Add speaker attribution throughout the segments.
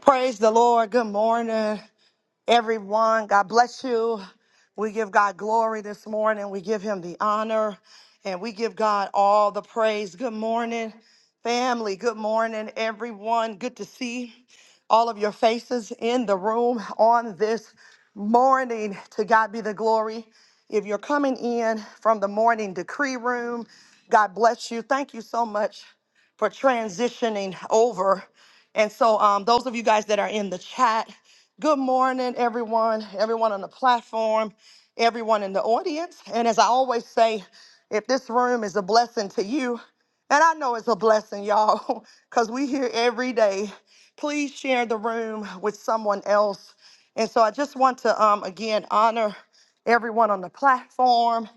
Speaker 1: Praise the Lord. Good morning, everyone. God bless you. We give God glory this morning. We give him the honor and we give God all the praise. Good morning, family. Good morning, everyone. Good to see all of your faces in the room on this morning. To God be the glory. If you're coming in from the morning decree room, God bless you. Thank you so much for transitioning over. And so, um, those of you guys that are in the chat, good morning, everyone, everyone on the platform, everyone in the audience. And as I always say, if this room is a blessing to you, and I know it's a blessing, y'all, because we here every day, please share the room with someone else. And so I just want to, um, again, honor everyone on the platform.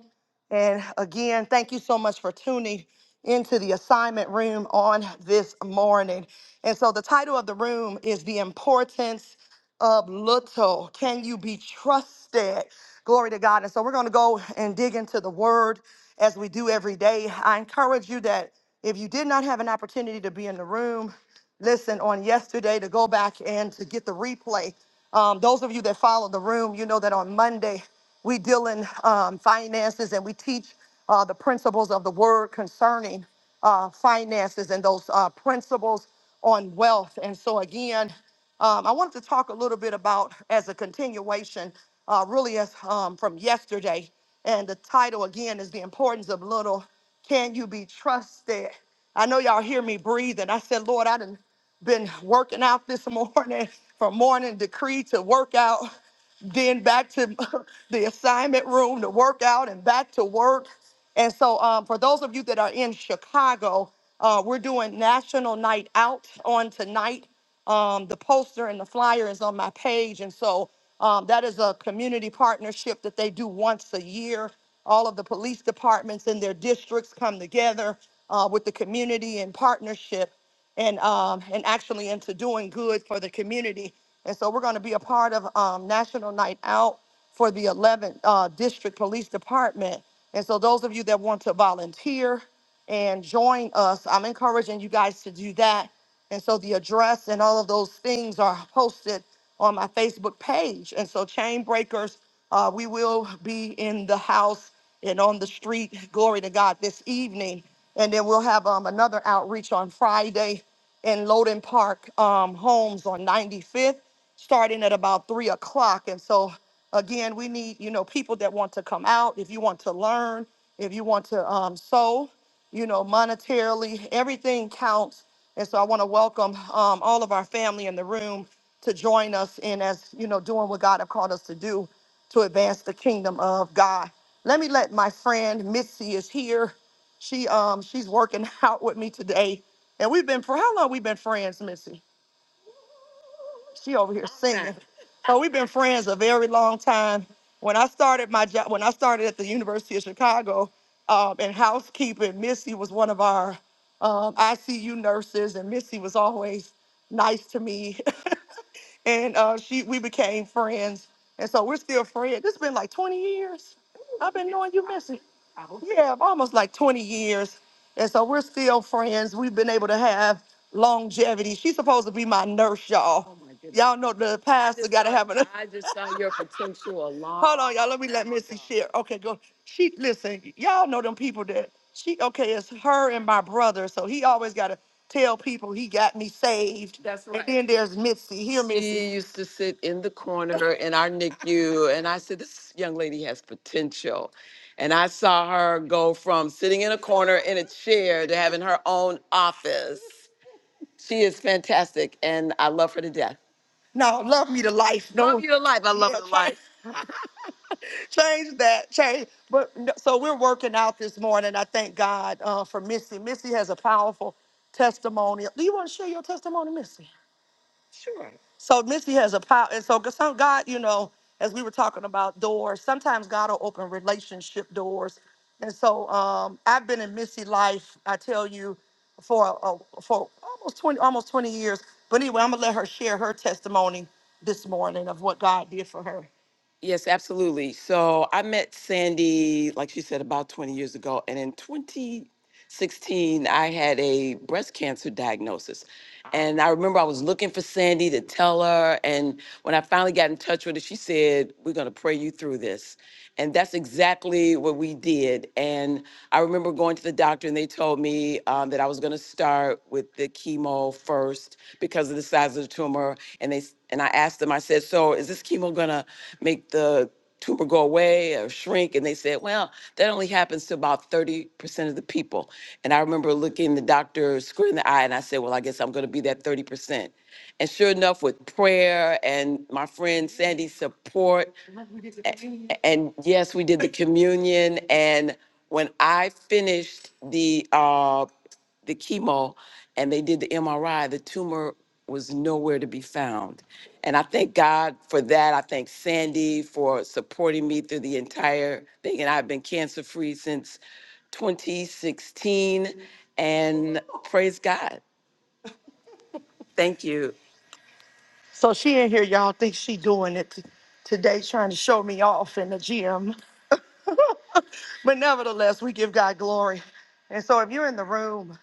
Speaker 1: And again, thank you so much for tuning into the assignment room on this morning. And so the title of the room is The Importance of Little. Can you be trusted? Glory to God. And so we're going to go and dig into the word as we do every day. I encourage you that if you did not have an opportunity to be in the room, listen on yesterday to go back and to get the replay. Um, those of you that follow the room, you know that on Monday we deal in um, finances and we teach uh, the principles of the word concerning uh, finances and those uh, principles on wealth. And so again, um, I wanted to talk a little bit about as a continuation, uh, really as um, from yesterday. And the title again is the importance of little. Can you be trusted? I know y'all hear me breathing. I said, Lord, I done been working out this morning from morning decree to workout then back to the assignment room to work out and back to work. And so, um, for those of you that are in Chicago, uh, we're doing National Night Out on tonight. Um, the poster and the flyer is on my page. And so, um, that is a community partnership that they do once a year. All of the police departments in their districts come together uh, with the community in partnership and um, and actually into doing good for the community. And so we're going to be a part of um, National Night Out for the 11th uh, District Police Department. And so those of you that want to volunteer and join us, I'm encouraging you guys to do that. And so the address and all of those things are posted on my Facebook page. And so, Chain Breakers, uh, we will be in the house and on the street, glory to God, this evening. And then we'll have um, another outreach on Friday in Loden Park um, Homes on 95th starting at about three o'clock. And so, again, we need you know people that want to come out. If you want to learn, if you want to um, sow, you know, monetarily, everything counts. And so, I want to welcome um, all of our family in the room to join us in as you know doing what God have called us to do to advance the kingdom of God. Let me let my friend Missy is here. She um she's working out with me today, and we've been for how long? We've been friends, Missy. She over here singing. So we've been friends a very long time. When I started my job, when I started at the University of Chicago um, in housekeeping, Missy was one of our um, ICU nurses, and Missy was always nice to me. and uh, she we became friends, and so we're still friends. It's been like 20 years. I've been knowing you, Missy. Yeah, almost like 20 years, and so we're still friends. We've been able to have longevity. She's supposed to be my nurse, y'all. Oh my goodness. Y'all know the pastor got to have an. I just saw your potential alarm. Hold on, y'all. Let me let Missy share. Okay, go. She listen. Y'all know them people that she. Okay, it's her and my brother. So he always got to tell people he got me saved. That's right. And then there's Mitzi. Here, Mitzi. She used to sit in the corner in our NICU, and I said, This young lady has potential. And I saw her go from sitting in a corner in a chair to having her own office. She is fantastic, and I love her to death. No, love me to life. Love Don't you to life. I love yeah, her to life change that. Change. But no- so we're working out this morning. I thank God uh, for Missy. Missy has a powerful testimony. Do you want to share your testimony, Missy? Sure. So Missy has a power, and so 'cause some God, you know, as we were talking about doors, sometimes God will open relationship doors, and so um, I've been in Missy life. I tell you, for a, for almost twenty almost twenty years. But anyway, I'm gonna let her share her testimony this morning of what God did for her. Yes, absolutely. So I met Sandy, like she said, about 20 years ago. And in 2019 16, I had a breast cancer diagnosis. And I remember I was looking for Sandy to tell her. And when I finally got in touch with her, she said, We're going to pray you through this. And that's exactly what we did. And I remember going to the doctor, and they told me um, that I was going to start with the chemo first because of the size of the tumor. And they s- and I asked them, I said, So is this chemo going to make the tumor go away or shrink and they said well that only happens to about 30% of the people and i remember looking the doctor square in the eye and i said well i guess i'm going to be that 30% and sure enough with prayer and my friend sandy's support a- And yes, we did the communion. And when I finished the uh, the chemo and they did the MRI, the tumor was nowhere to be found. And I thank God for that. I thank Sandy for supporting me through the entire thing. And I've been cancer free since 2016. And praise God. Thank you. So she in here, y'all think she doing it t- today, trying to show me off in the gym. But nevertheless, we give God glory. And so if you're in the room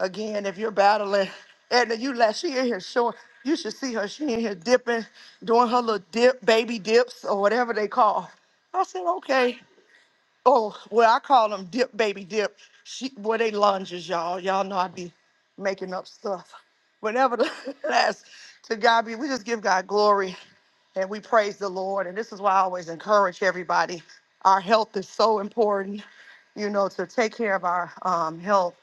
Speaker 1: again, if you're battling, Edna, you last she in here showing, you should see her. She in here dipping, doing her little dip, baby dips, or whatever they call. I said, okay. Oh, well, I call them dip baby dip. She boy, they lunges, y'all. Y'all know I be making up stuff. But nevertheless, to God be, we just give God glory and we praise the Lord. And this is why I always encourage everybody. Our health is so important, you know, to take care of our um, health,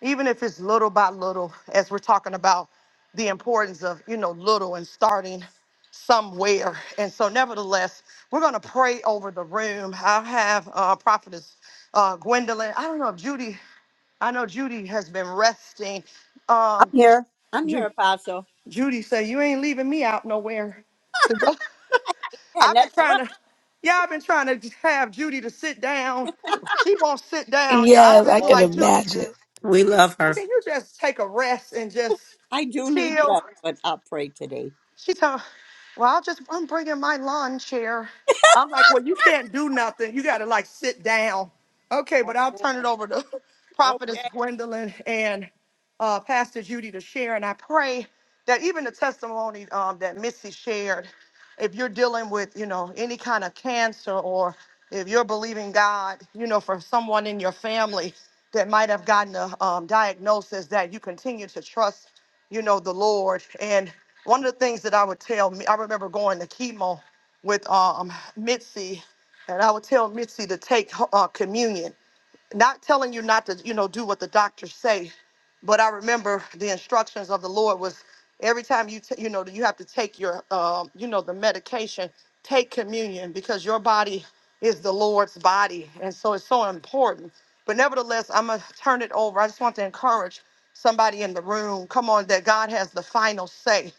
Speaker 1: even if it's little by little, as we're talking about the importance of, you know, little and starting somewhere. And so, nevertheless, we're going to pray over the room. I have uh, Prophetess uh, Gwendolyn. I don't know if Judy, I know Judy has been resting.
Speaker 2: I'm
Speaker 1: Um,
Speaker 2: here. I'm
Speaker 1: Ju-
Speaker 2: here, Apostle.
Speaker 1: Judy said, You ain't leaving me out nowhere to go."
Speaker 2: And
Speaker 1: I've been
Speaker 2: that's
Speaker 1: trying
Speaker 2: right.
Speaker 1: to, yeah, I've been trying to have Judy to sit down. She won't sit down, y'all. I've
Speaker 3: Yes,
Speaker 1: been
Speaker 3: I can
Speaker 2: No,
Speaker 1: like, Judy,
Speaker 3: imagine.
Speaker 4: We love her.
Speaker 1: can you just take a rest and just
Speaker 2: I do need
Speaker 1: chill?
Speaker 2: rest, but I'll pray today.
Speaker 1: She told, well, I'll just, I'm bringing my lawn chair. I'm like, well, you can't do nothing. You got to like sit down. Okay, but I'll turn it over to
Speaker 2: Amen.
Speaker 1: Prophetess Gwendolyn and uh, Pastor Judy to share. And I pray that even the testimony um, that Missy shared, if you're dealing with, you know, any kind of cancer or if you're believing God, you know, for someone in your family that might have gotten a um, diagnosis, that you continue to trust, you know, the Lord. And one of the things that I would tell me, I remember going to chemo with um, Mitzi, and I would tell Mitzi to take uh, communion not telling you not to you know do what the doctors say but I remember the instructions of the Lord was every time you t- you know you have to take your um, you know the medication, take communion because your body is the Lord's body, and so it's so important. But nevertheless, I'm gonna turn it over. I just want to encourage somebody in the room. Come on, that God has the final say,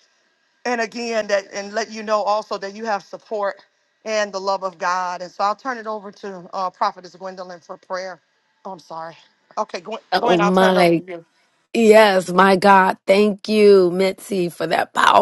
Speaker 1: and again that and let you know also that you have support and the love of God. And so I'll turn it over to uh, Prophetess Gwendolyn for prayer. Oh, I'm sorry. Okay, Gwen, Gwen,
Speaker 3: Oh
Speaker 1: I'll turn it over to
Speaker 3: my,
Speaker 1: you.
Speaker 3: yes, my God. Thank you, T,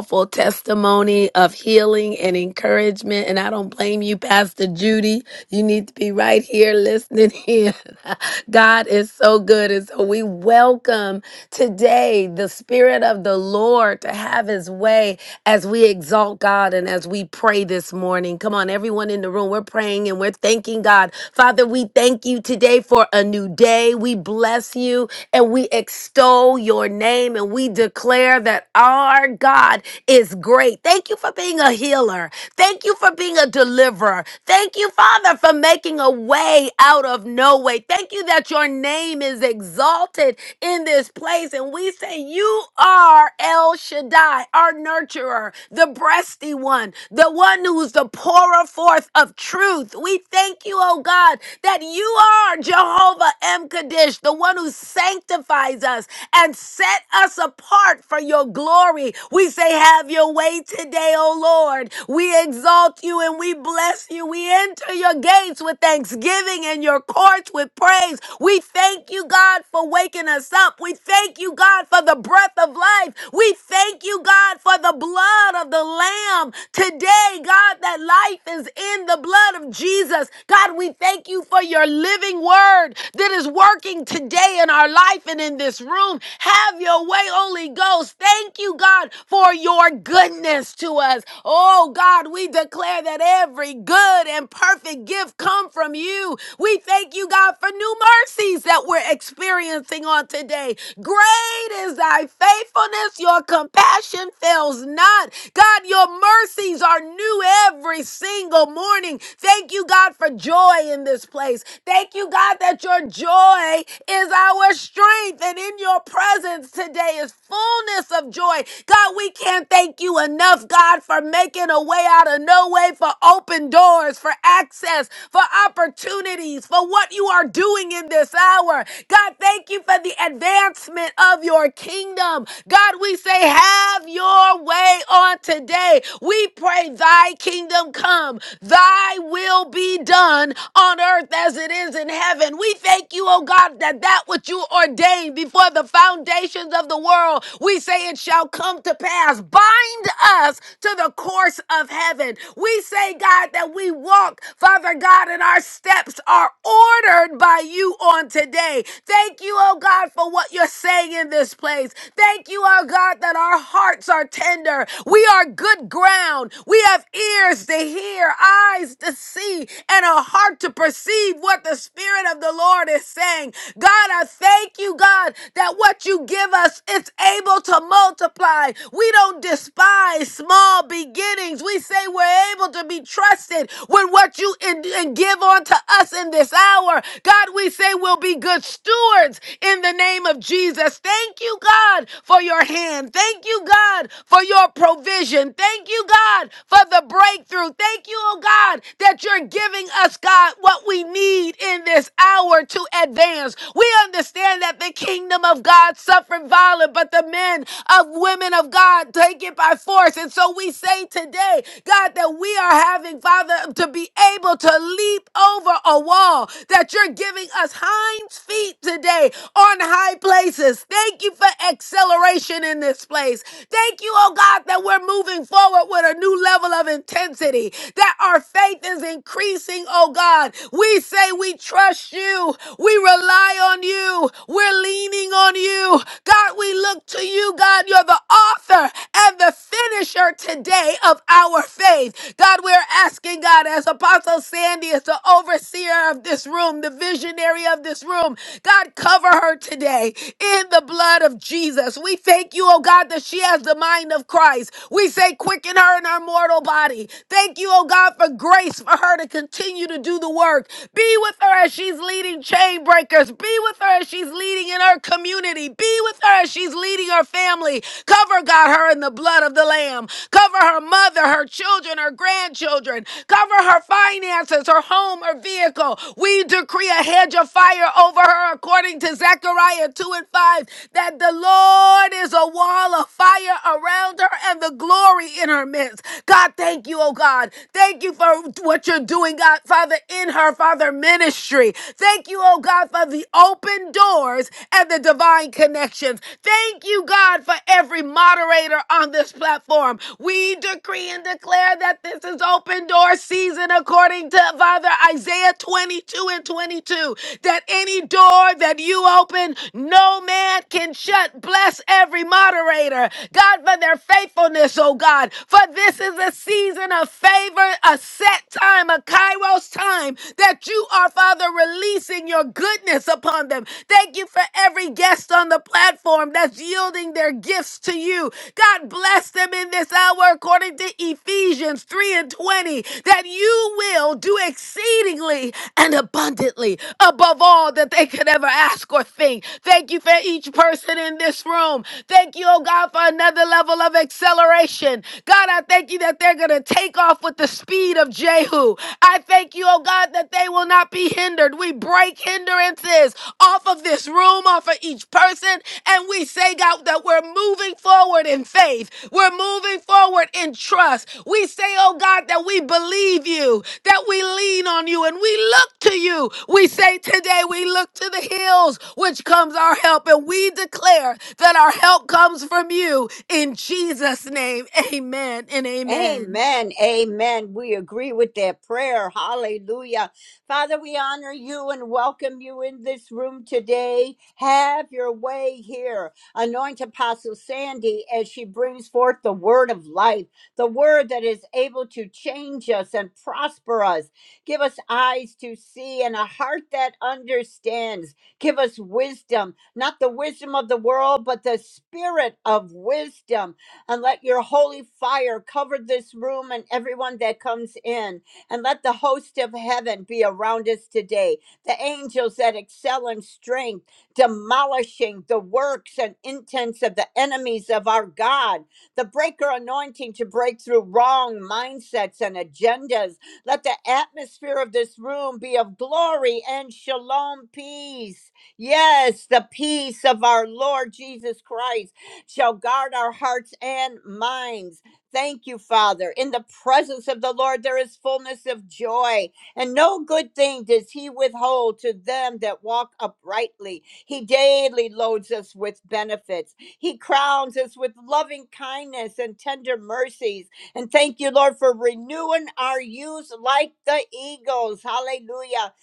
Speaker 3: powerful testimony of healing and encouragement. And I don't blame you, Pastor Judy. You need to be right here listening in. God is so good. And so we welcome today the Spirit of the Lord to have his way as we exalt God and as we pray this morning. Come on, everyone in the room, we're praying and we're thanking God. Father, we thank you today for a new day. We bless you and we extol your name and we declare that our God is great. Thank you for being a healer. Thank you for being a deliverer. Thank you, Father, for making a way out of no way. Thank you that your name is exalted in this place. And we say, You are El Shaddai, our nurturer, the breasty one, the one who's the pourer forth of truth. We thank you, oh God, that you are Jehovah M. Kaddish, the one who sanctifies us and set us apart for your glory. We say, Have your way today, O Lord. We exalt you and we bless you. We enter your gates with thanksgiving and your courts with praise. We thank you, God, for waking us up. We thank you, God, for the breath of life. We thank you, God, for the blood of the Lamb today, God, that life is in the blood of Jesus. God, we thank you for your living word that is working today in our life person in this room. Have your way, Holy Ghost. Thank you, God, for your goodness to us. Oh, God, we declare that every good and perfect gift come from you. We thank you, God, for new mercies that we're experiencing on today. Great is thy faithfulness. Your compassion fails not. God, your mercies are new every single morning. Thank you, God, for joy in this place. Thank you, God, that your joy is our our strength. And in your presence today is fullness of joy. God, we can't thank you enough, God, for making a way out of no way, for open doors, for access, for opportunities, for what you are doing in this hour. God, thank you for the advancement of your kingdom. God, we say, have your way on today. We pray, thy kingdom come, thy will be done on earth as it is in heaven. We thank you, oh God Father, that that which you ordained before the foundations of the world, we say it shall come to pass. Bind us to the course of heaven. We say, God, that we walk, Father God, and our steps are ordered by you on today. Thank you, oh God, for what you're saying in this place. Thank you, oh God, that our hearts are tender. We are good ground. We have ears to hear, eyes to see, and a heart to perceive what the Spirit of the Lord. Lord is saying. God, I thank you, God, that what you give us, it's able to multiply. We don't despise small beginnings. We say we're able to be trusted with what you and, and give unto us in this hour. God, we say we'll be good stewards in the name of Jesus. Thank you, God, for your hand. Thank you, God, for your provision. Thank you, God, for the breakthrough. Thank you, oh God, that you're giving us, God, what we need in in this hour to advance. We understand that the kingdom of God suffered violent, but the men of women of God take it by force. And so we say today, God, that we are having, Father, to be able to leap over a wall, that you're giving us hind feet today on high places. Thank you for acceleration in this place. Thank you, oh God, that we're moving forward with a new level of intensity, that our faith is increasing, oh God. We we say we trust you. We rely on you. We're leaning on you. God, we look to you. God, you're the author and the finisher today of our faith. God, we're asking, God, as Apostle Sandy is the overseer of this room, the visionary of this room, God, cover her today in the blood of Jesus. We thank you, oh God, that she has the mind of Christ. We say, quicken her in her mortal body. Thank you, oh God, for grace for her to continue to do to do the work. Be with her as she's leading chain breakers. Be with her as she's leading in her community. Be with her as she's leading her family. Cover, God, her in the blood of the Lamb. Cover her mother, her children, her grandchildren. Cover her finances, her home, her vehicle. We decree a hedge of fire over her according to Zechariah 2 and 5 that the Lord is a wall of fire around her and the glory in her midst. God, thank you, oh God. Thank you for what you're doing doing, God, Father, in her, Father, ministry. Thank you, oh God, for the open doors and the divine connections. Thank you, God, for every moderator on this platform. We decree and declare that this is open door season according to Father Isaiah 22 and 22. That any door that you open, no man can shut. Bless every moderator, God, for their faithfulness, oh God. For this is a season of favor, a set time, a kairos time, that you are, Father, releasing your goodness upon them. Thank you for every guest on the platform that's yielding their gifts to you. God bless them in this hour according to Ephesians 3 and 20, that you will do exceedingly and abundantly above all that they could ever ask or think. Thank you for each person in this room. Thank you, oh God, for another level of acceleration. God, I thank you that they're going to take off with with the speed of Jehu. I thank you, oh God, that they will not be hindered. We break hindrances off of this room, off of each person, and we say, God, that we're moving forward in faith. We're moving forward in trust. We say, oh God, that we believe you, that we lean on you, and we look to you. We say today, we look to the hills, which comes our help, and we declare that our help comes from you. In Jesus' name, amen and amen.
Speaker 2: Amen. Amen. We agree with that prayer. Hallelujah. Father, we honor you and welcome you in this room today. Have your way here. Anoint Apostle Sandy as she brings forth the word of life, the word that is able to change us and prosper us. Give us eyes to see and a heart that understands. Give us wisdom, not the wisdom of the world, but the spirit of wisdom and let your holy fire cover this room and everyone that comes in. And let the host of heaven be around us today. The angels that excel in strength, demolishing the works and intents of the enemies of our God. The breaker anointing to break through wrong mindsets and agendas. Let the atmosphere of this room be of glory and shalom peace. Yes, the peace of our Lord Jesus Christ shall guard our hearts and minds. Thank you, Father. In the presence of the Lord, there is fullness of joy, and no good thing does He withhold to them that walk uprightly. He daily loads us with benefits. He crowns us with loving kindness and tender mercies. And thank you, Lord, for renewing our youth like the eagles. Hallelujah.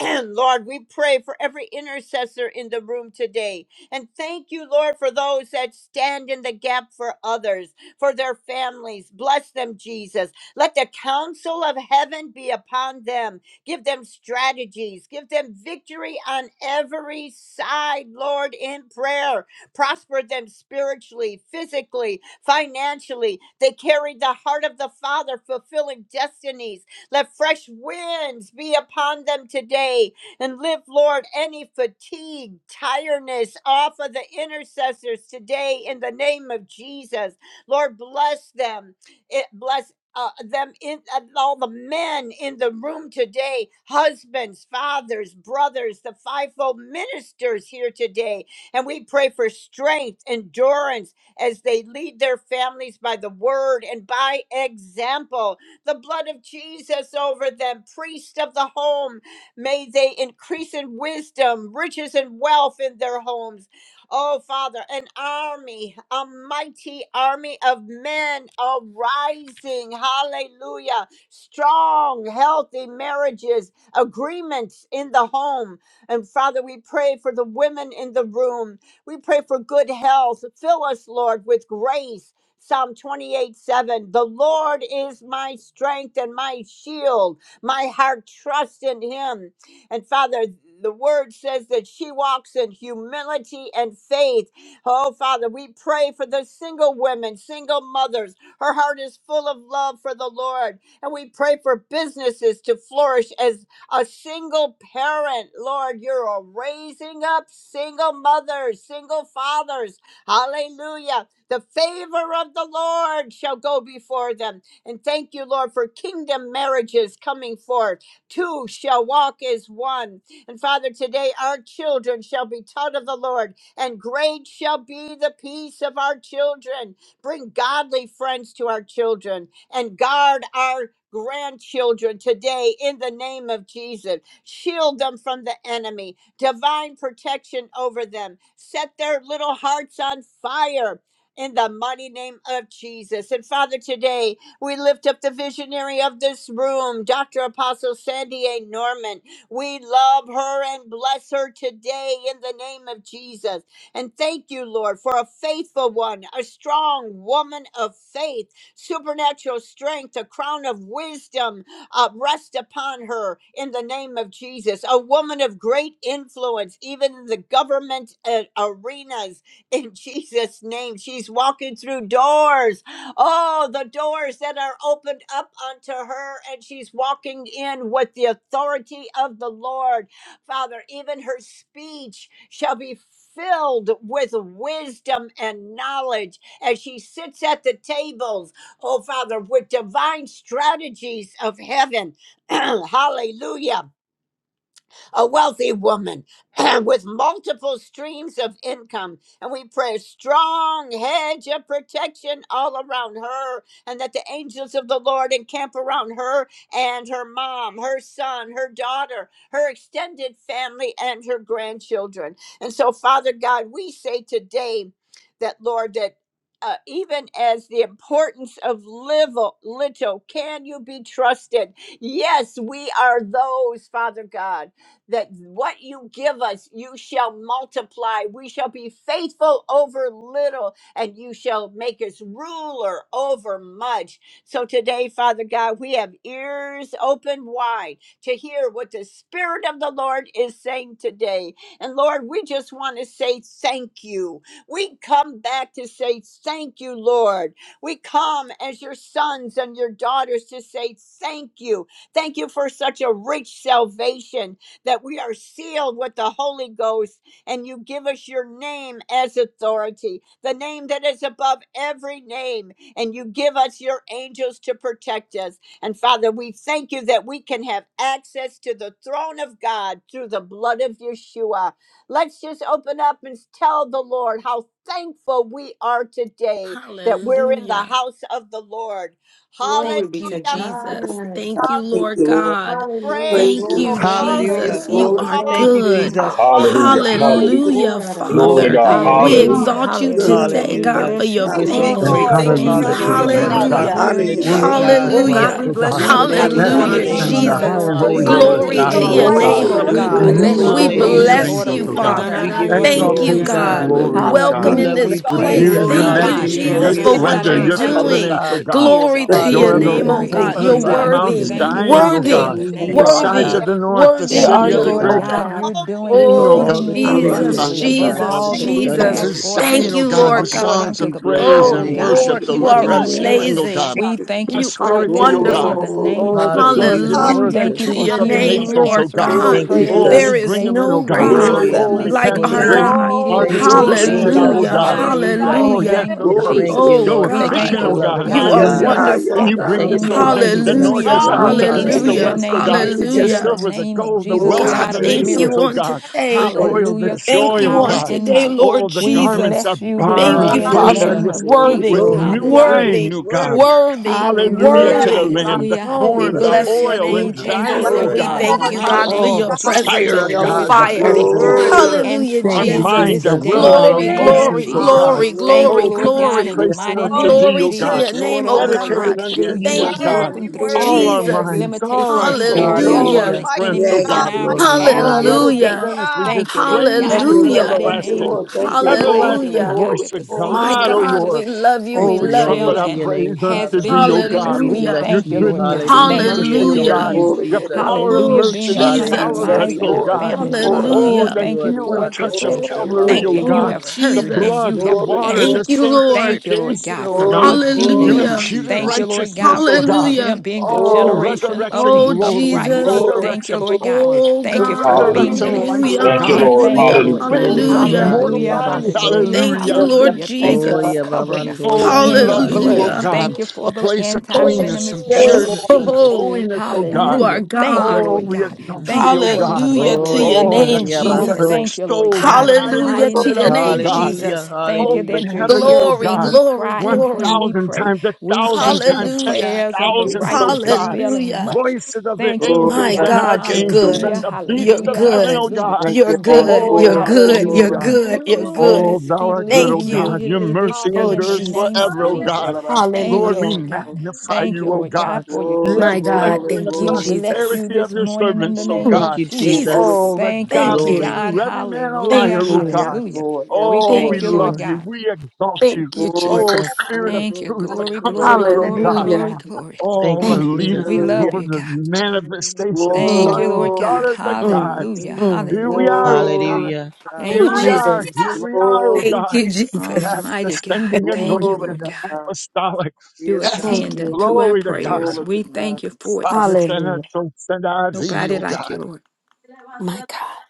Speaker 2: And Lord, we pray for every intercessor in the room today and thank you, Lord, for those that stand in the gap for others, for their families. Bless them, Jesus. Let the counsel of heaven be upon them. Give them strategies. Give them victory on every side, Lord, in prayer. Prosper them spiritually, physically, financially. They carry the heart of the Father, fulfilling destinies. Let fresh winds be upon them today and lift, Lord, any fatigue, tiredness off of the intercessors today in the name of Jesus. Lord, bless them. It, bless uh, them in uh, all the men in the room today, husbands, fathers, brothers, the fivefold ministers here today, and we pray for strength, endurance as they lead their families by the word and by example. The blood of Jesus over them, priest of the home, May they increase in wisdom, riches, and wealth in their homes. Oh, Father, an army, a mighty army of men are rising. Hallelujah. Strong, healthy marriages, agreements in the home. And Father, we pray for the women in the room. We pray for good health. Fill us, Lord, with grace. Psalm 28 7. The Lord is my strength and my shield. My heart trusts in him. And Father, the word says that she walks in humility and faith. Oh, Father, we pray for the single women, single mothers. Her heart is full of love for the Lord. And we pray for businesses to flourish as a single parent. Lord, you're raising up single mothers, single fathers. Hallelujah. The favor of the Lord shall go before them. And thank you, Lord, for kingdom marriages coming forth. Two shall walk as one. And Father, today our children shall be taught of the Lord, and great shall be the peace of our children. Bring godly friends to our children and guard our grandchildren today in the name of Jesus. Shield them from the enemy, divine protection over them, set their little hearts on fire. In the mighty name of Jesus. And Father, today we lift up the visionary of this room, Dr. Apostle Sandy A. Norman. We love her and bless her today in the name of Jesus. And thank you, Lord, for a faithful one, a strong woman of faith, supernatural strength, a crown of wisdom uh, rest upon her in the name of Jesus. A woman of great influence, even in the government uh, arenas, in Jesus' name. She's walking through doors Oh, the doors that are opened up unto her, and she's walking in with the authority of the Lord. Father, even her speech shall be filled with wisdom and knowledge as she sits at the tables, oh Father, with divine strategies of heaven. Hallelujah a wealthy woman with multiple streams of income. And we pray a strong hedge of protection all around her, and that the angels of the Lord encamp around her and her mom, her son, her daughter, her extended family, and her grandchildren. And so, Father God, we say today that, Lord, that. Uh, even as the importance of little, little, can you be trusted? Yes, we are those, Father God that what you give us, you shall multiply. We shall be faithful over little, and you shall make us ruler over much. So today, Father God, we have ears open wide to hear what the Spirit of the Lord is saying today. And Lord, we just want to say thank you. We come back to say thank you, Lord. We come as your sons and your daughters to say thank you. Thank you for such a rich salvation that we are sealed with the Holy Ghost, and you give us your name as authority, the name that is above every name, and you give us your angels to protect us. And Father, we thank you that we can have access to the throne of God through the blood of Yeshua. Let's just open up and tell the Lord how thankful we are today that we're in the
Speaker 3: Hallelujah.
Speaker 2: house of the Lord. Hallelujah.
Speaker 4: Glory
Speaker 3: Thank
Speaker 4: be
Speaker 3: you,
Speaker 4: to
Speaker 3: Jesus.
Speaker 4: God.
Speaker 3: Thank you,
Speaker 2: Hallelujah.
Speaker 5: Thank
Speaker 3: Lord
Speaker 5: you, Lord.
Speaker 3: God.
Speaker 5: We
Speaker 4: Hallelujah.
Speaker 2: Praise,
Speaker 5: praise
Speaker 3: Thank
Speaker 5: you.
Speaker 4: Glory,
Speaker 2: the
Speaker 3: you,
Speaker 4: glory,
Speaker 5: We
Speaker 4: glory,
Speaker 3: Jesus.
Speaker 6: Hallelujah.
Speaker 7: Hallelujah,
Speaker 3: You
Speaker 4: glory,
Speaker 5: glorify
Speaker 3: are
Speaker 2: Lord
Speaker 4: glory.
Speaker 6: Thank you,
Speaker 7: hallelujah,
Speaker 5: you.
Speaker 3: good.
Speaker 6: Jesus.
Speaker 2: all the
Speaker 7: hallelujah,
Speaker 8: Hallelujah.
Speaker 5: Thank you for
Speaker 2: glory.
Speaker 5: your
Speaker 8: Hallelujah.
Speaker 5: goodness,
Speaker 3: Hallelujah,
Speaker 4: Ora da
Speaker 8: Glory to
Speaker 6: Glory
Speaker 3: Father.
Speaker 6: to
Speaker 8: God.
Speaker 6: your
Speaker 4: Orarabashete.
Speaker 3: We
Speaker 7: hallelujah,
Speaker 6: name.
Speaker 9: Hallelujah,
Speaker 8: Hallelujah.
Speaker 3: exalt you
Speaker 5: your love.
Speaker 9: hallelujah.
Speaker 3: today,
Speaker 9: We
Speaker 3: God,
Speaker 5: And
Speaker 6: Hallelujah.
Speaker 3: for
Speaker 9: bless your
Speaker 3: your
Speaker 5: God,
Speaker 2: Thank
Speaker 6: We're
Speaker 5: we
Speaker 6: so
Speaker 2: you,
Speaker 9: name,
Speaker 10: Yes,
Speaker 5: bless
Speaker 4: Victory.
Speaker 5: you.
Speaker 9: God.
Speaker 2: Lord,
Speaker 3: faithfulness.
Speaker 6: grateful.
Speaker 7: hallelujah.
Speaker 4: Thank you,
Speaker 2: for
Speaker 9: Thank
Speaker 10: hallelujah
Speaker 9: you,
Speaker 4: Father,
Speaker 10: to the
Speaker 9: Lord
Speaker 4: for
Speaker 6: Hallelujah for
Speaker 10: Lamb
Speaker 9: God,
Speaker 10: of
Speaker 2: healing us.
Speaker 6: another
Speaker 9: for
Speaker 10: God.
Speaker 5: We
Speaker 4: victory.
Speaker 3: Hallelujah.
Speaker 5: honor
Speaker 9: hearing
Speaker 2: Thank
Speaker 5: you,
Speaker 6: opportunity,
Speaker 9: and
Speaker 10: Worthy
Speaker 6: oh
Speaker 5: God.
Speaker 10: is the
Speaker 2: you
Speaker 6: God.
Speaker 4: Oh,
Speaker 9: answering
Speaker 4: God,
Speaker 10: Christ,
Speaker 3: Hallelujah.
Speaker 4: we
Speaker 2: for
Speaker 10: O
Speaker 9: prayers.
Speaker 4: bless
Speaker 10: God.
Speaker 9: We
Speaker 4: you.
Speaker 5: What a
Speaker 4: We
Speaker 2: strengthening
Speaker 9: thank
Speaker 2: us.
Speaker 5: mighty
Speaker 9: you
Speaker 4: thank
Speaker 6: Glory
Speaker 4: you.
Speaker 10: Yes,
Speaker 4: We
Speaker 6: to
Speaker 9: for
Speaker 10: we
Speaker 5: God
Speaker 6: your
Speaker 5: we
Speaker 9: the
Speaker 4: honor
Speaker 3: Hallelujah,
Speaker 2: Thank
Speaker 4: you.
Speaker 5: serve.
Speaker 6: name,
Speaker 9: EMA
Speaker 10: ascend
Speaker 2: you,
Speaker 7: hallelujah.
Speaker 10: the
Speaker 2: Lord,
Speaker 6: God.
Speaker 3: Jesus.
Speaker 10: high and
Speaker 2: for
Speaker 9: miracles
Speaker 10: holy
Speaker 9: that
Speaker 11: Lord,
Speaker 10: hill
Speaker 9: are
Speaker 6: Hallelujah.
Speaker 10: of
Speaker 4: We
Speaker 6: We
Speaker 3: Glory
Speaker 4: give
Speaker 9: taking
Speaker 4: you
Speaker 3: to
Speaker 2: financial
Speaker 4: all
Speaker 10: Zion,
Speaker 6: thank
Speaker 4: the
Speaker 3: your
Speaker 10: O
Speaker 6: you,
Speaker 4: praise, the
Speaker 3: name,
Speaker 10: God.
Speaker 9: place.
Speaker 3: oh
Speaker 2: breakthrough
Speaker 6: Jesus.
Speaker 5: Glory,
Speaker 4: honor,
Speaker 11: we
Speaker 2: and
Speaker 9: We
Speaker 4: and the
Speaker 3: God.
Speaker 11: bless
Speaker 5: glory,
Speaker 2: freedom.
Speaker 9: bless
Speaker 4: glory.
Speaker 11: you,
Speaker 5: glory,
Speaker 9: your
Speaker 3: We
Speaker 10: Innumerable
Speaker 11: Holy
Speaker 5: glory.
Speaker 10: company
Speaker 9: name,
Speaker 10: of
Speaker 2: Thank
Speaker 6: Hallelujah.
Speaker 3: bless
Speaker 9: Lord of
Speaker 10: angels,
Speaker 3: you,
Speaker 9: the
Speaker 10: O
Speaker 2: you,
Speaker 11: Spirit.
Speaker 10: God.
Speaker 2: Father
Speaker 9: heavens
Speaker 3: Father.
Speaker 6: We
Speaker 9: and
Speaker 2: God,
Speaker 6: give
Speaker 2: that
Speaker 6: you
Speaker 9: Lord of the
Speaker 3: Thank you,
Speaker 9: earth.
Speaker 6: glory,
Speaker 11: You
Speaker 10: Exaltation,
Speaker 11: be
Speaker 3: God.
Speaker 6: God.
Speaker 10: glory,
Speaker 2: someone
Speaker 10: O
Speaker 11: glorified.
Speaker 4: Orararayetididiyaradaramakasha.
Speaker 6: We
Speaker 3: Welcome
Speaker 5: Thank
Speaker 10: God.
Speaker 3: in
Speaker 9: Hallelujah.
Speaker 5: you,
Speaker 6: love
Speaker 5: thank
Speaker 9: We
Speaker 6: you,
Speaker 3: this
Speaker 2: we're
Speaker 10: Your
Speaker 2: going
Speaker 5: you,
Speaker 11: We
Speaker 3: place.
Speaker 10: beauty,
Speaker 9: praise
Speaker 6: Jesus.
Speaker 9: you,
Speaker 10: your
Speaker 3: Thank
Speaker 11: honor
Speaker 3: you,
Speaker 11: you,
Speaker 9: God. You're
Speaker 10: majesty,
Speaker 6: Hallelujah.
Speaker 10: your
Speaker 9: on
Speaker 3: Jesus,
Speaker 5: thank
Speaker 6: We
Speaker 9: the
Speaker 5: you,
Speaker 3: for
Speaker 2: in
Speaker 5: thank
Speaker 2: the
Speaker 5: you,
Speaker 9: side
Speaker 3: what
Speaker 9: of
Speaker 10: splendor,
Speaker 3: you're
Speaker 9: the
Speaker 2: name
Speaker 10: your
Speaker 6: appreciate
Speaker 2: of
Speaker 6: you,
Speaker 2: Jesus.
Speaker 6: oh
Speaker 11: Lord,
Speaker 9: righteous,
Speaker 3: doing.
Speaker 4: Orarididiyaradaramasana.
Speaker 9: and
Speaker 10: covenants, O
Speaker 9: your
Speaker 6: God.
Speaker 10: God.
Speaker 9: ears
Speaker 3: Glory
Speaker 9: are
Speaker 10: The
Speaker 3: to
Speaker 5: thank
Speaker 9: open
Speaker 11: and
Speaker 5: you,
Speaker 10: joy
Speaker 3: your
Speaker 11: we
Speaker 10: of
Speaker 5: thank
Speaker 9: to
Speaker 5: you,
Speaker 10: the
Speaker 9: our
Speaker 3: name,
Speaker 6: Hallelujah.
Speaker 3: oh
Speaker 11: reverence
Speaker 9: prayers.
Speaker 10: whole
Speaker 11: you.
Speaker 6: Thank
Speaker 3: God.
Speaker 6: you,
Speaker 3: You're
Speaker 10: earth
Speaker 11: Thank
Speaker 10: is
Speaker 11: you
Speaker 9: God,
Speaker 6: Father.
Speaker 9: we
Speaker 11: for
Speaker 10: Mount
Speaker 11: your
Speaker 3: worthy,
Speaker 9: thank you
Speaker 11: ministry.
Speaker 10: Zion,
Speaker 9: this
Speaker 6: Thank you
Speaker 10: O
Speaker 9: day
Speaker 6: for
Speaker 9: in
Speaker 3: worthy,
Speaker 10: God.
Speaker 9: the
Speaker 2: Praise
Speaker 6: who
Speaker 2: and
Speaker 5: thank
Speaker 11: Thank you.
Speaker 9: name
Speaker 6: you
Speaker 10: The
Speaker 9: of
Speaker 6: are,
Speaker 2: glory
Speaker 10: sides
Speaker 3: worthy,
Speaker 10: of
Speaker 9: Jesus.
Speaker 6: God.
Speaker 10: the
Speaker 2: and honor
Speaker 10: north, the
Speaker 3: worthy
Speaker 6: Thank
Speaker 3: are
Speaker 10: city
Speaker 9: Thank
Speaker 6: you,
Speaker 9: you,
Speaker 10: of
Speaker 6: oh
Speaker 10: the
Speaker 2: you,
Speaker 3: you,
Speaker 9: Lord
Speaker 3: oh
Speaker 10: great
Speaker 6: God.
Speaker 2: your
Speaker 9: God.
Speaker 3: God.
Speaker 9: You're
Speaker 2: holy
Speaker 9: doing
Speaker 6: for
Speaker 10: King, O
Speaker 3: Oh,
Speaker 10: God.
Speaker 6: all
Speaker 9: exceedingly
Speaker 6: that you are
Speaker 11: Hallelujah.
Speaker 3: Jesus,
Speaker 6: doing,
Speaker 9: abundantly
Speaker 6: oh
Speaker 11: Thank you
Speaker 9: above
Speaker 6: God, all
Speaker 11: for
Speaker 3: Jesus,
Speaker 9: all
Speaker 6: that
Speaker 9: that
Speaker 11: your
Speaker 6: you've
Speaker 9: we could
Speaker 6: done
Speaker 2: hallelujah.
Speaker 6: and
Speaker 10: Look
Speaker 3: Jesus.
Speaker 11: ministry.
Speaker 6: all
Speaker 10: to
Speaker 9: ask
Speaker 6: that you
Speaker 9: or
Speaker 6: will
Speaker 10: Zion,
Speaker 3: Thank
Speaker 10: O
Speaker 3: you,
Speaker 9: think,
Speaker 5: you.
Speaker 6: do.
Speaker 5: Thank
Speaker 10: God, with
Speaker 3: Lord
Speaker 5: you.
Speaker 11: Thank
Speaker 9: according
Speaker 3: God.
Speaker 10: songs
Speaker 9: to
Speaker 10: of
Speaker 6: We
Speaker 9: the
Speaker 6: bless
Speaker 10: praise
Speaker 6: your
Speaker 9: power
Speaker 3: Oh,
Speaker 9: of
Speaker 10: and
Speaker 6: name.
Speaker 9: God
Speaker 6: We
Speaker 3: Lord,
Speaker 10: worship,
Speaker 9: that's
Speaker 6: give
Speaker 3: you
Speaker 6: you
Speaker 3: are
Speaker 9: working
Speaker 2: God.
Speaker 10: deliverance,
Speaker 6: glory.
Speaker 5: Yeah.
Speaker 9: within
Speaker 10: healing,
Speaker 9: us.
Speaker 10: O
Speaker 11: thank
Speaker 3: amazing.
Speaker 10: God,
Speaker 11: you.
Speaker 9: We thank you
Speaker 3: You are
Speaker 9: for it this
Speaker 10: prosperity, O
Speaker 9: day in
Speaker 10: God.
Speaker 9: the
Speaker 3: wonderful.
Speaker 5: Glory,
Speaker 9: name
Speaker 10: Oh,
Speaker 9: of
Speaker 10: the joy of
Speaker 2: Hallelujah.
Speaker 9: Jesus.
Speaker 10: the
Speaker 6: Hallelujah,
Speaker 2: Hallelujah.
Speaker 10: all earth,
Speaker 3: Hallelujah
Speaker 10: the
Speaker 9: Thank you
Speaker 6: Jesus.
Speaker 3: to
Speaker 9: for
Speaker 10: kings
Speaker 3: your
Speaker 10: of the
Speaker 9: hearing
Speaker 3: name,
Speaker 9: and
Speaker 2: Hallelujah.
Speaker 10: nations, O
Speaker 3: Lord
Speaker 9: answering
Speaker 10: God.
Speaker 9: the
Speaker 3: God.
Speaker 5: glory
Speaker 6: Thank
Speaker 5: to
Speaker 6: you,
Speaker 11: we
Speaker 5: you,
Speaker 9: prayers
Speaker 10: Oh,
Speaker 6: sir.
Speaker 11: bless
Speaker 3: There
Speaker 10: we
Speaker 9: this
Speaker 3: is
Speaker 10: bring
Speaker 9: day.
Speaker 10: them
Speaker 11: you.
Speaker 10: in,
Speaker 11: We
Speaker 10: O
Speaker 3: no
Speaker 10: God.
Speaker 11: praise
Speaker 9: Quickly,
Speaker 6: Oh,
Speaker 3: God
Speaker 5: glory
Speaker 6: yeah,
Speaker 5: to
Speaker 10: Oh,
Speaker 6: my
Speaker 9: suddenly,
Speaker 10: we
Speaker 5: you,
Speaker 3: like
Speaker 10: cast
Speaker 11: you. We
Speaker 10: the
Speaker 3: our
Speaker 6: soya.
Speaker 9: speedily,
Speaker 11: honor
Speaker 10: great
Speaker 11: you.
Speaker 3: God.
Speaker 2: Oh,
Speaker 9: immediately,
Speaker 6: Thank
Speaker 10: harvest
Speaker 6: you,
Speaker 9: we
Speaker 5: glory
Speaker 11: Oh,
Speaker 5: to
Speaker 9: thank
Speaker 10: fishnet
Speaker 9: you,
Speaker 5: you,
Speaker 10: out,
Speaker 11: God.
Speaker 10: O
Speaker 6: Jesus.
Speaker 9: Lord
Speaker 2: yes,
Speaker 3: Hallelujah.
Speaker 10: God.
Speaker 9: God,
Speaker 2: you're
Speaker 9: in the
Speaker 6: Hallelujah.
Speaker 9: mighty
Speaker 10: Oh,
Speaker 3: Hallelujah.
Speaker 10: yes,
Speaker 9: name
Speaker 10: O
Speaker 9: of
Speaker 2: exalted.
Speaker 10: God.
Speaker 5: glory to
Speaker 6: Thank
Speaker 9: Jesus.
Speaker 5: you.
Speaker 6: you,
Speaker 3: Oh
Speaker 10: Go a
Speaker 6: Lord.
Speaker 2: We
Speaker 9: We
Speaker 6: Thank you
Speaker 11: Thank
Speaker 9: thank
Speaker 3: God,
Speaker 10: fishing,
Speaker 6: for
Speaker 9: you,
Speaker 11: you,
Speaker 10: O
Speaker 2: exalt,
Speaker 11: God.
Speaker 9: Lord
Speaker 10: God.
Speaker 6: loving
Speaker 3: you
Speaker 6: us,
Speaker 9: God,
Speaker 11: Thank
Speaker 3: are
Speaker 9: for
Speaker 5: Yes,
Speaker 11: you.
Speaker 2: give
Speaker 6: God.
Speaker 10: Hallelujah.
Speaker 9: being
Speaker 5: God,
Speaker 2: you all
Speaker 10: And
Speaker 5: yes,
Speaker 3: wonderful.
Speaker 10: you
Speaker 9: established
Speaker 5: God,
Speaker 2: the
Speaker 10: bring
Speaker 11: Oh,
Speaker 10: the
Speaker 5: yes,
Speaker 6: Thank
Speaker 9: in
Speaker 6: you
Speaker 11: God,
Speaker 9: your
Speaker 6: for
Speaker 10: souls
Speaker 5: God.
Speaker 11: you
Speaker 10: in,
Speaker 11: teach
Speaker 10: the
Speaker 6: keeping
Speaker 11: us to
Speaker 6: us,
Speaker 10: north,
Speaker 9: righteousness.
Speaker 6: oh
Speaker 10: the
Speaker 3: Hallelujah,
Speaker 2: All
Speaker 11: work
Speaker 10: south,
Speaker 6: God.
Speaker 11: with
Speaker 9: We
Speaker 10: the
Speaker 11: you.
Speaker 5: That's
Speaker 2: glory
Speaker 5: the
Speaker 10: east, the
Speaker 9: bless
Speaker 2: goes
Speaker 5: name
Speaker 9: your
Speaker 3: hallelujah,
Speaker 6: Hallelujah.
Speaker 5: of
Speaker 10: west,
Speaker 2: to
Speaker 10: O
Speaker 9: name
Speaker 10: God.
Speaker 5: Jesus.
Speaker 9: this
Speaker 11: Teach
Speaker 2: Jesus.
Speaker 10: The
Speaker 9: day
Speaker 11: us,
Speaker 9: in
Speaker 3: hallelujah.
Speaker 9: the
Speaker 11: God,
Speaker 10: silver, the
Speaker 9: name of
Speaker 10: gold, the
Speaker 9: Jesus,
Speaker 5: Oh,
Speaker 10: wealth
Speaker 2: Thank you,
Speaker 10: of
Speaker 3: God,
Speaker 9: God
Speaker 10: the
Speaker 9: of
Speaker 11: to
Speaker 3: thank
Speaker 11: do
Speaker 10: nations,
Speaker 3: you
Speaker 5: hallelujah.
Speaker 10: O
Speaker 2: Father.
Speaker 3: on
Speaker 9: miracles.
Speaker 10: God.
Speaker 2: Thank you
Speaker 3: today.
Speaker 2: for
Speaker 10: The
Speaker 2: your
Speaker 11: according
Speaker 10: oil,
Speaker 11: to
Speaker 10: the
Speaker 9: Hallelujah,
Speaker 5: Yes,
Speaker 6: Thank you,
Speaker 5: God.
Speaker 3: Thank
Speaker 10: joy, O
Speaker 3: you
Speaker 11: you.
Speaker 9: power
Speaker 3: on
Speaker 10: God.
Speaker 6: Jesus.
Speaker 9: and
Speaker 3: today,
Speaker 9: might.
Speaker 3: Lord
Speaker 10: Oh, the
Speaker 9: We
Speaker 10: garments
Speaker 3: Jesus.
Speaker 10: are
Speaker 9: bless you this
Speaker 2: word.
Speaker 3: Thank
Speaker 10: barns
Speaker 3: you,
Speaker 9: day in
Speaker 2: Rabbi,
Speaker 9: the
Speaker 3: Father.
Speaker 10: bursting
Speaker 11: Hallelujah.
Speaker 9: name
Speaker 6: Hallelujah.
Speaker 10: with,
Speaker 9: of
Speaker 2: Rabbi,
Speaker 5: Glory,
Speaker 10: with
Speaker 9: Jesus.
Speaker 3: Worthy,
Speaker 2: thank
Speaker 5: glory,
Speaker 11: Glory.
Speaker 10: new
Speaker 6: Glory.
Speaker 2: you.
Speaker 9: Hallelujah.
Speaker 10: wine,
Speaker 3: worthy,
Speaker 10: new God.
Speaker 11: Worthy.
Speaker 3: worthy,
Speaker 10: Hallelujah
Speaker 9: Hallelujah,
Speaker 10: to
Speaker 2: Yes,
Speaker 10: the
Speaker 11: Worthy
Speaker 3: worthy.
Speaker 11: is your
Speaker 2: Father
Speaker 10: Lamb, the
Speaker 9: hallelujah,
Speaker 2: God.
Speaker 3: Oh, we
Speaker 5: glory.
Speaker 10: corn, the
Speaker 9: hallelujah.
Speaker 3: bless
Speaker 11: Worthy
Speaker 3: your
Speaker 11: is the
Speaker 10: oil
Speaker 9: We
Speaker 10: in
Speaker 11: blood.
Speaker 3: name,
Speaker 2: We
Speaker 9: thank you,
Speaker 3: Jesus,
Speaker 2: bless
Speaker 10: Zion,
Speaker 3: and
Speaker 10: oh
Speaker 9: Lord
Speaker 3: we
Speaker 11: Worthy
Speaker 10: God.
Speaker 9: God,
Speaker 11: are
Speaker 9: in
Speaker 2: the
Speaker 9: the
Speaker 3: thank
Speaker 11: you,
Speaker 2: Lord.
Speaker 5: Yes,
Speaker 11: O
Speaker 3: you,
Speaker 7: Yeah.
Speaker 9: mighty
Speaker 11: God.
Speaker 3: God,
Speaker 5: God.
Speaker 3: for
Speaker 9: name
Speaker 10: Oh,
Speaker 9: of
Speaker 3: your
Speaker 10: the
Speaker 2: Hallelujah.
Speaker 9: Jesus
Speaker 7: Hallelujah,
Speaker 3: presence
Speaker 9: with
Speaker 11: You
Speaker 10: fire
Speaker 3: and
Speaker 9: the
Speaker 11: are
Speaker 10: of
Speaker 3: your
Speaker 10: God,
Speaker 9: voice
Speaker 11: worthy.
Speaker 10: the
Speaker 9: of
Speaker 11: You
Speaker 3: fire.
Speaker 11: are
Speaker 10: purge and the
Speaker 9: victory
Speaker 11: worthy,
Speaker 5: Glory.
Speaker 11: O
Speaker 10: pure,
Speaker 11: God.
Speaker 9: and
Speaker 3: Hallelujah,
Speaker 10: our
Speaker 6: Thank you,
Speaker 9: triumph
Speaker 11: Yes, Lord.
Speaker 3: Jesus.
Speaker 10: mind,
Speaker 9: this
Speaker 5: Yes,
Speaker 10: our
Speaker 6: Jesus.
Speaker 9: day
Speaker 10: will,
Speaker 9: in the
Speaker 10: our
Speaker 3: Glory,
Speaker 9: name
Speaker 6: Hallelujah.
Speaker 9: of
Speaker 11: You
Speaker 3: glory,
Speaker 10: emotions, oh
Speaker 9: Jesus.
Speaker 11: are
Speaker 10: God.
Speaker 3: glory,
Speaker 9: Thank you,
Speaker 3: glory,
Speaker 11: worthy,
Speaker 10: Oh,
Speaker 11: God.
Speaker 9: Lord God, in
Speaker 3: glory.
Speaker 9: the
Speaker 10: consecration
Speaker 9: mighty
Speaker 5: God.
Speaker 2: Oh,
Speaker 10: unto
Speaker 2: he
Speaker 9: name of
Speaker 10: thee,
Speaker 3: Glory
Speaker 10: O
Speaker 3: to
Speaker 10: God,
Speaker 2: deserves
Speaker 9: Jesus,
Speaker 3: your
Speaker 2: the
Speaker 9: Lord
Speaker 3: name,
Speaker 9: of
Speaker 3: oh
Speaker 2: glory.
Speaker 9: the
Speaker 11: Ah, yeah.
Speaker 10: dedicated
Speaker 3: God.
Speaker 9: breakthrough.
Speaker 10: unto
Speaker 5: Yes,
Speaker 9: You
Speaker 10: you,
Speaker 5: God.
Speaker 10: O
Speaker 3: Thank
Speaker 9: have
Speaker 3: you,
Speaker 10: God.
Speaker 9: broken
Speaker 2: Worthy,
Speaker 11: Mm,
Speaker 9: through
Speaker 2: worthy,
Speaker 11: mm,
Speaker 10: All
Speaker 9: every
Speaker 10: our
Speaker 11: mm,
Speaker 3: Jesus.
Speaker 11: mm.
Speaker 2: worthy.
Speaker 10: minds, all
Speaker 9: limitation
Speaker 10: our
Speaker 9: and
Speaker 5: Thank
Speaker 10: souls,
Speaker 5: you,
Speaker 9: barrier
Speaker 5: Lord.
Speaker 10: all
Speaker 9: of
Speaker 3: Hallelujah.
Speaker 10: our
Speaker 9: the
Speaker 6: Hallelujah.
Speaker 2: My
Speaker 10: strengths,
Speaker 11: Yeah,
Speaker 10: O
Speaker 9: enemy
Speaker 5: Thank
Speaker 9: on
Speaker 2: God,
Speaker 10: God.
Speaker 5: you,
Speaker 11: yeah.
Speaker 9: our
Speaker 2: my
Speaker 5: Lord.
Speaker 6: Lord, we
Speaker 9: behalves
Speaker 10: All
Speaker 6: love
Speaker 2: God,
Speaker 9: this
Speaker 10: that
Speaker 6: you.
Speaker 10: is
Speaker 9: day.
Speaker 3: Hallelujah.
Speaker 10: within us, we
Speaker 2: my
Speaker 10: just
Speaker 9: Thank you, Lord
Speaker 10: praise you
Speaker 9: God,
Speaker 5: Thank
Speaker 10: with
Speaker 9: in
Speaker 5: you,
Speaker 9: the
Speaker 10: an
Speaker 3: Hallelujah.
Speaker 5: Lord.
Speaker 11: You
Speaker 9: mighty
Speaker 11: are
Speaker 5: Thank you,
Speaker 9: name
Speaker 11: worthy.
Speaker 10: everlasting,
Speaker 9: of
Speaker 5: Lord. Thank you,
Speaker 9: Jesus.
Speaker 5: Lord.
Speaker 9: Thank you,
Speaker 10: everlasting
Speaker 9: Lord
Speaker 3: Hallelujah.
Speaker 9: God,
Speaker 5: Glory,
Speaker 10: voice
Speaker 9: that
Speaker 10: of
Speaker 9: the seed
Speaker 5: glory,
Speaker 3: My
Speaker 9: of the
Speaker 10: God, O
Speaker 5: glory,
Speaker 3: God,
Speaker 9: righteous
Speaker 3: we
Speaker 10: Lord.
Speaker 3: love you.
Speaker 11: Thank
Speaker 10: Oh,
Speaker 3: We
Speaker 10: we
Speaker 3: love
Speaker 6: Glory
Speaker 10: trumpet
Speaker 9: shall
Speaker 3: you.
Speaker 6: to
Speaker 10: our
Speaker 9: and
Speaker 6: your name,
Speaker 10: praise
Speaker 9: has
Speaker 10: unto
Speaker 6: Father.
Speaker 9: been
Speaker 10: thee, O
Speaker 9: delivered.
Speaker 10: God.
Speaker 6: We
Speaker 9: We
Speaker 5: glory.
Speaker 3: Hallelujah.
Speaker 10: Your
Speaker 6: bless
Speaker 9: thank you,
Speaker 6: you.
Speaker 9: Lord
Speaker 10: goodness
Speaker 9: God.
Speaker 10: and
Speaker 6: Hallelujah.
Speaker 9: Thank you
Speaker 6: We
Speaker 9: for
Speaker 10: mercy, O
Speaker 9: your
Speaker 6: adore
Speaker 3: Hallelujah.
Speaker 10: God.
Speaker 6: you,
Speaker 9: hand.
Speaker 5: Glory,
Speaker 10: Your
Speaker 5: glory.
Speaker 6: Jesus.
Speaker 10: power of
Speaker 9: Hallelujah.
Speaker 3: Oh,
Speaker 10: virtue
Speaker 9: Being
Speaker 10: that
Speaker 9: upon our
Speaker 3: Jesus.
Speaker 10: followed
Speaker 6: Hallelujah.
Speaker 10: us,
Speaker 5: Yes,
Speaker 6: We
Speaker 9: lives and
Speaker 10: O
Speaker 6: look
Speaker 9: our
Speaker 5: Lord.
Speaker 10: God.
Speaker 5: Yes,
Speaker 6: unto
Speaker 9: families'
Speaker 6: you,
Speaker 5: Lord.
Speaker 9: lives.
Speaker 6: God.
Speaker 9: We
Speaker 10: Oh,
Speaker 3: Hallelujah.
Speaker 10: the
Speaker 9: thank
Speaker 6: You are
Speaker 9: you
Speaker 6: the
Speaker 10: healing
Speaker 9: for
Speaker 6: author and
Speaker 9: this
Speaker 10: touch of
Speaker 5: Glory,
Speaker 9: day.
Speaker 6: finisher of our
Speaker 10: Calvary,
Speaker 3: Oh,
Speaker 9: Thank
Speaker 5: glory,
Speaker 10: O
Speaker 9: you.
Speaker 6: faith,
Speaker 9: You
Speaker 3: oh,
Speaker 10: God.
Speaker 9: have
Speaker 6: Father.
Speaker 10: The
Speaker 9: heard and
Speaker 3: Jesus.
Speaker 9: you
Speaker 10: blood, the
Speaker 9: have
Speaker 5: glory,
Speaker 10: water, the
Speaker 9: answered.
Speaker 3: Thank you,
Speaker 9: Thank
Speaker 3: Lord.
Speaker 9: you, Lord
Speaker 10: sanctification,
Speaker 9: God,
Speaker 10: O
Speaker 9: for
Speaker 5: glory,
Speaker 10: God. Your
Speaker 9: regening
Speaker 6: Thank
Speaker 5: glory,
Speaker 9: us.
Speaker 6: you,
Speaker 3: Hallelujah.
Speaker 10: imputed
Speaker 9: Thank you,
Speaker 6: Jesus.
Speaker 9: Lord
Speaker 10: righteousness,
Speaker 9: God,
Speaker 10: O
Speaker 9: for the
Speaker 10: God.
Speaker 3: Hallelujah.
Speaker 9: gen- being the
Speaker 10: Oh,
Speaker 5: glory, glory,
Speaker 9: generation of
Speaker 10: resurrection
Speaker 3: Oh,
Speaker 9: the
Speaker 10: glory,
Speaker 9: upright. We
Speaker 3: Jesus.
Speaker 5: glory,
Speaker 9: thank you,
Speaker 10: resurrection
Speaker 9: Lord God.
Speaker 10: power,
Speaker 3: Oh,
Speaker 10: the
Speaker 9: Thank you for
Speaker 3: God.
Speaker 5: glory,
Speaker 9: it being
Speaker 10: resurrection
Speaker 8: Hallelujah.
Speaker 9: blessed.
Speaker 10: life,
Speaker 5: glory,
Speaker 3: Hallelujah.
Speaker 10: O
Speaker 8: Thank you,
Speaker 10: God.
Speaker 9: We
Speaker 8: Lord.
Speaker 9: thank you,
Speaker 10: That
Speaker 3: Hallelujah.
Speaker 6: Glory
Speaker 8: Hallelujah.
Speaker 9: Lord
Speaker 6: to your
Speaker 9: God.
Speaker 10: quickens a
Speaker 6: name,
Speaker 3: Hallelujah.
Speaker 5: glory,
Speaker 6: God.
Speaker 10: mortal
Speaker 5: glory.
Speaker 9: Hallelujah,
Speaker 10: body,
Speaker 6: Yabaso.
Speaker 9: hallelujah,
Speaker 3: Thank you,
Speaker 10: hallelujah.
Speaker 5: Yes, God.
Speaker 3: Lord
Speaker 9: hallelujah.
Speaker 5: Yes,
Speaker 9: Thank you
Speaker 5: God.
Speaker 6: Oh,
Speaker 9: for
Speaker 3: Jesus.
Speaker 9: covering us
Speaker 6: yababando,
Speaker 10: Oh, we
Speaker 9: in your
Speaker 10: love you, oh
Speaker 9: blood.
Speaker 3: Hallelujah.
Speaker 10: God.
Speaker 6: yababandiase.
Speaker 9: Thank you for
Speaker 10: A
Speaker 9: the
Speaker 10: place of
Speaker 9: anti
Speaker 10: cleanness
Speaker 9: venomous
Speaker 10: and
Speaker 5: Yes,
Speaker 9: blood of
Speaker 5: Lord.
Speaker 10: pureness and
Speaker 9: Jesus.
Speaker 3: Oh,
Speaker 10: holiness, oh
Speaker 3: you
Speaker 10: God.
Speaker 3: are
Speaker 9: Hallelujah. Thank you,
Speaker 3: God.
Speaker 10: Oh,
Speaker 9: Lord
Speaker 10: we
Speaker 9: God.
Speaker 10: exalt
Speaker 9: Thank
Speaker 10: thee,
Speaker 9: you
Speaker 10: oh
Speaker 9: for this
Speaker 10: God.
Speaker 9: prayer
Speaker 3: Hallelujah
Speaker 6: Oh,
Speaker 3: to your
Speaker 6: yeah,
Speaker 10: Oh,
Speaker 6: God.
Speaker 3: name,
Speaker 9: relationship. We
Speaker 10: exalted,
Speaker 3: Jesus.
Speaker 6: Yabaso.
Speaker 9: thank you, Lord
Speaker 10: extolled, and
Speaker 9: God, in the
Speaker 10: high and
Speaker 3: Hallelujah
Speaker 9: mighty
Speaker 5: Oh,
Speaker 3: to
Speaker 10: lifted
Speaker 3: your
Speaker 10: up,
Speaker 9: name of
Speaker 10: oh
Speaker 3: name,
Speaker 10: God.
Speaker 9: Jesus.
Speaker 6: Hallelujah.
Speaker 3: Jesus.
Speaker 9: Thank you
Speaker 6: Hallelujah,
Speaker 10: Open
Speaker 9: that you
Speaker 10: heavens,
Speaker 9: hear
Speaker 10: oh
Speaker 6: Jesus.
Speaker 9: us
Speaker 3: Glory,
Speaker 9: when we
Speaker 10: God.
Speaker 3: glory,
Speaker 9: cry
Speaker 10: One
Speaker 9: and when
Speaker 3: glory.
Speaker 9: we
Speaker 10: thousand
Speaker 9: pray.
Speaker 10: times, a
Speaker 9: We
Speaker 10: thousand
Speaker 9: thank you. The
Speaker 10: times, ten
Speaker 3: Hallelujah.
Speaker 9: prayers of the
Speaker 5: Oh, bless you. Thank you,
Speaker 10: thousands, oh
Speaker 9: righteous
Speaker 5: Jesus.
Speaker 10: God.
Speaker 9: availing
Speaker 3: Hallelujah.
Speaker 9: much.
Speaker 10: Voices of the
Speaker 9: Thank you, Lord
Speaker 5: Oh,
Speaker 3: My
Speaker 10: angels
Speaker 5: bless
Speaker 10: and
Speaker 9: God.
Speaker 5: you,
Speaker 3: God, you're
Speaker 10: archangels
Speaker 5: Jesus.
Speaker 3: good.
Speaker 9: Hallelujah,
Speaker 10: and the beasts
Speaker 3: You're
Speaker 10: of
Speaker 9: hallelujah,
Speaker 10: heaven,
Speaker 3: good.
Speaker 10: oh
Speaker 9: hallelujah.
Speaker 10: God.
Speaker 5: Thank
Speaker 3: You're
Speaker 5: you, Lord.
Speaker 9: Thank you,
Speaker 3: good.
Speaker 9: Lord
Speaker 10: Oh,
Speaker 3: You're
Speaker 9: God,
Speaker 5: Glory,
Speaker 9: for
Speaker 3: good.
Speaker 9: you
Speaker 3: You're
Speaker 5: glory.
Speaker 10: hallelujah.
Speaker 9: moving
Speaker 3: good. You're
Speaker 9: quickly, suddenly,
Speaker 4: Glory,
Speaker 10: Oh,
Speaker 3: good.
Speaker 10: thou
Speaker 5: Thank
Speaker 10: art
Speaker 5: you.
Speaker 9: speedily,
Speaker 10: good, O
Speaker 3: Thank
Speaker 10: God.
Speaker 3: you.
Speaker 10: Your
Speaker 9: immediately
Speaker 2: God.
Speaker 9: this
Speaker 10: mercy
Speaker 9: day
Speaker 3: Oh,
Speaker 9: in the
Speaker 10: endures
Speaker 9: name
Speaker 3: Jesus.
Speaker 9: of
Speaker 10: forever, O
Speaker 5: Glory,
Speaker 9: Jesus.
Speaker 10: God.
Speaker 5: glory,
Speaker 9: Thank you,
Speaker 10: Lord, we
Speaker 3: Hallelujah.
Speaker 9: Lord God.
Speaker 10: magnify
Speaker 9: Thank you,
Speaker 10: you, O
Speaker 9: Lord
Speaker 10: God.
Speaker 9: God, for your
Speaker 10: You
Speaker 5: glory,
Speaker 10: have
Speaker 3: My
Speaker 9: keeping
Speaker 3: God,
Speaker 9: power.
Speaker 5: glory,
Speaker 10: pleasure in the
Speaker 3: thank you,
Speaker 9: We
Speaker 5: glory.
Speaker 9: bless
Speaker 3: Jesus.
Speaker 9: you
Speaker 10: prosperity of
Speaker 9: this
Speaker 10: your
Speaker 9: morning in the
Speaker 10: servants, O
Speaker 9: name
Speaker 3: Ooh,
Speaker 6: Thank
Speaker 9: of
Speaker 10: God.
Speaker 6: you,
Speaker 9: Jesus.
Speaker 6: Jesus.
Speaker 5: Glory to
Speaker 3: Jesus.
Speaker 10: Oh, let
Speaker 9: Thank you,
Speaker 10: God
Speaker 3: Thank
Speaker 10: be
Speaker 9: Lord
Speaker 3: you.
Speaker 6: Glory.
Speaker 9: God.
Speaker 10: true, every man a
Speaker 9: Hallelujah,
Speaker 3: Thank
Speaker 10: liar, O
Speaker 3: you.
Speaker 5: Yes,
Speaker 10: God.
Speaker 9: hallelujah.
Speaker 5: Lord. Yes,
Speaker 9: We
Speaker 10: Oh, we
Speaker 9: thank
Speaker 5: Lord.
Speaker 3: Thank
Speaker 9: you,
Speaker 10: love
Speaker 9: Lord
Speaker 3: you.
Speaker 10: you.
Speaker 9: God.
Speaker 10: We exalt
Speaker 3: Thank
Speaker 10: you.
Speaker 3: you,
Speaker 5: Glory
Speaker 10: Oh,
Speaker 5: to
Speaker 3: Jesus.
Speaker 10: Spirit of
Speaker 4: glory, glory,
Speaker 9: Thank you.
Speaker 4: glory,
Speaker 10: truth, the
Speaker 9: Glory,
Speaker 5: bless
Speaker 9: glory,
Speaker 10: comforter, O
Speaker 5: your
Speaker 9: glory,
Speaker 5: name,
Speaker 10: God.
Speaker 9: glory,
Speaker 3: Hallelujah.
Speaker 5: Jesus.
Speaker 9: glory.
Speaker 6: Thank
Speaker 10: Oh,
Speaker 6: you,
Speaker 10: a
Speaker 9: Mm.
Speaker 3: Thank you.
Speaker 10: leader,
Speaker 9: We
Speaker 6: Jesus.
Speaker 10: the
Speaker 5: Hallelujah.
Speaker 9: love
Speaker 10: Lord,
Speaker 9: you,
Speaker 10: the
Speaker 9: God.
Speaker 10: manifestation,
Speaker 9: Thank
Speaker 3: Mm,
Speaker 9: you,
Speaker 10: son,
Speaker 9: Lord
Speaker 5: Glory,
Speaker 9: God.
Speaker 10: daughter, the
Speaker 3: mm,
Speaker 10: God.
Speaker 9: Hallelujah.
Speaker 3: mm.
Speaker 4: glory.
Speaker 10: Here we
Speaker 9: Hallelujah.
Speaker 10: are, O God.
Speaker 5: glory
Speaker 6: Hallelujah.
Speaker 5: to God.
Speaker 3: Oh,
Speaker 10: Here
Speaker 9: Thank you,
Speaker 10: we
Speaker 9: Lord
Speaker 3: Jesus.
Speaker 10: are. Here
Speaker 9: Jesus.
Speaker 10: we are, oh
Speaker 5: Glory,
Speaker 3: Thank
Speaker 10: God.
Speaker 3: you, Jesus.
Speaker 10: Yes,
Speaker 9: Almighty God.
Speaker 10: descending
Speaker 9: Thank you,
Speaker 5: glory
Speaker 10: anointed,
Speaker 9: Lord
Speaker 5: to
Speaker 9: God.
Speaker 5: God.
Speaker 10: apostolic.
Speaker 9: You
Speaker 5: Yes, God.
Speaker 10: Yes,
Speaker 3: Thank
Speaker 9: attend
Speaker 3: you.
Speaker 9: unto our
Speaker 10: glory to
Speaker 9: prayers.
Speaker 10: God.
Speaker 5: Glory to
Speaker 9: We
Speaker 5: God.
Speaker 9: thank you for it this
Speaker 10: Father,
Speaker 9: day.
Speaker 10: send us,
Speaker 3: Hallelujah.
Speaker 10: so send our thee,
Speaker 9: Nobody
Speaker 10: oh
Speaker 9: like you,
Speaker 10: God.
Speaker 9: Lord.
Speaker 3: My God.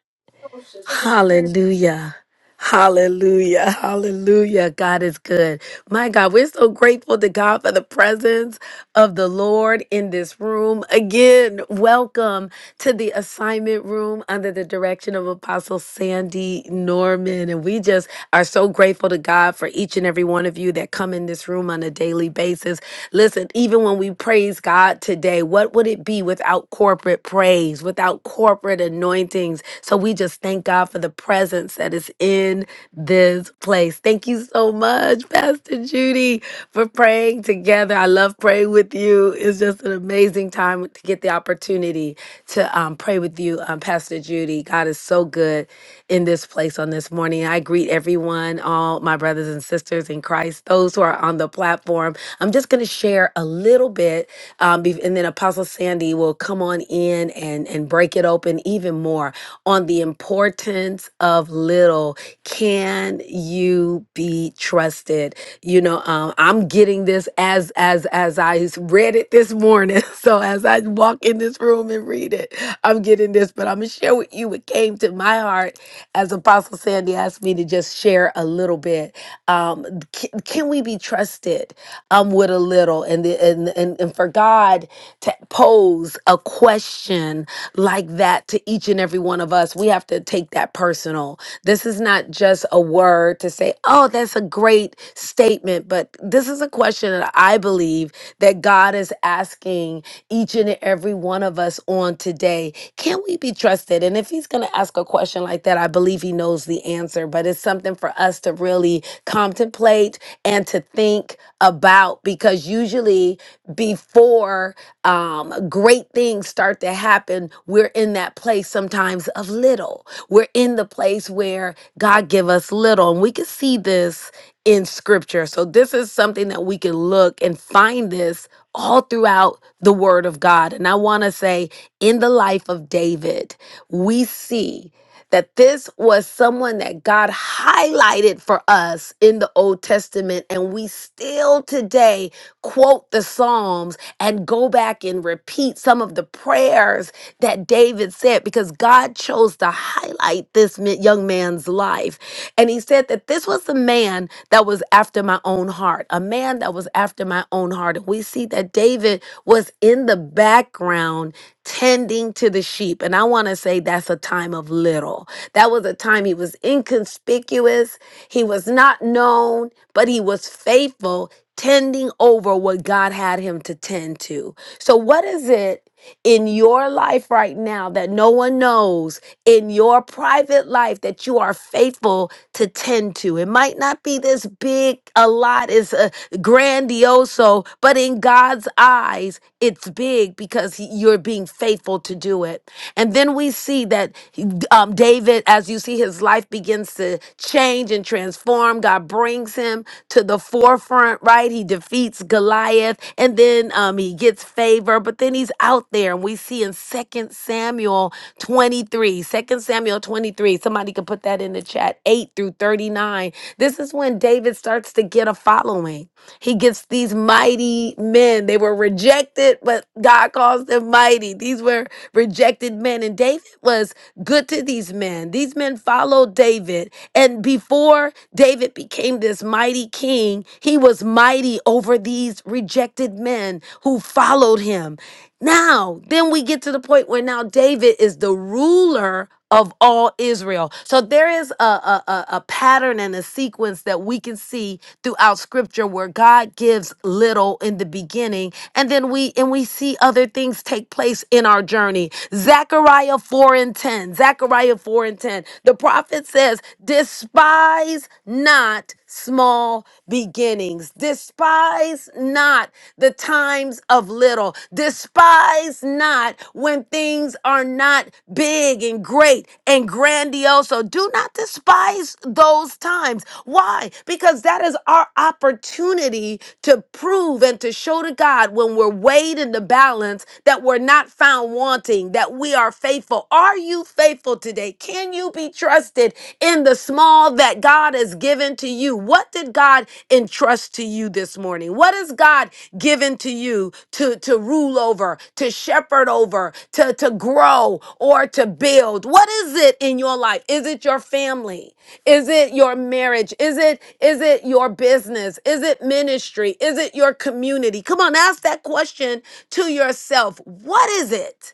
Speaker 3: Hallelujah. Hallelujah. Hallelujah. God is good. My God, we're so grateful to God for the presence of the Lord in this room. Again, welcome. to the assignment room under the direction of Apostle Sandy Norman. And we just are so grateful to God for each and every one of you that come in this room on a daily basis. Listen, even when we praise God today, what would it be without corporate praise, without corporate anointings? So we just thank God for the presence that is in this place. Thank you so much, Pastor Judy, for praying together. I love praying with you. It's just an amazing time to get the opportunity to um, pray with you, um, Pastor Judy. God is so good in this place on this morning. I greet everyone, all my brothers and sisters in Christ, those who are on the platform. I'm just going to share a little bit, um, be- and then Apostle Sandy will come on in and, and break it open even more on the importance of little. Can you be trusted? you know um, i'm getting this as as as I read it this morning so as i walk in this room and read it i'm getting this but i'm gonna share with you what came to my heart as apostle sandy asked me to just share a little bit um, can, can we be trusted um, with a little and, the, and and and for god to pose a question like that to each and every one of us. We have to take that personal. This is not just a word to say, oh, that's a great statement, but this is a question that I believe that God is asking each and every one of us on today. Can we be trusted? And if He's going to ask a question like that, I believe He knows the answer, but it's something for us to really contemplate and to think about because usually before um, great things start to happen, we're in that place sometimes of little. We're in the place where God give us little, and we can see this in Scripture. So this is something that we can look and find this all throughout the Word of God. And I want to say, in the life of David, we see. That this was someone that God highlighted for us in the Old Testament, and we still today quote the Psalms and go back and repeat some of the prayers that David said because God chose to highlight this mi- young man's life. And he said that this was the man that was after my own heart, a man that was after my own heart. And we see that David was in the background tending to the sheep. And I want to say that's a time of little. That was a time he was inconspicuous, he was not known, but he was faithful tending over what God had him to tend to. So, what is it in your life right now that no one knows in your private life that you are faithful to tend to? It might not be this big, a lot is a grandioso, but in God's eyes, it's big because he- you're being faithful to do it. And then we see that he- um, David, as you see his life begins to change and transform, God brings him to the forefront, right? He defeats Goliath and then um, he gets favor, but then he's out there. And we see in Second Samuel 23, Second Samuel 23, somebody could put that in the chat, 8 through 39. This is when David starts to get a following. He gets these mighty men. They were rejected, but God calls them mighty. These were rejected men. And David was good to these men. These men followed David. And before David became this mighty king, he was mighty over these rejected men who followed him. Now, then we get to the point where now David is the ruler of all Israel. So there is a, a, a a pattern and a sequence that we can see throughout scripture where God gives little in the beginning and then we and we see other things take place in our journey. Zechariah 4 and 10. Zechariah 4 and 10. The prophet says, despise not small beginnings. Despise not the times of little. Despise not when things are not big and great and grandiose. So do not despise those times. Why? Because that is our opportunity to prove and to show to God when we're weighed in the balance that we're not found wanting, that we are faithful. Are you faithful today? Can you be trusted in the small that God has given to you? What did God entrust to you this morning? What has God given to you to, to rule over, to shepherd over, to, to grow or to build? What is it in your life? Is it your family? Is it your marriage? Is it is it your business? Is it ministry? Is it your community? Come on, ask that question to yourself. What is it?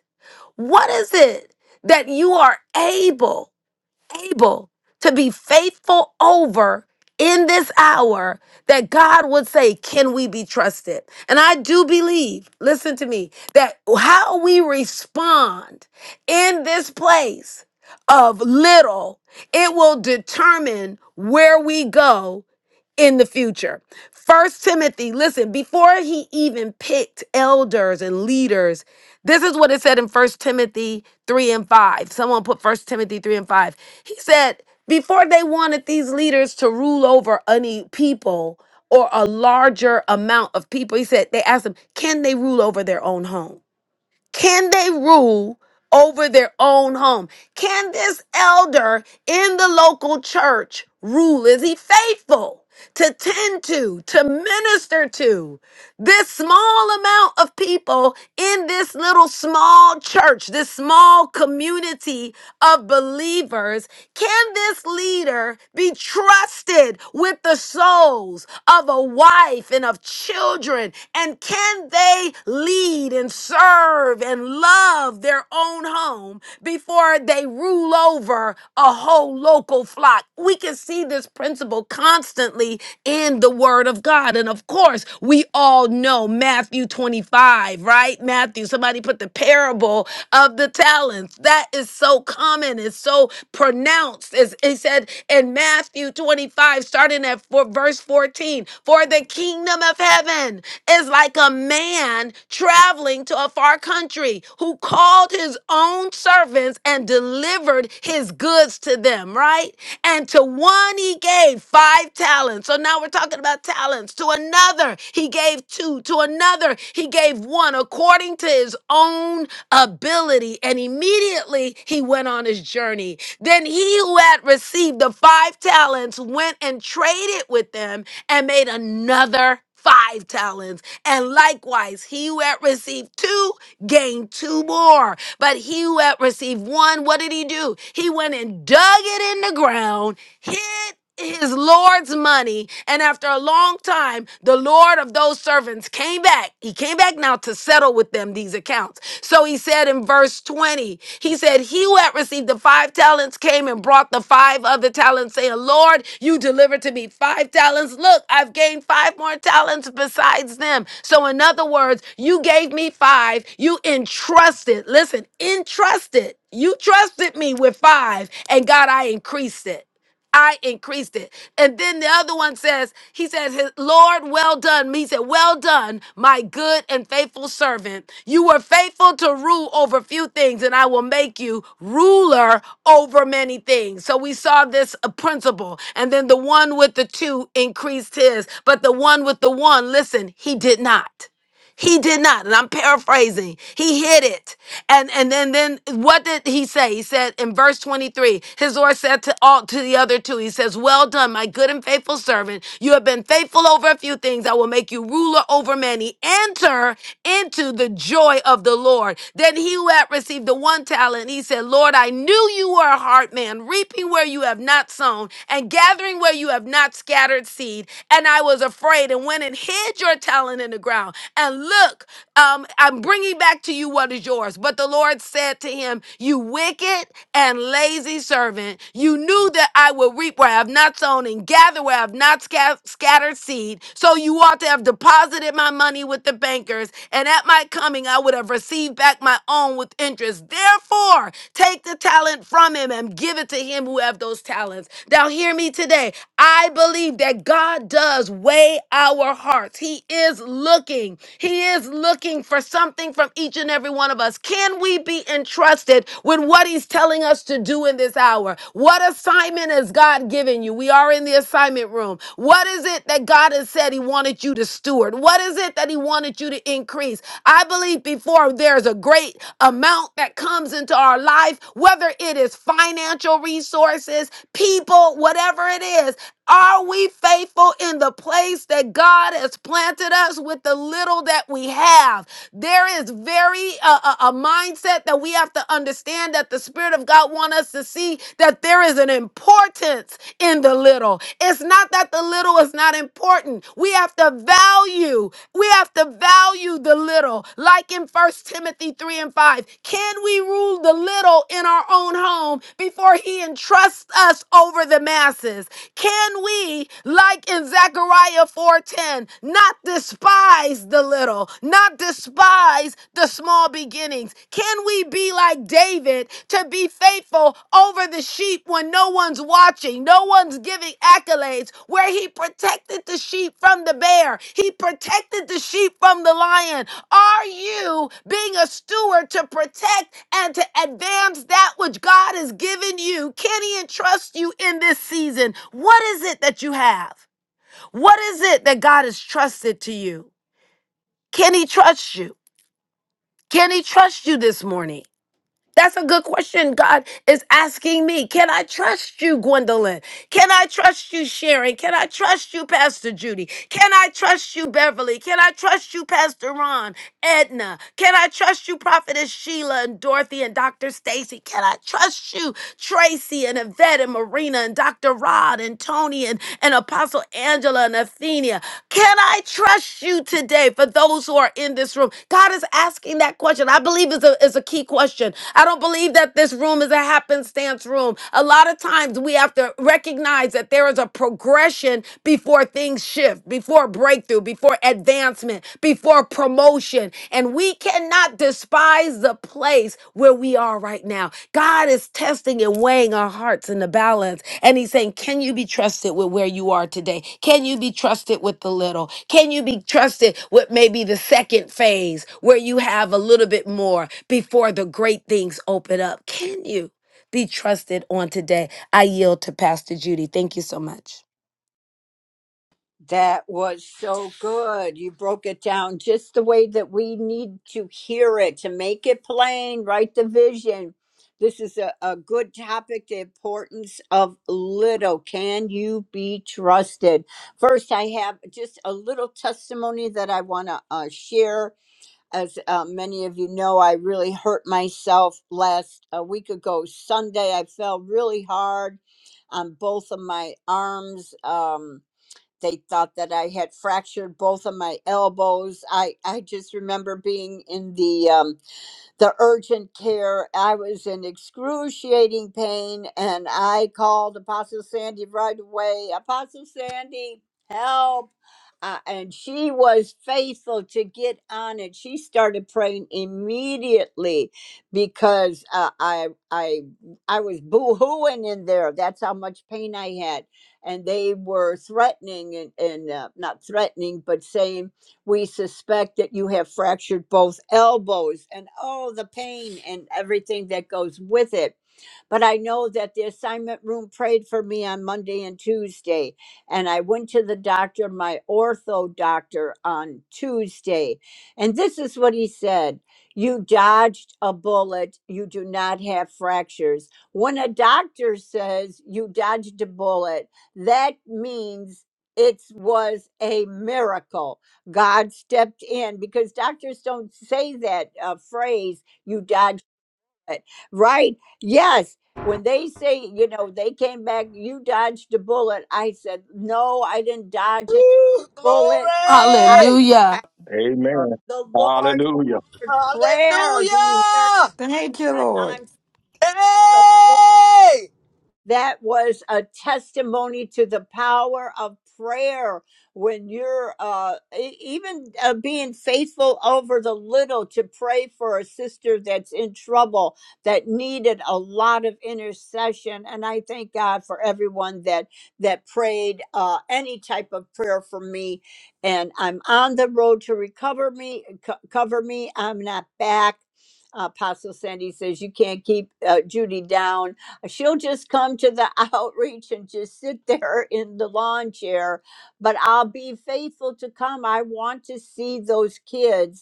Speaker 3: What is it that you are able? able to be faithful over in this hour that God would say, Can we be trusted? And I do believe, listen to me, that how we respond in this place of little, it will determine where we go in the future. First Timothy, listen, before he even picked elders and leaders this is what it said in First Timothy 3 and 5. Someone put First Timothy 3 and 5. He said, before they wanted these leaders to rule over any people or a larger amount of people, he said, they asked them, can they rule over their own home? Can they rule over their own home? Can this elder in the local church rule? Is he faithful to tend to, to minister to? This small amount of people in this little small church, this small community of believers, can this leader be trusted with the souls of a wife and of children? And can they lead and serve and love their own home before? where they rule over a whole local flock. We can see this principle constantly in the word of God. And of course, we all know Matthew 25, right? Matthew, somebody put the parable of the talents. That is so common, it's so pronounced. It's, it said in Matthew 25, starting at four, verse 14. 14. For the kingdom of heaven is like a man traveling to a far country who called his own servants and delivered his goods to them, right? And to one he gave five talents. So now we're talking about talents. To another he gave two. To another he gave one according to his own ability. And immediately he went on his journey. Then he who had received the five talents went and traded with them and made another five talents. And likewise, he who had received two gained two more. But he who had received one, what did he do? He went and dug it in the ground, hid his Lord's money. And after a long time, the Lord of those servants came back. He came back now to settle with them these accounts. So he said in verse 20, he said, He who had received the five talents came and brought the five other talents, saying, Lord, you delivered to me five talents. Look, I've gained five more talents besides them. So, in other words, you gave me five, you entrusted, listen, entrusted, you trusted me with five, and God, I increased it. I increased it. And then the other one says, He says, his- Lord, well done. He said, Well done, my good and faithful servant. You were faithful to rule over few things, and I will make you ruler over many things. So we saw this uh, principle. And then the one with the two increased his, but the one with the one, listen, he did not. He did not, and I'm paraphrasing. He hid it. And and then then what did he say? He said in verse 23, his Lord said to all to the other two, he says, Well done, my good and faithful servant. You have been faithful over a few things. I will make you ruler over many. Enter into the joy of the Lord. Then he who had received the one talent, he said, Lord, I knew you were a hard man, reaping where you have not sown, and gathering where you have not scattered seed. And I was afraid and went and hid hid your talent in the ground and look um, i'm bringing back to you what is yours but the lord said to him you wicked and lazy servant you knew that i will reap where i have not sown and gather where i have not sca- scattered seed so you ought to have deposited my money with the bankers and at my coming i would have received back my own with interest therefore take the talent from him and give it to him who have those talents now hear me today i believe that god does does weigh our hearts. He is looking. He is looking for something from each and every one of us. Can we be entrusted with what He's telling us to do in this hour? What assignment has God given you? We are in the assignment room. What is it that God has said He wanted you to steward? What is it that He wanted you to increase? I believe before there's a great amount that comes into our life, whether it is financial resources, people, whatever it is, are we faithful in the place that God has planted us with the little that we have? There is very uh, a, a mindset that we have to understand that the Spirit of God wants us to see that there is an importance in the little. It's not that the little is not important. We have to value. We have to value value the little, like in First Timothy 3 and 5. Can we rule the little in our own home before he entrusts us over the masses? Can we, like in Zechariah 4:10, not despise the little, not despise the small beginnings? Can we be like David to be faithful over the sheep when no one's watching, no one's giving accolades, where he protected the sheep from the bear, he protected the sheep from the lion. Are you being a steward to protect and to advance that which God has given you? Can he entrust you in this season? What is it that you have? What is it that God has trusted to you? Can he trust you? Can he trust you this morning? That's a good question. God is asking me, can I trust you, Gwendolyn? Can I trust you, Sharon? Can I trust you, Pastor Judy? Can I trust you, Beverly? Can I trust you, Pastor Ron? Edna? Can I trust you, Prophetess Sheila and Dorothy and Dr. Stacy? Can I trust you, Tracy and Yvette and Marina and Dr. Rod and Tony and, and Apostle Angela and Athenia? Can I trust you today for those who are in this room? God is asking that question. I believe is a, is a key question. I don't believe that this room is a happenstance room. A lot of times we have to recognize that there is a progression position before things shift, before breakthrough, before advancement, before promotion. And we cannot despise the place where we are right now. God is testing and weighing our hearts in the balance. And He's saying, Can you be trusted with where you are today? Can you be trusted with the little? Can you be trusted with maybe the second phase where you have a little bit more before the great things open up? Can you? Be trusted on today. I yield to Pastor Judy. Thank you so much.
Speaker 2: That was so good. You broke it down just the way that we need to hear it to make it plain, write the vision. This is a, a good topic the importance of little. Can you be trusted? First, I have just a little testimony that I want to uh, share. As uh, many of you know, I really hurt myself last a week ago, Sunday. I fell really hard on both of my arms. Um, they thought that I had fractured both of my elbows. I, I just remember being in the um, the urgent care. I was in excruciating pain and I called Apostle Sandy right away. Apostle Sandy, help. Uh, and she was faithful to get on it. She started praying immediately because uh, I I I was boo-hooing in there. That's how much pain I had, and they were threatening and, and uh, not threatening, but saying we suspect that you have fractured both elbows and oh, the pain and everything that goes with it. But I know that the assignment room prayed for me on Monday and Tuesday. And I went to the doctor, my ortho doctor, on Tuesday. And this is what he said You dodged a bullet. You do not have fractures. When a doctor says you dodged a bullet, that means it was a miracle. God stepped in because doctors don't say that uh, phrase, you dodged it, right? Yes. When they say, you know, they came back, you dodged a bullet. I said, no, I didn't dodge a
Speaker 12: Woo!
Speaker 2: bullet. I
Speaker 12: Glory!
Speaker 3: Hallelujah.
Speaker 5: Uh,
Speaker 8: Amen.
Speaker 2: the Lord
Speaker 8: Hallelujah.
Speaker 2: in prayer. Do you hear?
Speaker 12: Hallelujah!
Speaker 9: Thank you,
Speaker 2: I,
Speaker 9: Lord.
Speaker 2: I'm so.
Speaker 12: Hey!
Speaker 2: that was a testimony to the power of prayer when you're uh, e- even uh, being faithful over the little to pray for a sister that's in trouble that needed a lot of intercession and i thank god for everyone that that prayed uh, any type of prayer for me and i'm on the road to recover me co- cover me i'm not back apostle sandy says you can't keep uh, judy down She'll just come to the outreach and just sit there in the lawn chair. But I'll be faithful to come. I want to see those kids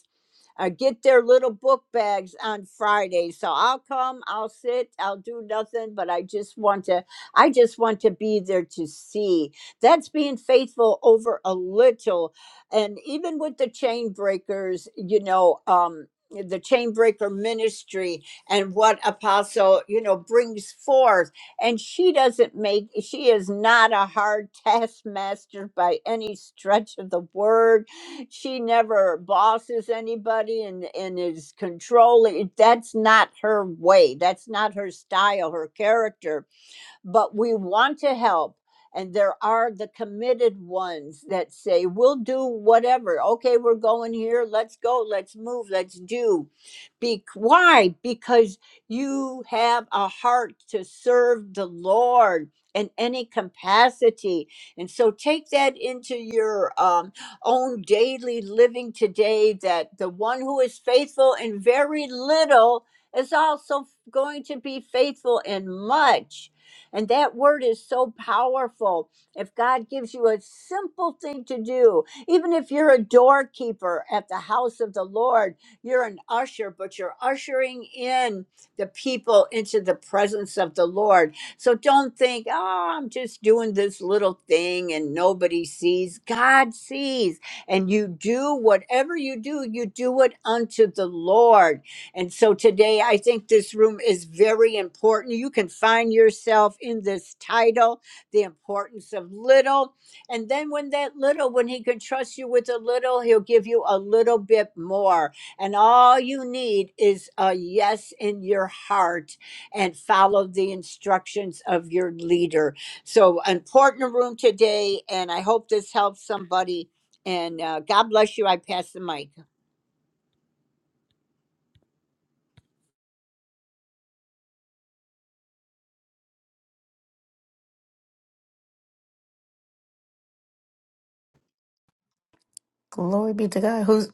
Speaker 2: uh, get their little book bags on Friday. So I'll come, I'll sit, I'll do nothing, but I just want to, I just want to be there to see. That's being faithful over a little. And even with the chain breakers, you know, um, the chain breaker ministry and what apostle you know brings forth and she doesn't make she is not a hard taskmaster by any stretch of the word she never bosses anybody and, and is controlling. That's not her way. That's not her style, her character but we want to help. And there are the committed ones that say, we'll do whatever. Okay, we're going here. Let's go. Let's move. Let's do. Be- why? Because you have a heart to serve the Lord in any capacity. And so take that into your um, own daily living today that the one who is faithful in very little is also going to be faithful in much and that word is so powerful. If God gives you a simple thing to do, even if you're a doorkeeper at the house of the Lord, you're an usher, but you're ushering in the people into the presence of the Lord. So don't think, oh, I'm just doing this little thing and nobody sees. God sees. And you do whatever you do, you do it unto the Lord and so today, I think this room is very important. You can find yourself in this title, The Importance of Little. And then, when that little, when He can trust you with a little, He'll give you a little bit more. And all you need is a yes in your heart and follow the instructions of your leader. So, important room today. And I hope this helps somebody. And uh, God bless you. I pass the mic.
Speaker 4: Glory be to God. Who's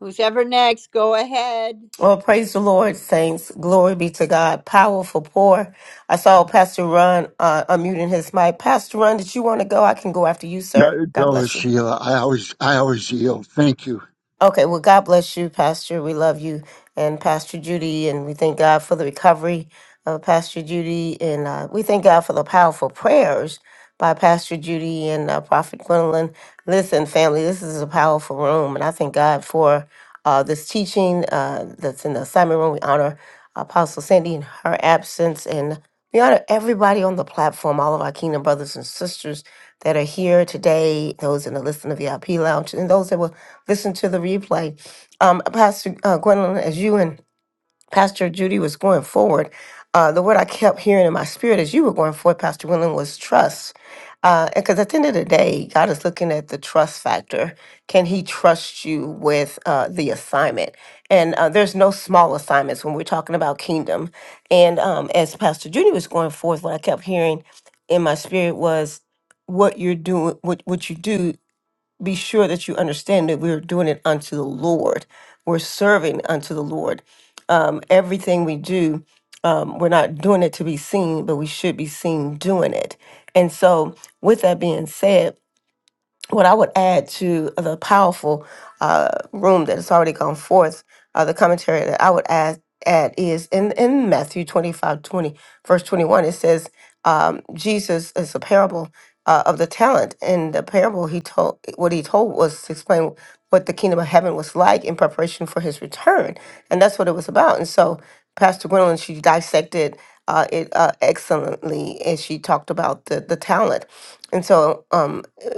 Speaker 2: Who's ever next, go ahead.
Speaker 4: Well, praise the Lord, saints. Glory be to God. Powerful pour. I saw Pastor Ron uh, unmuting his mic. Pastor Ron, did you want to go? I can go after you,
Speaker 10: God,
Speaker 4: sir. God
Speaker 10: oh,
Speaker 4: bless you.
Speaker 10: Sheila, I always, I always yield. Thank you.
Speaker 4: Okay, well, God bless you, Pastor. We love you and Pastor Judy, and we thank God for the recovery of Pastor Judy, and uh, we thank God for the powerful prayers by Pastor Judy and uh, Prophet Gwendolyn. Listen, family, this is a powerful room, and I thank God for uh, this teaching uh, that's in the assignment room. We honor Apostle Sandy in her absence, and we honor everybody on the platform, all of our kingdom brothers and sisters that are here today, those in the Listen to VIP Lounge, and those that will listen to the replay. Um, Pastor uh, Gwendolyn, as you and Pastor Judy was going forward, uh, the word I kept hearing in my spirit as you were going forward, Pastor Gwendolyn, was trust. Because at the end of the day, God is looking at the trust factor. Can He trust you with uh, the assignment? And uh, there's no small assignments when we're talking about kingdom. And um, as Pastor Judy was going forth, what I kept hearing in my spirit was what you're doing, what, what you do be sure that you understand that we're doing it unto the Lord. We're serving unto the Lord. Um, everything we do, um, we're not doing it to be seen, but we should be seen doing it. And so, with that being said, what I would add to the powerful uh, room that has already gone forth, uh, the commentary that I would add, add is in, in Matthew 25 20 verse 21, it says, um, Jesus is a parable uh, of the talent. And the parable he told, what he told was to explain what the kingdom of heaven was like in preparation for his return. And that's what it was about. And so Pastor Gwendolyn, she dissected uh, it uh, excellently and she talked about the, the talent. And so, um,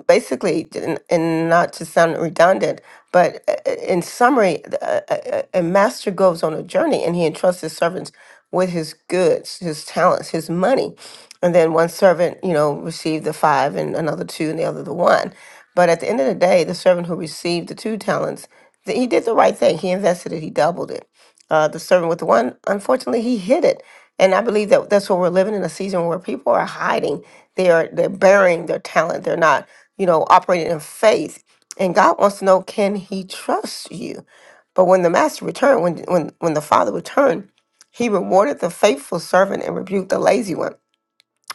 Speaker 4: basically, and, and not to sound redundant, but uh, uh, in summary, th- uh, uh, uh, a master goes on a journey and he entrusts his servants with his goods, his talents, his money. And then one servant, you know, received the five and another two and the other the one. But at the end of the day, the servant who received the two talents, th- he did the right thing. He invested it, he doubled it. Uh, the servant with the one, unfortunately, he hid it. And I believe that that's what we're living in a season where people are hiding. They are they're burying their talent. They're not you know, operating in faith. And God wants to know, can he trust you? But when the master returned, when when when the father returned, he rewarded the faithful servant and rebuked the lazy one.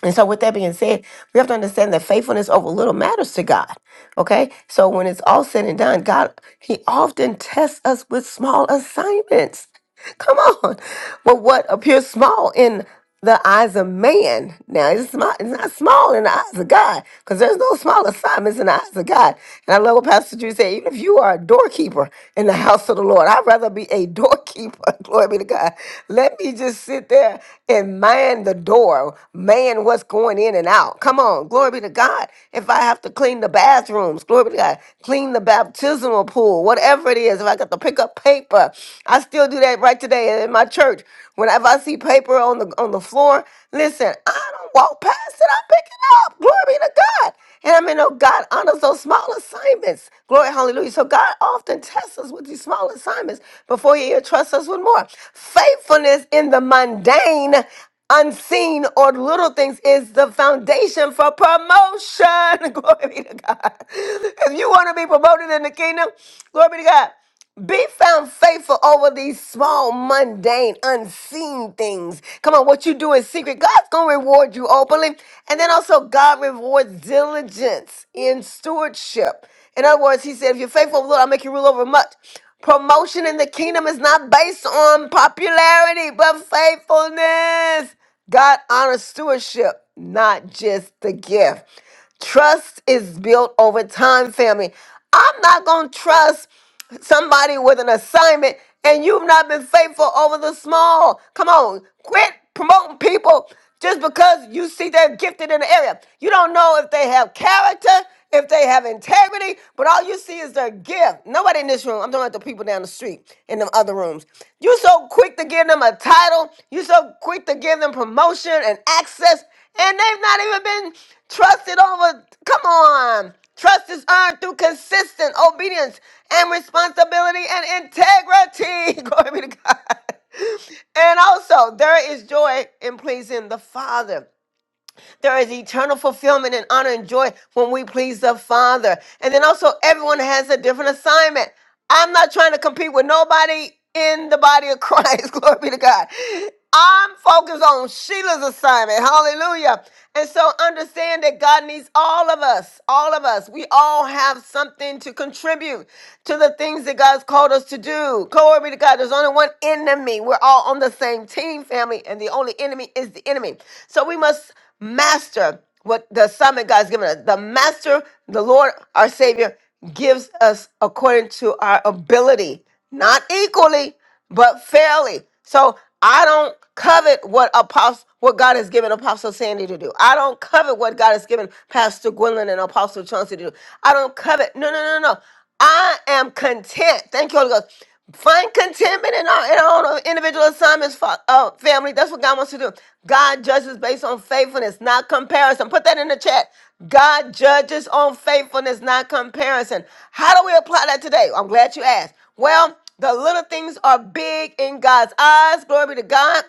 Speaker 4: And so with that being said, we have to understand that faithfulness over little matters to God. Okay? So when it's all said and done, God he often tests us with small assignments. Come on. But what appears small in the eyes of man. Now it's small, it's not small in the eyes of God, because there's no small assignments in the eyes of God. And I love what Pastor Drew said, even if you are a doorkeeper in the house of the Lord, I'd rather be a doorkeeper. Glory be to God. Let me just sit there and man the door, man what's going in and out. Come on, glory be to God. If I have to clean the bathrooms, glory be to God, clean the baptismal pool, whatever it is, if I got to pick up paper, I still do that right today Sunday in my church. Whenever I see paper on the on the floor, listen, I don't walk past it. I pick it up. Glory be to God. And I mean, oh God honors those small assignments. Glory, hallelujah. So God often tests us with these small assignments before He entrusts us with more. Faithfulness in the mundane unseen or little things is the foundation for promotion. Glory be to God. If you want to be promoted in the kingdom, glory be to God. Be found faithful over these small, mundane, unseen things. Come on, what you do in secret, God's going to reward you openly. And then also, God rewards diligence in stewardship. In other words, He said, If you're faithful, Lord, I'll make you rule over much. Promotion in the kingdom is not based on popularity, but faithfulness. God honors stewardship, not just the gift. Trust is built over time, family. I'm not going to trust somebody with an assignment and you've not been faithful over the small. Come on, quit promoting people just because you see they're gifted in the area. You don't know if they have character, if they have integrity, but all you see is their gift. Nobody in this room, I'm talking about the people down the street in the other rooms. You so quick to give them a title, you so quick to give them promotion and access, and they've not even been trusted over. Come on. Trust is earned through consistent obedience and responsibility and integrity. Glory be to God. And also, there is joy in pleasing the Father. There is eternal fulfillment and honor and joy when we please the Father. And then also, everyone has a different assignment. I'm not trying to compete with nobody in the body of Christ. Glory be to God. I'm focused on Sheila's assignment. Hallelujah. And so understand that God needs all of us, all of us. We all have something to contribute to the things that God's called us to do. Glory be to God. There's only one enemy. We're all on the same team, family, and the only enemy is the enemy. So we must master, what the assignment God's given us. The master, the Lord, our Savior, gives us according to our ability, not equally but fairly. So I don't covet what apostle what God has given Apostle Sandy to do. I don't covet what God has given Pastor Gwendolyn and Apostle Chauncey to do. I don't covet. No, no, no, no. no. I am content. Thank you, Holy Ghost. Find contentment in our, in our own individual assignments, fa- uh, family. That's what God wants to do. God judges based on faithfulness, not comparison. Put that in the chat. God judges on faithfulness, not comparison. How do we apply that today? I'm glad you asked. Well, the little things are big in God's eyes. Glory be to God.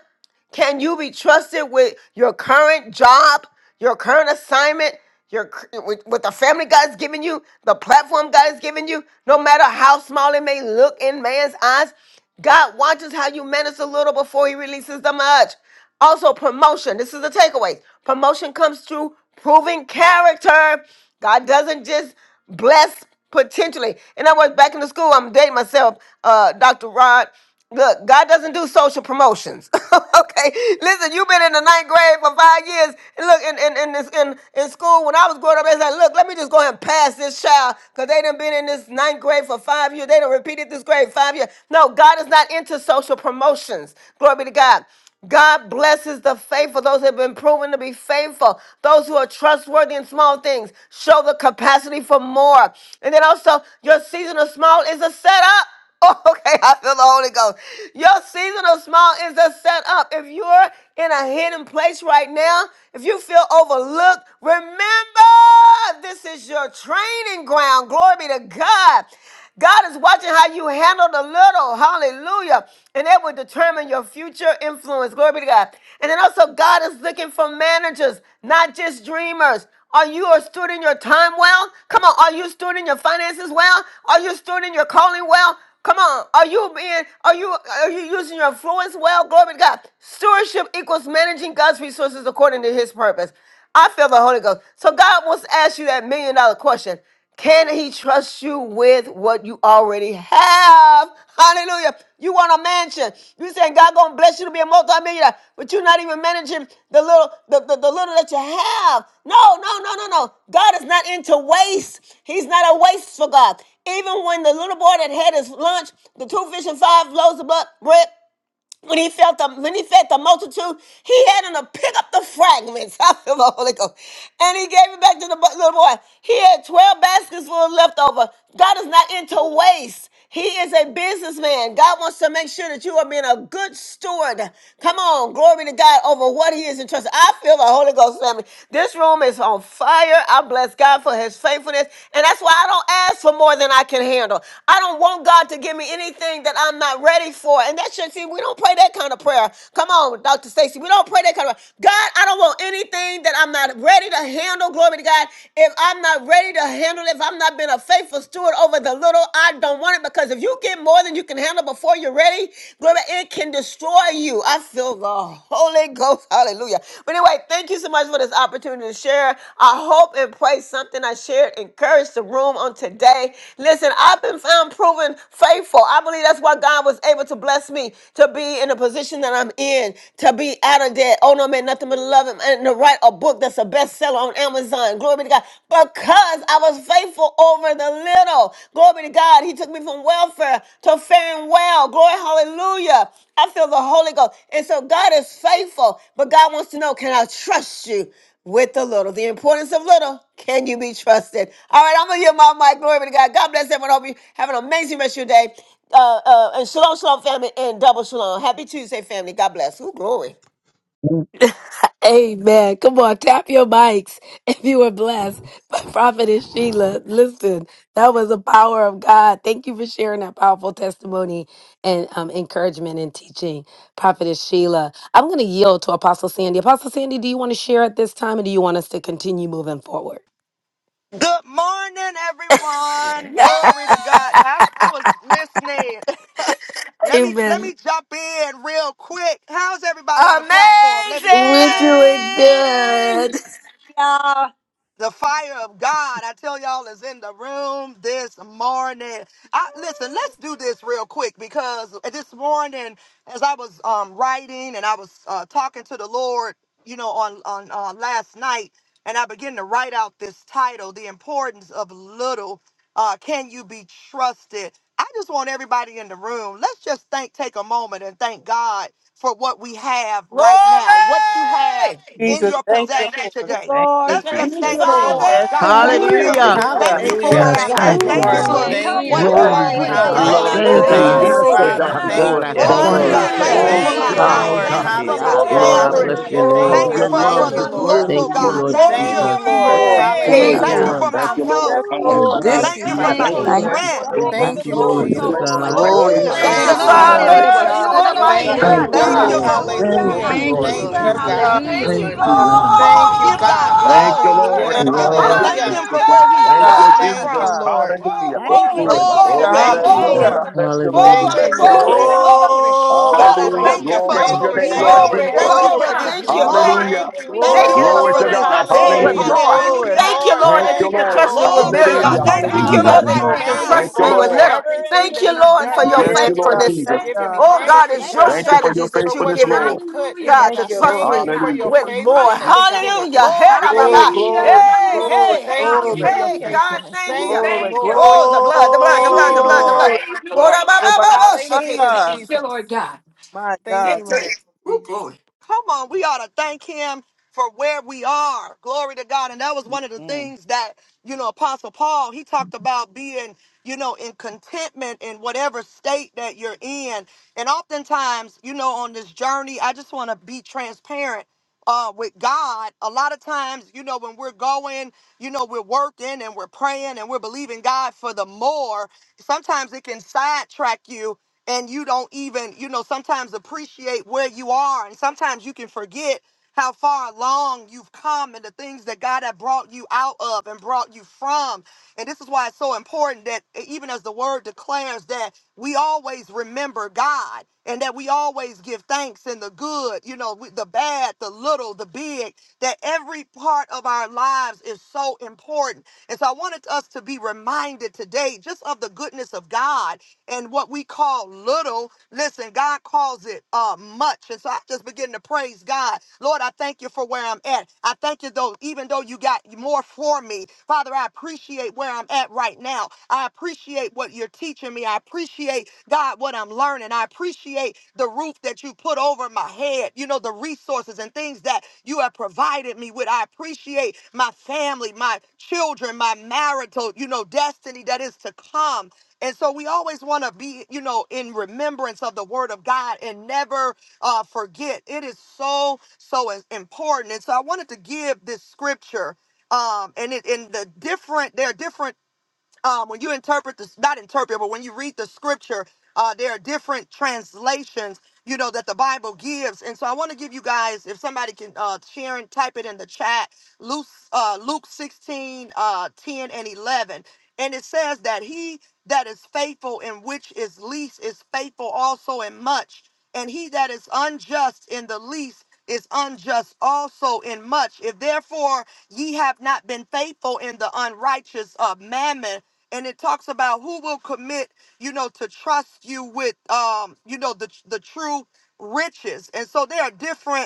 Speaker 4: Can you be trusted with your current job, your current assignment, your with, with the family God's given you, the platform God has given you? No matter how small it may look in man's eyes, God watches how you minister a little before He releases the much. Also, promotion. This is the takeaway. Promotion comes through proving character. God doesn't just bless potentially. And I was back in the school. I'm dating myself, uh, Dr. Rod. Look, God doesn't do social promotions. okay, listen, you've been in the ninth grade for five years. And look, in in in, this, in in school when I was growing up, they said, "Look, let me just go ahead and pass this child because they done been in this ninth grade for five years. They done repeated this grade five years." No, God is not into social promotions. Glory be to God. God blesses the faithful, those who have been proven to be faithful, those who are trustworthy in small things. Show the capacity for more. And then also, your season of small is a setup. Oh, okay, I feel the Holy Ghost. Your season of small is a setup. If you're in a hidden place right now, if you feel overlooked, remember. God. This is your training ground. Glory be to God. God is watching how you handle the little. Hallelujah. And that will determine your future influence. Glory be to God. And then also, God is looking for managers, not just dreamers. Are you a stewarding your time well? Come on. Are you stewarding your finances well? Are you stewarding your calling well? Come on. Are you being, are you, are you using your influence well? Glory be to God. Stewardship equals managing God's resources according to his purpose. I feel the Holy Ghost. So God wants to ask you that million dollar question. Can he trust you with what you already have? Hallelujah. You want a mansion. You saying God gonna bless you to be a multimillionaire, but you're not even managing the little the, the, the little that you have. No, no, no, no, no. God is not into waste. He's not a wasteful God. Even when the little boy that had his lunch, the two fish and five loaves of bu- bread, when he felt the, when he fed the multitude, he had him to pick up the fragments. I feel the Holy Ghost. And he gave it back to the bu- little boy. He had 12 baskets full of leftover. God is not into waste. He is a businessman. God wants to make sure that you are being a good steward. Come on, glory to God over what he is entrusted. I feel the Holy Ghost, family. This room is on fire. I bless God for his faithfulness for this. And that's why I don't ask for more than I can handle. I don't want God to give me anything that I'm not ready for. And that should see, we don't pray that kind of prayer. Come on, Dr. Stacy. We don't pray that kind of prayer. God, I don't want anything that I'm not ready to handle. Glory to God. If I'm not ready to handle it, if I'm not been a faithful steward over the little, I don't want it because if you get more than you can handle before you're ready, glory, it can destroy you. I feel the Holy Ghost. Hallelujah. But anyway, thank you so much for this opportunity to share. I hope and pray something I shared encouraged the room on today. Listen, I've been found proven faithful. I believe that's why God was able to bless me to be in the position that I'm in, to be out of debt. Oh no, man, nothing but love him. And to write a book that's a bestseller on Amazon. Glory be to God. Because I was faithful over the little. Glory to God. He took me from welfare to faring well. Glory, hallelujah. I feel the Holy Ghost. And so God is faithful, but God wants to know can I trust you? With the little, the importance of little, can you be trusted? All right, I'm gonna give my mic. Glory be to God. God bless everyone. I Hope you have an amazing rest of your day. Uh, uh, and shalom, shalom, family, and double shalom. Happy Tuesday, family. God bless. Ooh, glory.
Speaker 3: Amen. Come on, tap your mics if you were blessed by Prophetess Sheila. Listen, that was the power of God. Thank you for sharing that powerful testimony and um, encouragement and teaching, Prophetess Sheila. I'm going to yield to Apostle Sandy. Apostle Sandy, do you want to share at this time or do you want us to continue moving forward?
Speaker 1: Good morning, everyone. Glory to God. I, I was listening. let me let
Speaker 3: Amen.
Speaker 1: me jump in real quick. How's everybody on the platform? Let me just
Speaker 3: We're
Speaker 1: ask.
Speaker 3: doing
Speaker 4: Amazing!
Speaker 3: good.
Speaker 2: Hallelujah.
Speaker 1: The fire of God, I tell y'all, is in the room this morning. I, listen, let's do this real quick because this morning, as I was um, writing and I was uh, talking to the Lord, you know, on on uh, last night, and I began to write out this title, "The Importance of Little." Uh, Can you be trusted? I just want everybody in the room. Let's just think, take a moment, and thank God for what we have right now. What you
Speaker 4: Glory!
Speaker 1: have
Speaker 2: Yes,
Speaker 1: in
Speaker 5: Jesus,
Speaker 1: your
Speaker 5: thank you,
Speaker 2: thank
Speaker 1: possession
Speaker 5: Lord.
Speaker 2: you,
Speaker 1: today.
Speaker 13: Thank you,
Speaker 2: Lord.
Speaker 1: Let's
Speaker 2: Thank
Speaker 1: just
Speaker 4: Thank you,
Speaker 9: Thank
Speaker 1: thank
Speaker 9: you,
Speaker 13: Jesus.
Speaker 1: the
Speaker 2: you,
Speaker 9: Lord.
Speaker 1: Lord.
Speaker 5: Yes,
Speaker 1: God,
Speaker 5: God.
Speaker 1: thank
Speaker 9: Hallelujah.
Speaker 4: Father.
Speaker 13: Ooh,
Speaker 1: you.
Speaker 9: We
Speaker 13: thank
Speaker 6: Hallelujah.
Speaker 5: Hallelujah.
Speaker 1: Thank
Speaker 9: praise
Speaker 1: you
Speaker 6: Thank
Speaker 13: you,
Speaker 6: you,
Speaker 1: for
Speaker 9: you,
Speaker 2: Lord.
Speaker 14: Hallelujah.
Speaker 13: Jesus.
Speaker 1: where
Speaker 9: Lord
Speaker 10: Yes,
Speaker 1: I'm
Speaker 14: Thank
Speaker 6: Jesus.
Speaker 5: Bless
Speaker 14: you,
Speaker 9: God.
Speaker 1: at.
Speaker 10: thank
Speaker 13: Ooh,
Speaker 5: the
Speaker 10: you,
Speaker 1: Thank you
Speaker 5: name
Speaker 14: Lord.
Speaker 10: Lord.
Speaker 9: Little
Speaker 5: of
Speaker 1: for
Speaker 13: Kusuye.
Speaker 14: Thank
Speaker 9: becomes
Speaker 14: you,
Speaker 1: what
Speaker 4: Woo!
Speaker 5: Jesus.
Speaker 1: you've
Speaker 2: Thank
Speaker 9: much
Speaker 10: Glory
Speaker 14: Lord.
Speaker 10: be
Speaker 2: you,
Speaker 9: when
Speaker 10: to
Speaker 1: already
Speaker 9: it's
Speaker 7: hallelujah,
Speaker 10: God.
Speaker 2: Lord.
Speaker 4: Yeah,
Speaker 1: done.
Speaker 9: placed
Speaker 13: Thank
Speaker 4: ba,
Speaker 6: Glory
Speaker 11: you.
Speaker 9: in
Speaker 6: to
Speaker 4: ba,
Speaker 14: Hallelujah.
Speaker 10: Thank
Speaker 9: your
Speaker 11: Thank
Speaker 4: ba,
Speaker 13: you,
Speaker 10: you.
Speaker 11: you,
Speaker 14: Thank
Speaker 4: ba,
Speaker 7: hallelujah,
Speaker 6: God.
Speaker 13: Jesus.
Speaker 14: you,
Speaker 9: hands.
Speaker 10: Yes,
Speaker 4: shake
Speaker 11: Jesus.
Speaker 10: oh
Speaker 5: Glory
Speaker 4: it.
Speaker 5: to
Speaker 11: Thank
Speaker 14: Father.
Speaker 11: you,
Speaker 10: God.
Speaker 9: God,
Speaker 5: God.
Speaker 9: we
Speaker 6: God,
Speaker 14: Thank
Speaker 11: Lord.
Speaker 6: I
Speaker 14: you,
Speaker 13: Yes,
Speaker 5: Thank
Speaker 6: thank
Speaker 1: Glory
Speaker 5: you,
Speaker 9: praise
Speaker 1: to
Speaker 14: Lord.
Speaker 6: you.
Speaker 13: Lord.
Speaker 9: you.
Speaker 5: Lord.
Speaker 10: Abundance
Speaker 1: God.
Speaker 9: We
Speaker 10: of
Speaker 5: Thank
Speaker 1: Thank you
Speaker 4: Hallelujah.
Speaker 11: Oh,
Speaker 1: for
Speaker 5: you,
Speaker 14: Thank
Speaker 7: hallelujah.
Speaker 1: my
Speaker 14: you,
Speaker 5: Lord.
Speaker 9: glorify
Speaker 10: thanksgiving,
Speaker 7: Thank
Speaker 11: God.
Speaker 1: life.
Speaker 7: you,
Speaker 9: you.
Speaker 10: oh
Speaker 13: Thank
Speaker 2: Yes,
Speaker 14: Lord.
Speaker 13: you,
Speaker 1: Thank
Speaker 11: Hey,
Speaker 1: you
Speaker 10: God.
Speaker 7: Jesus.
Speaker 1: for
Speaker 9: We
Speaker 7: Thank
Speaker 1: my
Speaker 13: Jesus.
Speaker 7: you,
Speaker 11: God.
Speaker 14: Hallelujah.
Speaker 2: Lord.
Speaker 6: Lord,
Speaker 7: Lord.
Speaker 6: I
Speaker 11: Thank
Speaker 5: Glory,
Speaker 1: family.
Speaker 11: you.
Speaker 10: Oh,
Speaker 9: magnify
Speaker 6: bless
Speaker 10: the
Speaker 6: your
Speaker 14: Hallelujah.
Speaker 9: you.
Speaker 10: power
Speaker 14: Thank
Speaker 6: name.
Speaker 1: Thank
Speaker 10: of
Speaker 5: glory.
Speaker 14: you.
Speaker 1: you
Speaker 10: your
Speaker 11: Thank
Speaker 1: for,
Speaker 10: love,
Speaker 1: for
Speaker 9: Hallelujah.
Speaker 14: Thank
Speaker 1: the
Speaker 14: you,
Speaker 11: you.
Speaker 10: your
Speaker 5: Hallelujah.
Speaker 14: Lord.
Speaker 10: glory,
Speaker 1: little
Speaker 6: Thank
Speaker 9: Hallelujah.
Speaker 6: you,
Speaker 10: Lord.
Speaker 1: God.
Speaker 6: Lord
Speaker 11: Hallelujah.
Speaker 1: Thank
Speaker 9: Hallelujah.
Speaker 14: Thank
Speaker 10: Thank
Speaker 1: you.
Speaker 14: you,
Speaker 4: Glory.
Speaker 6: Jesus.
Speaker 10: you,
Speaker 11: For
Speaker 14: Lord.
Speaker 11: what
Speaker 5: Lord.
Speaker 10: Lord.
Speaker 11: you've
Speaker 9: Thank
Speaker 5: Yes,
Speaker 9: you,
Speaker 10: Thank
Speaker 11: given
Speaker 7: Thank
Speaker 10: you,
Speaker 9: Lord
Speaker 5: Lord.
Speaker 1: Thank
Speaker 7: you,
Speaker 11: unto
Speaker 1: you
Speaker 14: Hallelujah.
Speaker 11: us.
Speaker 9: God.
Speaker 1: for
Speaker 10: Lord.
Speaker 8: Thank
Speaker 1: my
Speaker 8: you, Lord.
Speaker 5: Yes,
Speaker 1: health.
Speaker 9: Hallelujah.
Speaker 11: and
Speaker 5: Lord.
Speaker 8: Hallelujah.
Speaker 11: this
Speaker 14: Thank
Speaker 10: Oh,
Speaker 1: Thank
Speaker 14: you,
Speaker 1: you for
Speaker 11: hour.
Speaker 9: Thank
Speaker 5: Hallelujah.
Speaker 11: we
Speaker 9: you,
Speaker 7: thank
Speaker 1: my
Speaker 8: Thank
Speaker 14: Father.
Speaker 10: beautiful.
Speaker 7: you,
Speaker 9: Lord
Speaker 8: you,
Speaker 7: Lord.
Speaker 8: Lord
Speaker 11: Thank
Speaker 9: God,
Speaker 11: you,
Speaker 9: for
Speaker 1: strength.
Speaker 11: God.
Speaker 10: It
Speaker 8: Jesus,
Speaker 9: being
Speaker 2: Thank
Speaker 5: Glory,
Speaker 10: was
Speaker 9: good
Speaker 2: you,
Speaker 11: Thank
Speaker 14: Thank
Speaker 10: the
Speaker 14: you,
Speaker 2: Lord.
Speaker 11: you.
Speaker 8: for
Speaker 6: Glory
Speaker 5: glory,
Speaker 9: stewards
Speaker 10: righteousness
Speaker 8: your
Speaker 10: of
Speaker 6: to
Speaker 9: over
Speaker 14: Jesus.
Speaker 9: what
Speaker 8: blessings.
Speaker 10: holiness
Speaker 6: God.
Speaker 5: glory.
Speaker 9: you
Speaker 8: Thank you,
Speaker 11: Glory.
Speaker 9: have
Speaker 1: Glory
Speaker 7: Woo,
Speaker 1: to
Speaker 8: Lord
Speaker 9: given
Speaker 4: Thank
Speaker 8: God.
Speaker 4: you,
Speaker 9: us.
Speaker 14: Thank
Speaker 11: Hallelujah.
Speaker 1: God.
Speaker 14: you,
Speaker 11: Thank
Speaker 14: Lord.
Speaker 2: Daughter.
Speaker 5: My
Speaker 11: you,
Speaker 9: We
Speaker 8: Um,
Speaker 7: shadadadabandadadaba,
Speaker 4: Father.
Speaker 11: Jesus.
Speaker 4: You
Speaker 9: thank
Speaker 5: God.
Speaker 9: you,
Speaker 4: are
Speaker 5: Yes,
Speaker 9: Lord
Speaker 4: mighty
Speaker 14: Thank
Speaker 5: God.
Speaker 4: good
Speaker 8: thank
Speaker 10: Thank
Speaker 14: you,
Speaker 7: shadadadabayalalobo.
Speaker 9: God.
Speaker 5: Yes,
Speaker 8: you,
Speaker 1: Thank
Speaker 10: you,
Speaker 4: God.
Speaker 14: Lord.
Speaker 8: Lord.
Speaker 1: you,
Speaker 10: Lord.
Speaker 5: God.
Speaker 1: Lord.
Speaker 11: Hallelujah.
Speaker 10: Thank
Speaker 9: Hallelujah.
Speaker 8: Lord,
Speaker 10: you,
Speaker 14: Hallelujah.
Speaker 7: Thank you,
Speaker 10: Lord.
Speaker 6: Thank you,
Speaker 14: Thank
Speaker 7: Lord.
Speaker 9: Hallelujah.
Speaker 14: you,
Speaker 5: Yes,
Speaker 6: Jesus.
Speaker 5: God.
Speaker 14: God.
Speaker 7: Hallelujah,
Speaker 9: Hallelujah.
Speaker 4: Thank
Speaker 10: Thank
Speaker 4: you,
Speaker 7: Lord.
Speaker 4: Lord.
Speaker 10: you,
Speaker 5: God.
Speaker 10: Lamb.
Speaker 1: Come
Speaker 7: Hadadabasa.
Speaker 1: on,
Speaker 14: Thank you,
Speaker 1: give God
Speaker 14: God.
Speaker 8: thank you,
Speaker 1: glory.
Speaker 9: We
Speaker 8: Lord.
Speaker 9: thank
Speaker 5: Yes,
Speaker 14: Hallelujah.
Speaker 9: you,
Speaker 1: Give him,
Speaker 9: Lord.
Speaker 5: God.
Speaker 1: thank
Speaker 5: Yes,
Speaker 8: Hallelujah.
Speaker 10: Glory
Speaker 14: Hallelujah.
Speaker 1: him
Speaker 10: to
Speaker 1: for
Speaker 5: God.
Speaker 10: God.
Speaker 1: where he's
Speaker 8: Thank
Speaker 9: Hallelujah.
Speaker 5: God.
Speaker 8: you,
Speaker 1: brought you
Speaker 4: Hallelujah.
Speaker 14: Thank you,
Speaker 1: from.
Speaker 8: Jesus.
Speaker 5: God.
Speaker 14: Lord.
Speaker 4: Oh,
Speaker 8: Hallelujah.
Speaker 9: Hallelujah.
Speaker 2: Thank you.
Speaker 4: glory,
Speaker 9: We
Speaker 1: Glory
Speaker 9: bless
Speaker 1: to
Speaker 8: Oh, we
Speaker 4: glory,
Speaker 9: your
Speaker 5: Hallelujah.
Speaker 1: God.
Speaker 8: bless
Speaker 14: Thank
Speaker 10: Glory
Speaker 14: you,
Speaker 9: name
Speaker 8: you,
Speaker 9: this
Speaker 2: Thank
Speaker 8: Lord.
Speaker 4: glory,
Speaker 5: Hallelujah.
Speaker 8: I
Speaker 2: you.
Speaker 14: Lord.
Speaker 9: morning.
Speaker 8: bless you, Lord. We
Speaker 6: Hallelujah.
Speaker 14: Thank
Speaker 4: glory,
Speaker 14: you,
Speaker 8: bless you,
Speaker 14: Lord.
Speaker 4: glory,
Speaker 9: Hallelujah.
Speaker 8: Lord.
Speaker 4: glory,
Speaker 9: Hallelujah.
Speaker 5: Glory,
Speaker 1: God, I
Speaker 4: glory,
Speaker 8: Hallelujah.
Speaker 5: glory,
Speaker 1: thank you
Speaker 14: Hallelujah.
Speaker 1: for
Speaker 9: Hallelujah.
Speaker 8: Glory to
Speaker 1: this
Speaker 6: Thank
Speaker 14: Thank
Speaker 8: your
Speaker 14: you,
Speaker 5: glory,
Speaker 6: you,
Speaker 8: name, Lord
Speaker 14: thank
Speaker 1: year.
Speaker 14: you,
Speaker 6: Jesus.
Speaker 5: glory,
Speaker 4: glory, glory,
Speaker 1: Thank
Speaker 8: Jesus.
Speaker 14: thank
Speaker 9: Lord
Speaker 1: you
Speaker 5: glory.
Speaker 14: you,
Speaker 1: for
Speaker 4: glory.
Speaker 1: this
Speaker 9: God,
Speaker 14: thank you,
Speaker 4: Thank
Speaker 9: we
Speaker 4: you,
Speaker 14: Lord.
Speaker 4: Lord.
Speaker 1: month.
Speaker 9: praise
Speaker 8: Hallelujah.
Speaker 9: you,
Speaker 14: Thank you,
Speaker 9: we
Speaker 1: Thank
Speaker 4: Thank
Speaker 1: you,
Speaker 4: you
Speaker 14: Lord.
Speaker 4: that
Speaker 1: Lord,
Speaker 8: Glory
Speaker 4: you
Speaker 1: for
Speaker 8: to
Speaker 5: Glory,
Speaker 4: can
Speaker 9: glorify
Speaker 1: this
Speaker 8: God.
Speaker 9: you,
Speaker 4: trust
Speaker 9: we
Speaker 4: me
Speaker 5: glory,
Speaker 1: day.
Speaker 4: with
Speaker 10: to
Speaker 14: Hallelujah.
Speaker 8: Hallelujah.
Speaker 4: more.
Speaker 9: magnify
Speaker 14: Thank
Speaker 9: you.
Speaker 10: God.
Speaker 14: you,
Speaker 5: glory.
Speaker 1: Hallelujah.
Speaker 4: Thank
Speaker 9: Thank
Speaker 4: you,
Speaker 9: you,
Speaker 14: Lord.
Speaker 4: Lord,
Speaker 8: Thank
Speaker 4: that
Speaker 9: Lord
Speaker 4: you
Speaker 8: you,
Speaker 14: Thank
Speaker 4: can
Speaker 9: God.
Speaker 14: you,
Speaker 8: Lord.
Speaker 4: trust me
Speaker 14: Lord.
Speaker 4: with
Speaker 5: Yes,
Speaker 1: Glory to
Speaker 2: Thank
Speaker 14: Thank
Speaker 1: God.
Speaker 4: millions.
Speaker 8: Hallelujah.
Speaker 14: you,
Speaker 2: you,
Speaker 1: Thank you
Speaker 4: Thank
Speaker 1: for
Speaker 4: you,
Speaker 8: Hallelujah.
Speaker 9: Hallelujah.
Speaker 1: my
Speaker 14: Father.
Speaker 5: yes,
Speaker 2: Father.
Speaker 4: Lord, that
Speaker 1: right
Speaker 4: you
Speaker 5: Lord.
Speaker 10: Hallelujah.
Speaker 4: can
Speaker 14: Thank
Speaker 5: Yes,
Speaker 8: Thank
Speaker 14: you,
Speaker 1: now.
Speaker 4: trust
Speaker 8: you,
Speaker 2: Thank
Speaker 4: me
Speaker 14: God,
Speaker 5: Lord.
Speaker 2: you
Speaker 9: Hallelujah.
Speaker 4: with
Speaker 14: for
Speaker 2: that
Speaker 9: For
Speaker 8: Lord.
Speaker 4: little.
Speaker 2: we're in
Speaker 14: everything
Speaker 4: Thank
Speaker 2: your
Speaker 4: you,
Speaker 14: that
Speaker 9: increasing us,
Speaker 14: you've
Speaker 4: Lord,
Speaker 9: Lord.
Speaker 2: kingdom.
Speaker 4: for
Speaker 14: done.
Speaker 8: We
Speaker 4: your
Speaker 8: bless
Speaker 14: Thank
Speaker 5: Yes,
Speaker 14: you
Speaker 8: you,
Speaker 9: Lord,
Speaker 14: for
Speaker 8: Lord
Speaker 5: God.
Speaker 9: We
Speaker 14: what
Speaker 4: faithfulness.
Speaker 14: you've
Speaker 8: Jesus.
Speaker 5: Yes,
Speaker 9: thank you
Speaker 14: given
Speaker 5: God.
Speaker 14: me.
Speaker 9: for
Speaker 4: Oh,
Speaker 9: the
Speaker 14: Thank
Speaker 4: God,
Speaker 14: you,
Speaker 4: it's
Speaker 2: Thank
Speaker 4: your
Speaker 2: you
Speaker 5: Hallelujah.
Speaker 14: God,
Speaker 8: Thank
Speaker 9: increase,
Speaker 2: that
Speaker 8: you
Speaker 2: we
Speaker 8: for
Speaker 9: God.
Speaker 8: your
Speaker 4: strategies that
Speaker 14: for
Speaker 4: you've
Speaker 8: faithfulness,
Speaker 14: what you've
Speaker 4: given me,
Speaker 8: Lord.
Speaker 14: input in
Speaker 9: Hallelujah.
Speaker 14: me,
Speaker 4: God,
Speaker 5: Thank
Speaker 4: to
Speaker 14: God.
Speaker 9: Thank
Speaker 5: you,
Speaker 9: you,
Speaker 4: trust
Speaker 5: Lord.
Speaker 14: Thank
Speaker 9: Lord
Speaker 5: Thank
Speaker 4: me
Speaker 14: you for
Speaker 9: God, that
Speaker 8: Hallelujah.
Speaker 5: you,
Speaker 14: your
Speaker 5: Lord.
Speaker 9: we
Speaker 4: with more.
Speaker 9: trust
Speaker 14: faithfulness,
Speaker 9: the
Speaker 14: God.
Speaker 9: Lord.
Speaker 4: Hallelujah. Hey, da,
Speaker 1: Glory to
Speaker 4: ba,
Speaker 5: Oh,
Speaker 14: Thank
Speaker 4: ba.
Speaker 1: God.
Speaker 14: you,
Speaker 5: glory,
Speaker 9: Hallelujah.
Speaker 14: Lord.
Speaker 4: hey,
Speaker 2: can
Speaker 5: glory,
Speaker 4: hey,
Speaker 2: ask
Speaker 9: Hallelujah.
Speaker 4: hey.
Speaker 2: God.
Speaker 14: Thank you
Speaker 6: Thank
Speaker 14: for
Speaker 5: glory,
Speaker 14: your
Speaker 4: Hey,
Speaker 6: you,
Speaker 9: Hallelujah.
Speaker 6: Jesus.
Speaker 4: God,
Speaker 14: faithfulness.
Speaker 4: thank
Speaker 9: We
Speaker 14: Thank
Speaker 4: you.
Speaker 14: you,
Speaker 5: glory,
Speaker 9: thank you,
Speaker 14: Lord.
Speaker 9: Lord
Speaker 4: Oh, the
Speaker 9: God.
Speaker 4: blood, the blood, the
Speaker 14: Thank
Speaker 4: blood,
Speaker 14: you,
Speaker 4: the
Speaker 9: Hallelujah.
Speaker 4: blood,
Speaker 9: We
Speaker 4: the
Speaker 14: Lord.
Speaker 4: blood.
Speaker 5: glory.
Speaker 9: praise you,
Speaker 4: Oh,
Speaker 9: Lord
Speaker 4: da, ba,
Speaker 5: Oh,
Speaker 4: ba,
Speaker 9: God.
Speaker 5: my
Speaker 4: ba, ba, shake
Speaker 14: Hallelujah,
Speaker 4: it.
Speaker 9: Thank
Speaker 5: God.
Speaker 9: you,
Speaker 14: Jesus.
Speaker 9: Lord God.
Speaker 5: My
Speaker 14: Thank
Speaker 5: God.
Speaker 14: you,
Speaker 5: Thank
Speaker 14: Lord.
Speaker 4: Victory.
Speaker 5: you,
Speaker 4: Oh,
Speaker 5: Jesus.
Speaker 4: glory.
Speaker 1: Come on, we ought to thank him for where we are. Glory to God. And that was one of the
Speaker 2: Amen.
Speaker 1: things that, you know, Apostle Paul, he talked about being, you know, in contentment in whatever state that you're in. And oftentimes, you know, on this journey, I just want to be transparent uh, with God. A lot of times, you know, when we're going, you know, we're working and we're praying and we're believing God for the more, sometimes it can sidetrack you and you don't even, you know, sometimes appreciate where you are. And sometimes you can forget how far along you've come and the things that God had brought you out of and brought you from. And this is why it's so important that e, even as the word declares that we always remember God and that we always give thanks in the good, you know, with the bad, the little, the big, that every part of our lives is so important. And so I wanted us to be reminded today just of the goodness of God and what we call little, listen, God calls it uh much. And so I just begin to praise God. Lord, I thank you for where I'm at. I thank you though, even though you got more for me. Father, I appreciate where I'm at right now. I appreciate what you're teaching me. I appreciate, God, what I'm learning. I appreciate the roof that you put over my head, you know, the resources and things that you have provided me with. I appreciate my family, my children, my marital, you know, destiny that is to come. And so we always want to be, you know, in remembrance of the word of God and never uh, forget. It is so, so im- important. And so I wanted to give this scripture. Um, and it and the different there are different um, when you interpret this, not interpret, but when you read the scripture, uh, there are different translations, you know, that the Bible gives. And so I want to give you guys, if somebody can uh, share and type it in the chat, Luke, uh, Luke 16, uh, 10 and 11. And it says that he that is faithful in which is least is faithful also in much. And he that is unjust in the least is unjust also in much. If therefore ye have not been faithful in the unrighteous of mammon, and it talks about who will commit you know to trust you with um you know the the true riches and so there are different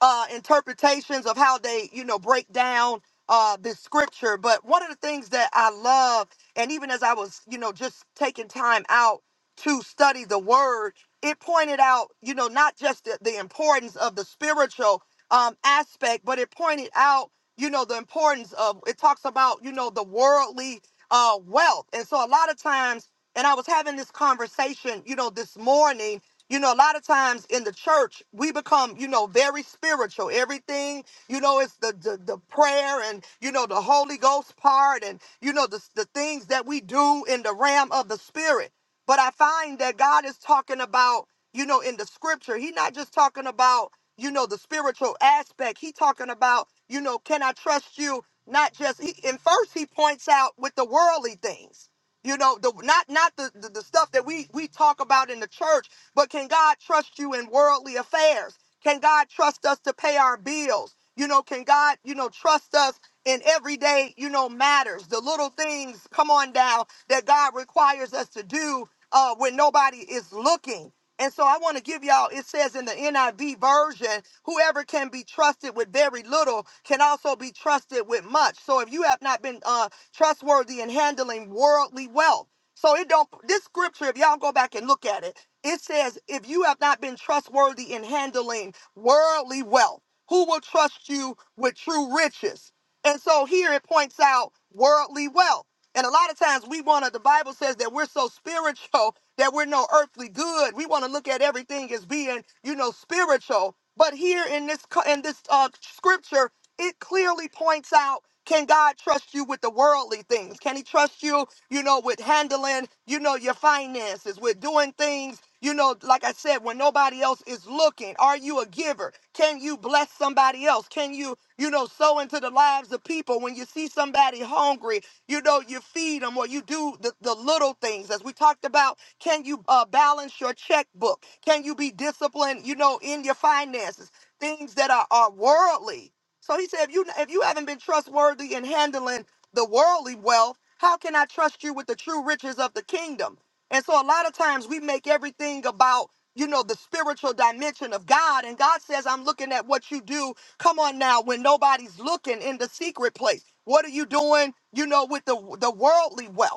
Speaker 1: uh, interpretations of how they, you know, break down uh, this scripture. But one of the things that I love, and even as I was, you know, just taking time out to study the word, it pointed out, you know, not just the, the importance of the spiritual um, aspect, but it pointed out, you know, the importance of, it talks about, you know, the worldly uh, wealth. And so a lot of times, and I was having this conversation, you know, this morning you know, a lot of times in the church, we become, you know, very spiritual. Everything, you know, it's the the, the prayer and you know the Holy Ghost part and you know the the things that we do in the realm of the spirit. But I find that God is talking about, you know, in the scripture, He's not just talking about, you know, the spiritual aspect. He talking about, you know, can I trust you? Not just he, and first he points out with the worldly things you know the not not the, the the stuff that we we talk about in the church but can God trust you in worldly affairs? Can God trust us to pay our bills? You know, can God, you know, trust us in everyday, you know, matters, the little things, come on down, that God requires us to do uh, when nobody is looking. And so I want to give y'all, it says in the NIV version, whoever can be trusted with very little can also be trusted with much. So if you have not been uh, trustworthy in handling worldly wealth, so it don't this scripture, if y'all go back and look at it, it says, if you have not been trustworthy in handling worldly wealth, who will trust you with true riches? And so here it points out worldly wealth. And a lot of times we want to, the Bible says that we're so spiritual that we're no earthly good. We want to look at everything as being, you know, spiritual. But here in this co- in this uh, scripture, it clearly points out: Can God trust you with the worldly things? Can He trust you you know, with handling, you know, your finances, with doing things, you know, like I said, when nobody else is looking. Are you a giver? Can you bless somebody else? Can you, you know, sow into the lives of people when you see somebody hungry? You know, you feed them or you do the, the little things. As we talked about, can you uh, balance your checkbook? Can you be disciplined, you know, in your finances? Things that are, are worldly. So he said, if you if you haven't been trustworthy in handling the worldly wealth, how can I trust you with the true riches of the kingdom? And so a lot of times we make everything about, you know, the spiritual dimension of God. And God says, I'm looking at what you do. Come on now, when nobody's looking in the secret place. What are you doing, you know, with the the worldly wealth?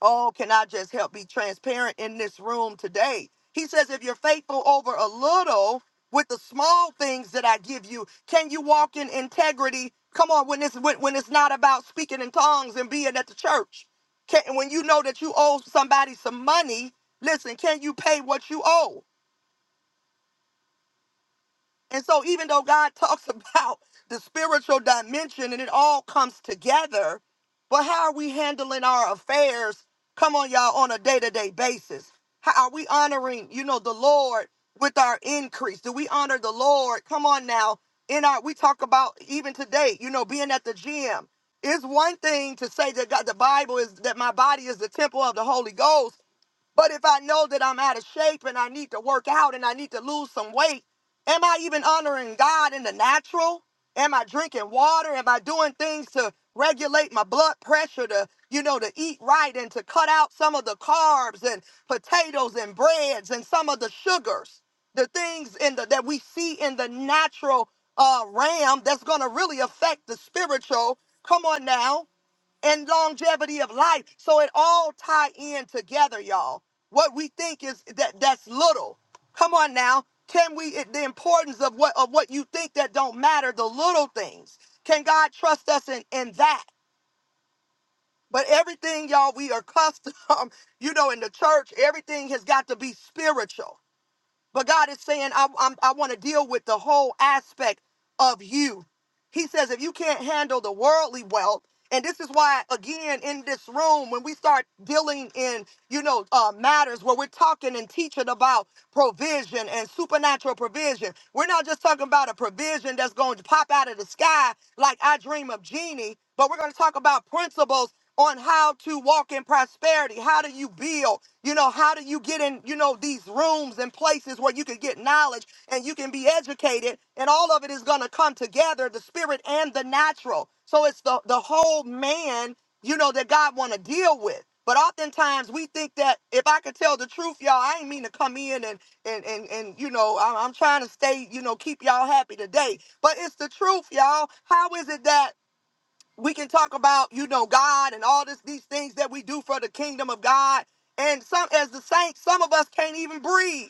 Speaker 1: Oh, can I just help be transparent in this room today? He says, if you're faithful over a little with the small things that I give you, can you walk in integrity? Come on, when it's when, when it's not about speaking in tongues and being at the church. Can, when you know that you owe somebody some money, listen, can you pay what you owe? And so, even though God talks about the spiritual dimension and it all comes together, but how are we handling our affairs? Come on, y'all, on a day to day basis. How are we honoring, you know, the Lord with our increase? Do we honor the Lord? Come on now. In our, we talk about even today, you know, being at the gym. It's one thing to say that God, the Bible is that my body is the temple of the Holy Ghost. But if I know that I'm out of shape and I need to work out and I need to lose some weight, am I even honoring God in the natural? Am I drinking water? Am I doing things to regulate my blood pressure to, you know, to eat right and to cut out some of the carbs and potatoes and breads and some of the sugars, the things in the that we see in the natural uh, realm that's going to really affect the spiritual. Come on now and longevity of life. So it all tie in together, y'all. What we think is that that's little. Come on now. Can we it- the importance of what of what you think that don't matter, the little things. Can God trust us in, in that? But everything, y'all, we are custom, you know, in the church, everything has got to be spiritual. But God is saying, I, I'm, I want to deal with the whole aspect of you. He says, if you can't handle the worldly wealth, and this is why, again, in this room, when we start dealing in, you know, uh, matters where we're talking and teaching about provision and supernatural provision, we're not just talking about a provision that's going to pop out of the sky like I dream of genie, but we're going to talk about principles on how to walk in prosperity. How do you build? You know, how do you get in, you know, these rooms and places where you can get knowledge and you can be educated and all of it is going to come together, the spirit and the natural. So it's the the whole man, you know, that God want to deal with. But oftentimes we think that if I could tell the truth, y'all, I ain't mean to come in and and and, and you know, I'm, I'm trying to stay, you know, keep y'all happy today. But it's the truth, y'all. How is it that we can talk about you know god and all this these things that we do for the kingdom of god and some as the saints some of us can't even breathe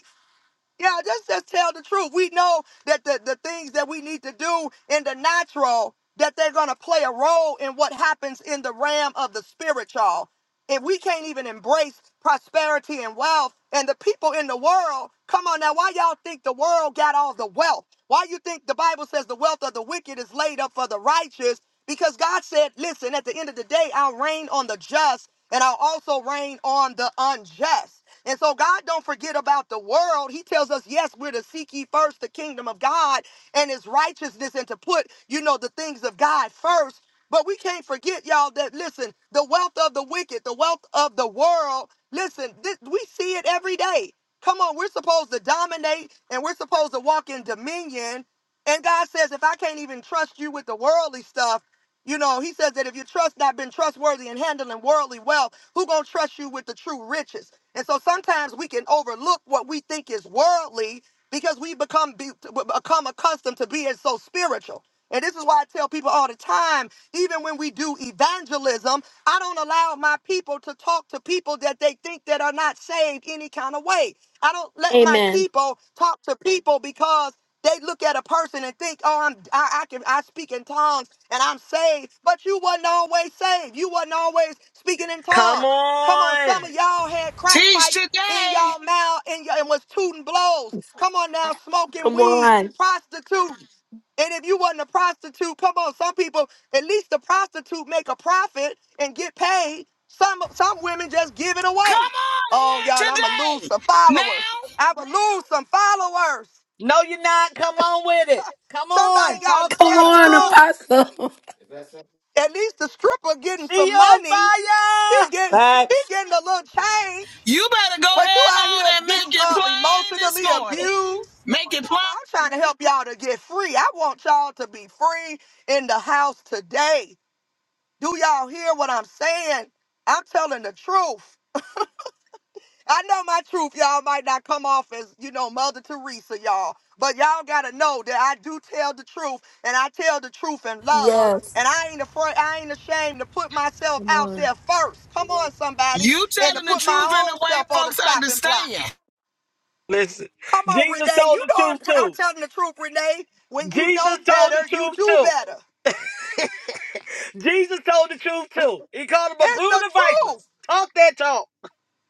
Speaker 1: yeah just just tell the truth we know that the, the things that we need to do in the natural that they're going to play a role in what happens in the realm of the spiritual if we can't even embrace prosperity and wealth and the people in the world come on now why y'all think the world got all the wealth why you think the bible says the wealth of the wicked is laid up for the righteous because god said listen at the end of the day i'll reign on the just and i'll also reign on the unjust and so god don't forget about the world he tells us yes we're to seek ye first the kingdom of god and his righteousness and to put you know the things of god first but we can't forget, y'all, that listen, the wealth of the wicked, the wealth of the world, listen, this, we see it every day. Come on, we're supposed to dominate and we're supposed to walk in dominion. And God says, if I can't even trust you with the worldly stuff, you know, he says that if you trust not been trustworthy in handling worldly wealth, who gonna trust you with the true riches? And so sometimes we can overlook what we think is worldly because we become be, become accustomed to being so spiritual. And this is why I tell people all the time, even when we do evangelism, I don't allow my people to talk to people that they think that are not saved any kind of way. I don't let my
Speaker 3: Amen.
Speaker 1: people talk to people because they look at a person and think, "Oh, I'm I, I can I speak in tongues and I'm saved." But you wasn't always saved. You wasn't always speaking in
Speaker 12: Come
Speaker 1: tongues. Come on, some
Speaker 12: on.
Speaker 1: of y'all had crack
Speaker 15: Teach
Speaker 1: pipes in
Speaker 15: today.
Speaker 1: y'all mouth and, y- and was tooting blows. Come on now, smoking
Speaker 3: Come
Speaker 1: weed,
Speaker 3: on.
Speaker 1: prostituting. And if you wasn't a prostitute, come on, some people, at least the prostitute make a profit and get paid. Some some women just give it
Speaker 15: Come
Speaker 1: away.
Speaker 15: on
Speaker 1: Oh,
Speaker 15: here
Speaker 1: y'all, I'ma lose
Speaker 15: today.
Speaker 1: some followers.
Speaker 15: Now,
Speaker 1: I'ma lose some followers.
Speaker 12: No, you're not. Come on with it. Come on.
Speaker 1: Somebody got to
Speaker 12: Talk
Speaker 3: Come
Speaker 1: tell
Speaker 12: that
Speaker 1: the
Speaker 3: on,
Speaker 12: talk.
Speaker 1: truth.
Speaker 3: Apostle.
Speaker 1: At least the stripper getting
Speaker 12: She
Speaker 1: some
Speaker 12: on
Speaker 1: money. She
Speaker 12: fire.
Speaker 1: get
Speaker 5: I'm
Speaker 1: she getting a little change,
Speaker 15: you better go
Speaker 1: but you
Speaker 15: head
Speaker 1: out
Speaker 15: on
Speaker 1: here
Speaker 15: and make
Speaker 1: getting
Speaker 15: it
Speaker 1: uh,
Speaker 15: plain this
Speaker 1: emotionally
Speaker 15: morning.
Speaker 1: abused.
Speaker 15: Make it
Speaker 1: Come
Speaker 15: plain.
Speaker 1: on, I'm trying to help y'all to get free. I want y'all to be free in the house today. Do y'all hear what I'm saying? I'm telling the truth. I know my truth, y'all might not come off as, you know, Mother Teresa, y'all. But y'all gotta know that I do tell the truth and I tell the truth in love.
Speaker 3: Yes.
Speaker 1: And I ain't afraid, I ain't ashamed to put myself
Speaker 4: Come
Speaker 1: out
Speaker 4: on.
Speaker 1: there first. Come on, somebody,
Speaker 15: You
Speaker 1: and to
Speaker 15: telling the
Speaker 1: put my
Speaker 15: truth in a
Speaker 1: own
Speaker 15: way
Speaker 1: self on the
Speaker 15: folks
Speaker 1: chopping block.
Speaker 15: understand.
Speaker 12: Listen,
Speaker 1: Come on,
Speaker 12: Jesus
Speaker 1: Renee.
Speaker 12: told
Speaker 1: You
Speaker 12: the
Speaker 1: know I'm,
Speaker 12: truth
Speaker 1: I'm
Speaker 12: too.
Speaker 1: telling the truth, Renee. When you know
Speaker 12: Jesus told
Speaker 1: better,
Speaker 12: the
Speaker 1: you
Speaker 12: truth
Speaker 1: do
Speaker 12: too.
Speaker 1: better.
Speaker 12: Jesus told the truth too. He called them a
Speaker 1: It's
Speaker 12: brood
Speaker 1: the
Speaker 12: of
Speaker 1: truth.
Speaker 12: vipers. Talk that talk.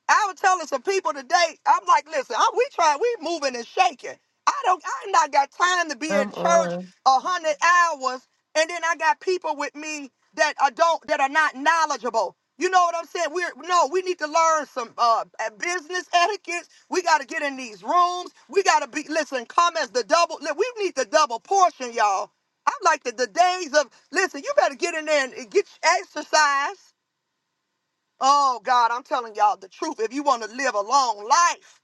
Speaker 1: I was telling some people today, I'm like, listen, I, we try, we moving and shaking. I don't, I not got time to be in
Speaker 4: Come
Speaker 1: church
Speaker 4: on.
Speaker 1: a hundred hours, and then I got people with me that are don't that are not knowledgeable. You know what I'm saying? We're no, we need to learn some uh uh, business etiquette. We got to get in these rooms. We got to be listen. Come as the double. li- We need the double portion, y'all. I'm like the, the days of listen. You better get in there and get your exercise. Oh God, I'm telling y'all the truth. If you want to live a long life,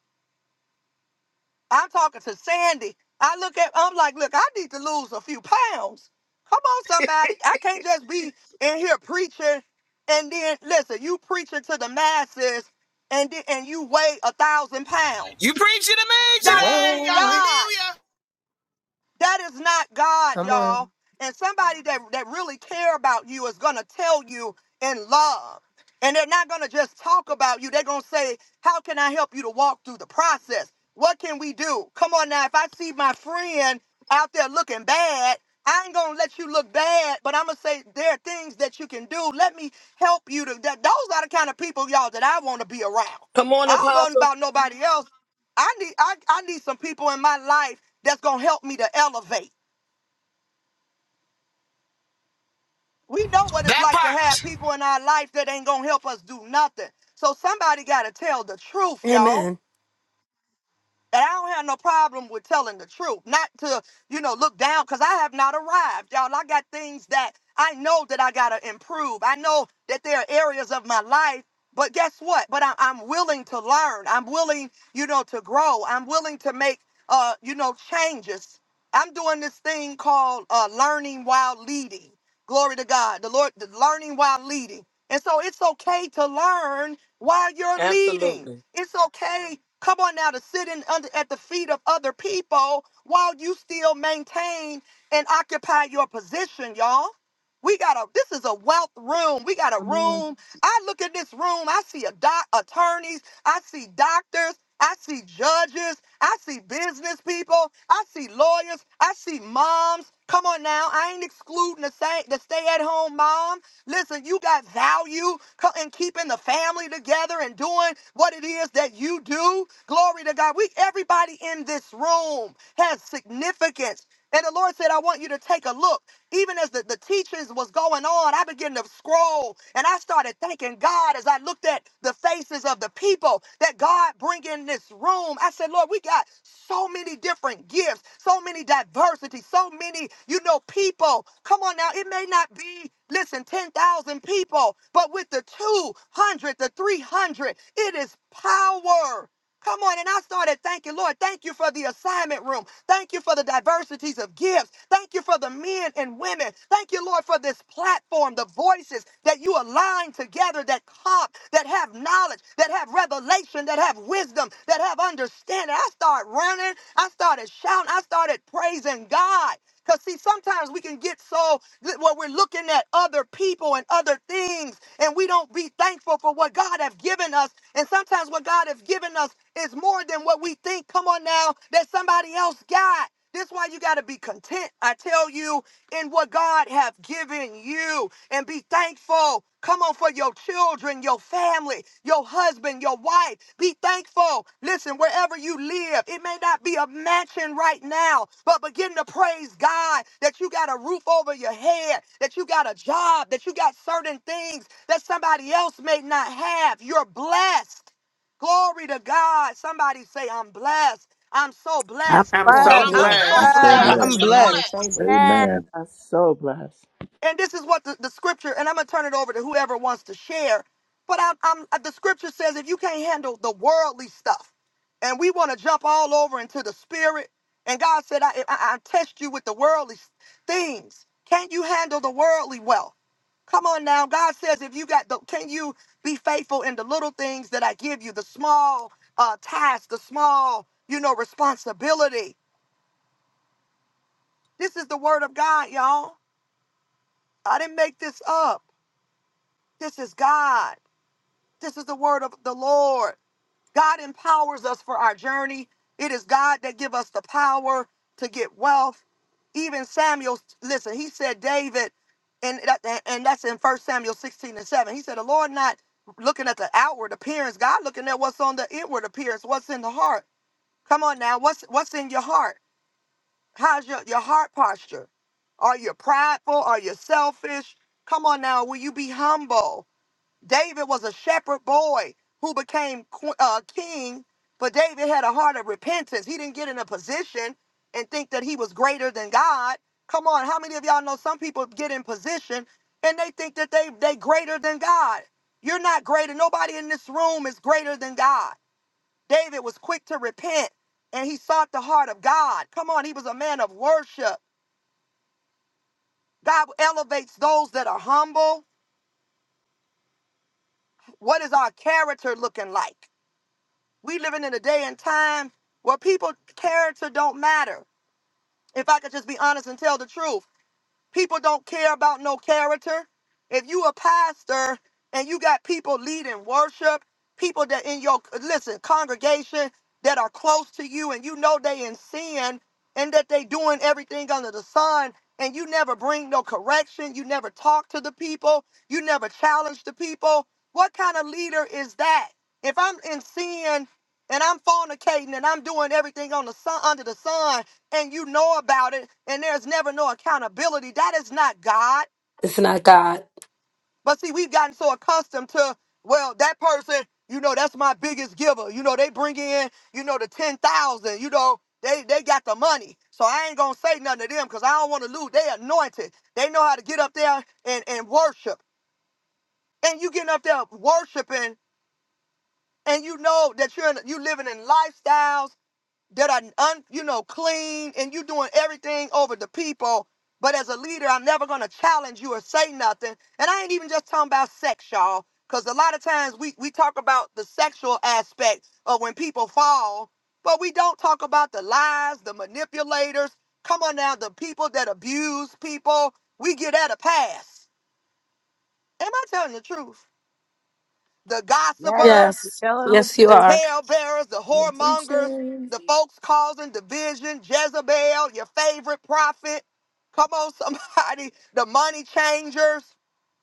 Speaker 1: I'm talking to Sandy. I look at, I'm like, look, I need to lose a few pounds. Come on, somebody. I can't just be in here preaching and then listen, you preaching to the masses and then, and you weigh a thousand
Speaker 15: You
Speaker 1: pounds.
Speaker 15: preaching to me
Speaker 1: Y'all, that
Speaker 15: today.
Speaker 1: ain't
Speaker 4: Well,
Speaker 1: God.
Speaker 15: Hallelujah.
Speaker 1: That is not God,
Speaker 4: come on.
Speaker 1: y'all. And somebody that, that really care about you is gonna tell you in love. And they're not gonna just talk about you. They're gonna say, How can I help you to walk through the process? What can we do? Come on now, if I see my friend out there looking bad, I ain't gonna let you look bad, but I'm gonna say there are things that you can do. Let me help you to that those are the kind of people, y'all, that I wanna be around.
Speaker 12: Come on,
Speaker 1: I don't know
Speaker 12: Apostle.
Speaker 1: about nobody else, I need I, I need some people in my life that's gonna help me to elevate. We know what it's
Speaker 15: That
Speaker 1: like to have
Speaker 15: part.
Speaker 1: people in our life that ain't gonna help us do nothing. So somebody gotta tell the truth,
Speaker 3: Amen.
Speaker 1: y'all. And I don't have no problem with telling the truth, not to, you know, look down, because I have not arrived, y'all. I got things that I know that I got to improve. I know that there are areas of my life, but guess what? But I, I'm willing to learn. I'm willing, you know, to grow. I'm willing to make, uh, you know, changes. I'm doing this thing called uh, learning while leading. Glory to God. The Lord, the learning while leading. And so it's okay to learn while you're leading.
Speaker 12: Absolutely.
Speaker 1: It's okay. Come on now to sit in under at the feet of other people while you still maintain and occupy your position, y'all. We got a this is a wealth room. We got a
Speaker 4: Come on.
Speaker 1: room. I look at this room, I see a doc attorneys, I see doctors, I see judges, I see business people, I see lawyers, I see moms. Come on now, I ain't excluding the stay, the stay at home moms. Listen, you got value co- in keeping the family together and doing what it is that you do. Glory to God. We everybody in this room has significance. And the Lord said, I want you to take a look. Even as the, the teachings was going on, I began to scroll and I started thanking God as I looked at the faces of the people that God bring in this room. I said, Lord, we got so many different gifts, so many diversity, so many, you know, people. Come on now, it may not be, listen, 10,000 people, but with the 200, the 300, it is power. Come on, and I started thanking Lord. Thank you for the assignment room. Thank you for the diversities of gifts. Thank you for the men and women. Thank you, Lord, for this platform, the voices that you align together that comp, that have knowledge, that have revelation, that have wisdom, that have understanding. I started running. I started shouting. I started praising God. Because, see, sometimes we can get so where we're looking at other people and other things, and we don't be thankful for what God have given us. And sometimes what God has given us is more than what we think, come on now, that somebody else got. That's why you got to be content, I tell you, in what God have given you and be thankful thankful. Come on for your children, your family, your husband, your wife. Be thankful. Listen, wherever you live, it may not be a mansion right now, but begin to praise God that you got a roof over your head, that you got a job, that you got certain things that somebody else may not have. You're blessed. Glory to God. Somebody say, I'm blessed. I'm so
Speaker 2: I'm
Speaker 1: blessed.
Speaker 14: I'm
Speaker 4: Oh, I'm
Speaker 14: so
Speaker 15: I'm
Speaker 2: blessed. I'm
Speaker 1: I'm
Speaker 4: blessed.
Speaker 8: And
Speaker 1: so
Speaker 14: blessed.
Speaker 15: blessed.
Speaker 8: so
Speaker 4: I'm
Speaker 2: blessed.
Speaker 15: I'm
Speaker 1: blessed.
Speaker 8: blessed.
Speaker 6: I'm
Speaker 4: blessed
Speaker 15: so
Speaker 4: with
Speaker 14: Hallelujah.
Speaker 4: highly
Speaker 6: blessed.
Speaker 15: blessed.
Speaker 4: favored.
Speaker 2: Amen.
Speaker 8: Amen.
Speaker 5: so blessed.
Speaker 1: And this is what the, the scripture, and I'm going to turn it over to whoever wants to share. But i I'm, uh, the scripture says if you can't handle the worldly stuff, and we want to jump all over into the spirit, and God said, I, I, I test you with the worldly s- things. Can't you handle the worldly well? Come on now. God says, if you got the, can you be faithful in the little things that I give you, the small uh, tasks, the small, you know, responsibility? This is the word of God, y'all. I didn't make this up. This is God. This is the word of the Lord. God empowers us for our journey. It is God that give us the power to get wealth. Even Samuel, listen, he said, David, and, that, and that's in First Samuel 16 and 7. He said, the Lord not looking at the outward appearance, God looking at what's on the inward appearance, what's in the heart. Come on now, what's what's in your heart? How's your, your heart posture? Are you prideful? Are you selfish? Come on now, will you be humble? David was a shepherd boy who became qu- uh, king, but David had a heart of repentance. He didn't get in a position and think that he was greater than God. Come on, how many of y'all know some people get in position and they think that they they greater than God? You're not greater. Nobody in this room is greater than God. David was quick to repent and he sought the heart of God. Come on, he was a man of worship. God elevates those that are humble. What is our character looking like? We living in a day and time where people character don't matter. If I could just be honest and tell the truth, people don't care about no character. If you a pastor and you got people leading worship, people that in your listen congregation that are close to you and you know they in sin and that they doing everything under the sun and you never bring no correction, you never talk to the people, you never challenge the people. What kind of leader is that? If I'm in sin and I'm fornicating and I'm doing everything on the sun under the sun and you know about it and there's never no accountability. That is not God.
Speaker 3: It's not God.
Speaker 1: But see, we've gotten so accustomed to, well, that person, you know, that's my biggest giver. You know, they bring in, you know, the 10,000, you know, they they got the money. So I ain't gonna say nothing to them because I don't want to lose. They anointed. They know how to get up there and, and worship. And you getting up there worshiping and you know that you're in, you living in lifestyles that are un, you know clean and you doing everything over the people but as a leader i'm never going to challenge you or say nothing and i ain't even just talking about sex y'all because a lot of times we, we talk about the sexual aspect of when people fall but we don't talk about the lies the manipulators come on now the people that abuse people we get at a pass am i telling the truth the
Speaker 2: Yes,
Speaker 1: gossipers
Speaker 2: you're
Speaker 3: Yes.
Speaker 2: telling the
Speaker 3: Yes, you
Speaker 1: the
Speaker 2: truth.
Speaker 3: are.
Speaker 1: talebearers, the
Speaker 4: You're
Speaker 1: whoremongers,
Speaker 4: preaching.
Speaker 1: the folks causing division, Jezebel, your favorite prophet. Come on, somebody, the money changers.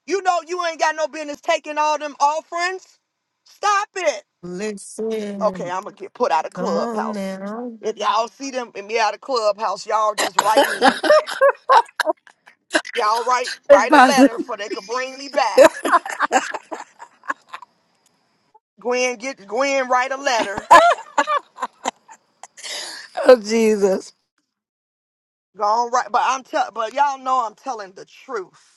Speaker 1: You know you ain't got no business taking all them offerings. Stop it. Okay,
Speaker 4: Listen.
Speaker 1: I'm gonna get put out of
Speaker 4: Come on
Speaker 1: clubhouse.
Speaker 4: now.
Speaker 1: If y'all see them and me out of clubhouse, y'all just write in. Y'all write write a
Speaker 3: Apostle
Speaker 1: letter for they could bring me back. Gwen, get Gwen, write a letter.
Speaker 3: oh, Jesus.
Speaker 1: Go on, right. But I'm tell, but y'all know I'm telling the truth.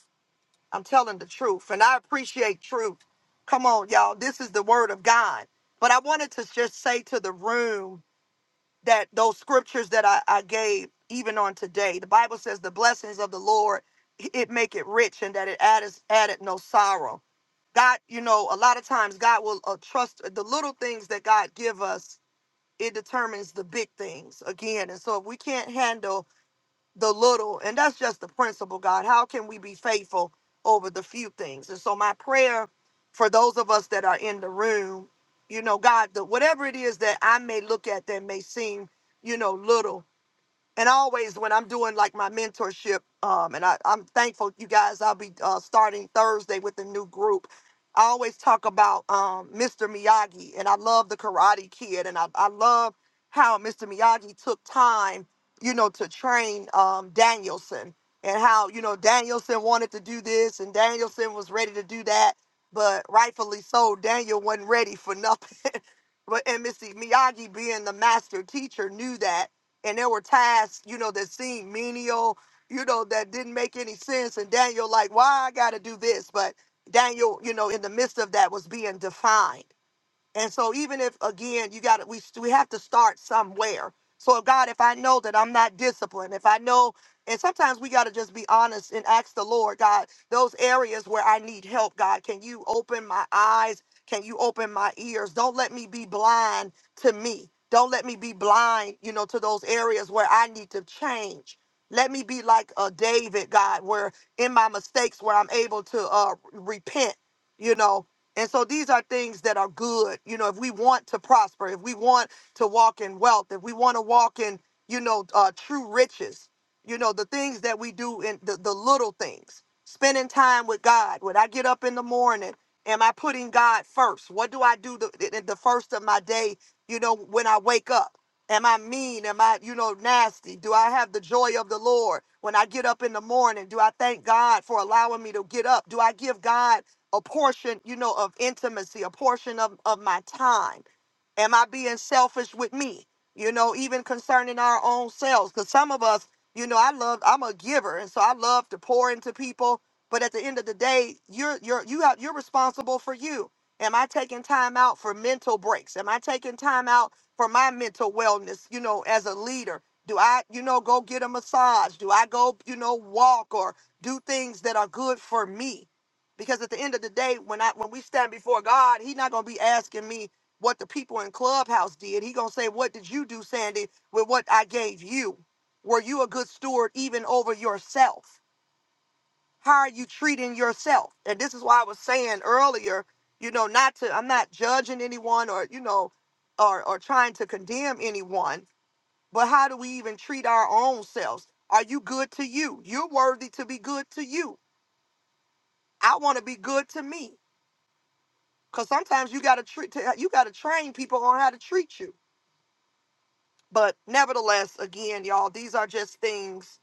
Speaker 1: I'm telling the truth, and I appreciate truth. Come on, y'all. This is the word of God. But I wanted to just say to the room that those scriptures that I, I gave, even on today, the Bible says the blessings of the Lord it make it rich, and that it added added no sorrow. God, you know, a lot of times God will uh, trust uh, the little things that God give us. It determines the big things again, and so if we can't handle the little, and that's just the principle, God. How can we be faithful over the few things? And so, my prayer for those of us that are in the room, you know, God, that whatever it is that I may look at that may seem, you know, little, and always when I'm doing like my mentorship, um, and I, I'm thankful you guys, I'll be uh, starting Thursday with a new group. I always talk about um, Mr. Miyagi, and I love the Karate Kid, and I, I love how Mr. Miyagi took time, you know, to train um, Danielson, and how you know Danielson wanted to do this, and Danielson was ready to do that, but rightfully so, Daniel wasn't ready for nothing. but and Mr. Miyagi, being the master teacher, knew that and there were tasks, you know, that seemed menial, you know, that didn't make any sense. And Daniel, like, why I got to do this? But Daniel, you know, in the midst of that was being defined. And so even if again you got to we we have to start somewhere. So God, if I know that I'm not disciplined, if I know and sometimes we got to just be honest and ask the Lord, God, those areas where I need help, God, can you open my eyes? Can you open my ears? Don't let me be blind to me. Don't let me be blind, you know, to those areas where I need to change. Let me be like a David, God, where in my mistakes where I'm able to uh repent you know and so these are things that are good. You know, if we want to prosper, if we want to walk in wealth, if we want to walk in, you know, uh, true riches, you know, the things that we do in the, the little things, spending time with God. When I get up in the morning, am I putting God first? What do I do the, the the first of my day, you know, when I wake up? Am I mean? Am I, you know, nasty? Do I have the joy of the Lord when I get up in the morning? Do I thank God for allowing me to get up? Do I give God? a portion, you know, of intimacy, a portion of, of my time? Am I being selfish with me? You know, even concerning our own selves. Because some of us, you know, I love, I'm a giver. And so I love to pour into people. But at the end of the day, you're you're you have you're responsible for you. Am I taking time out for mental breaks? Am I taking time out for my mental wellness, you know, as a leader? Do I, you know, go get a massage? Do I go, you know, walk or do things that are good for me? Because at the end of the day, when I when we stand before God, He's not gonna be asking me what the people in Clubhouse did. He gonna say, What did you do, Sandy, with what I gave you? Were you a good steward even over yourself? How are you treating yourself? And this is why I was saying earlier, you know, not to I'm not judging anyone or, you know, or or trying to condemn anyone, but how do we even treat our own selves? Are you good to you? You're worthy to be good to you. I want to be good to me. Cause sometimes you gotta treat you gotta train people on how to treat you. But nevertheless, again, y'all, these are just things.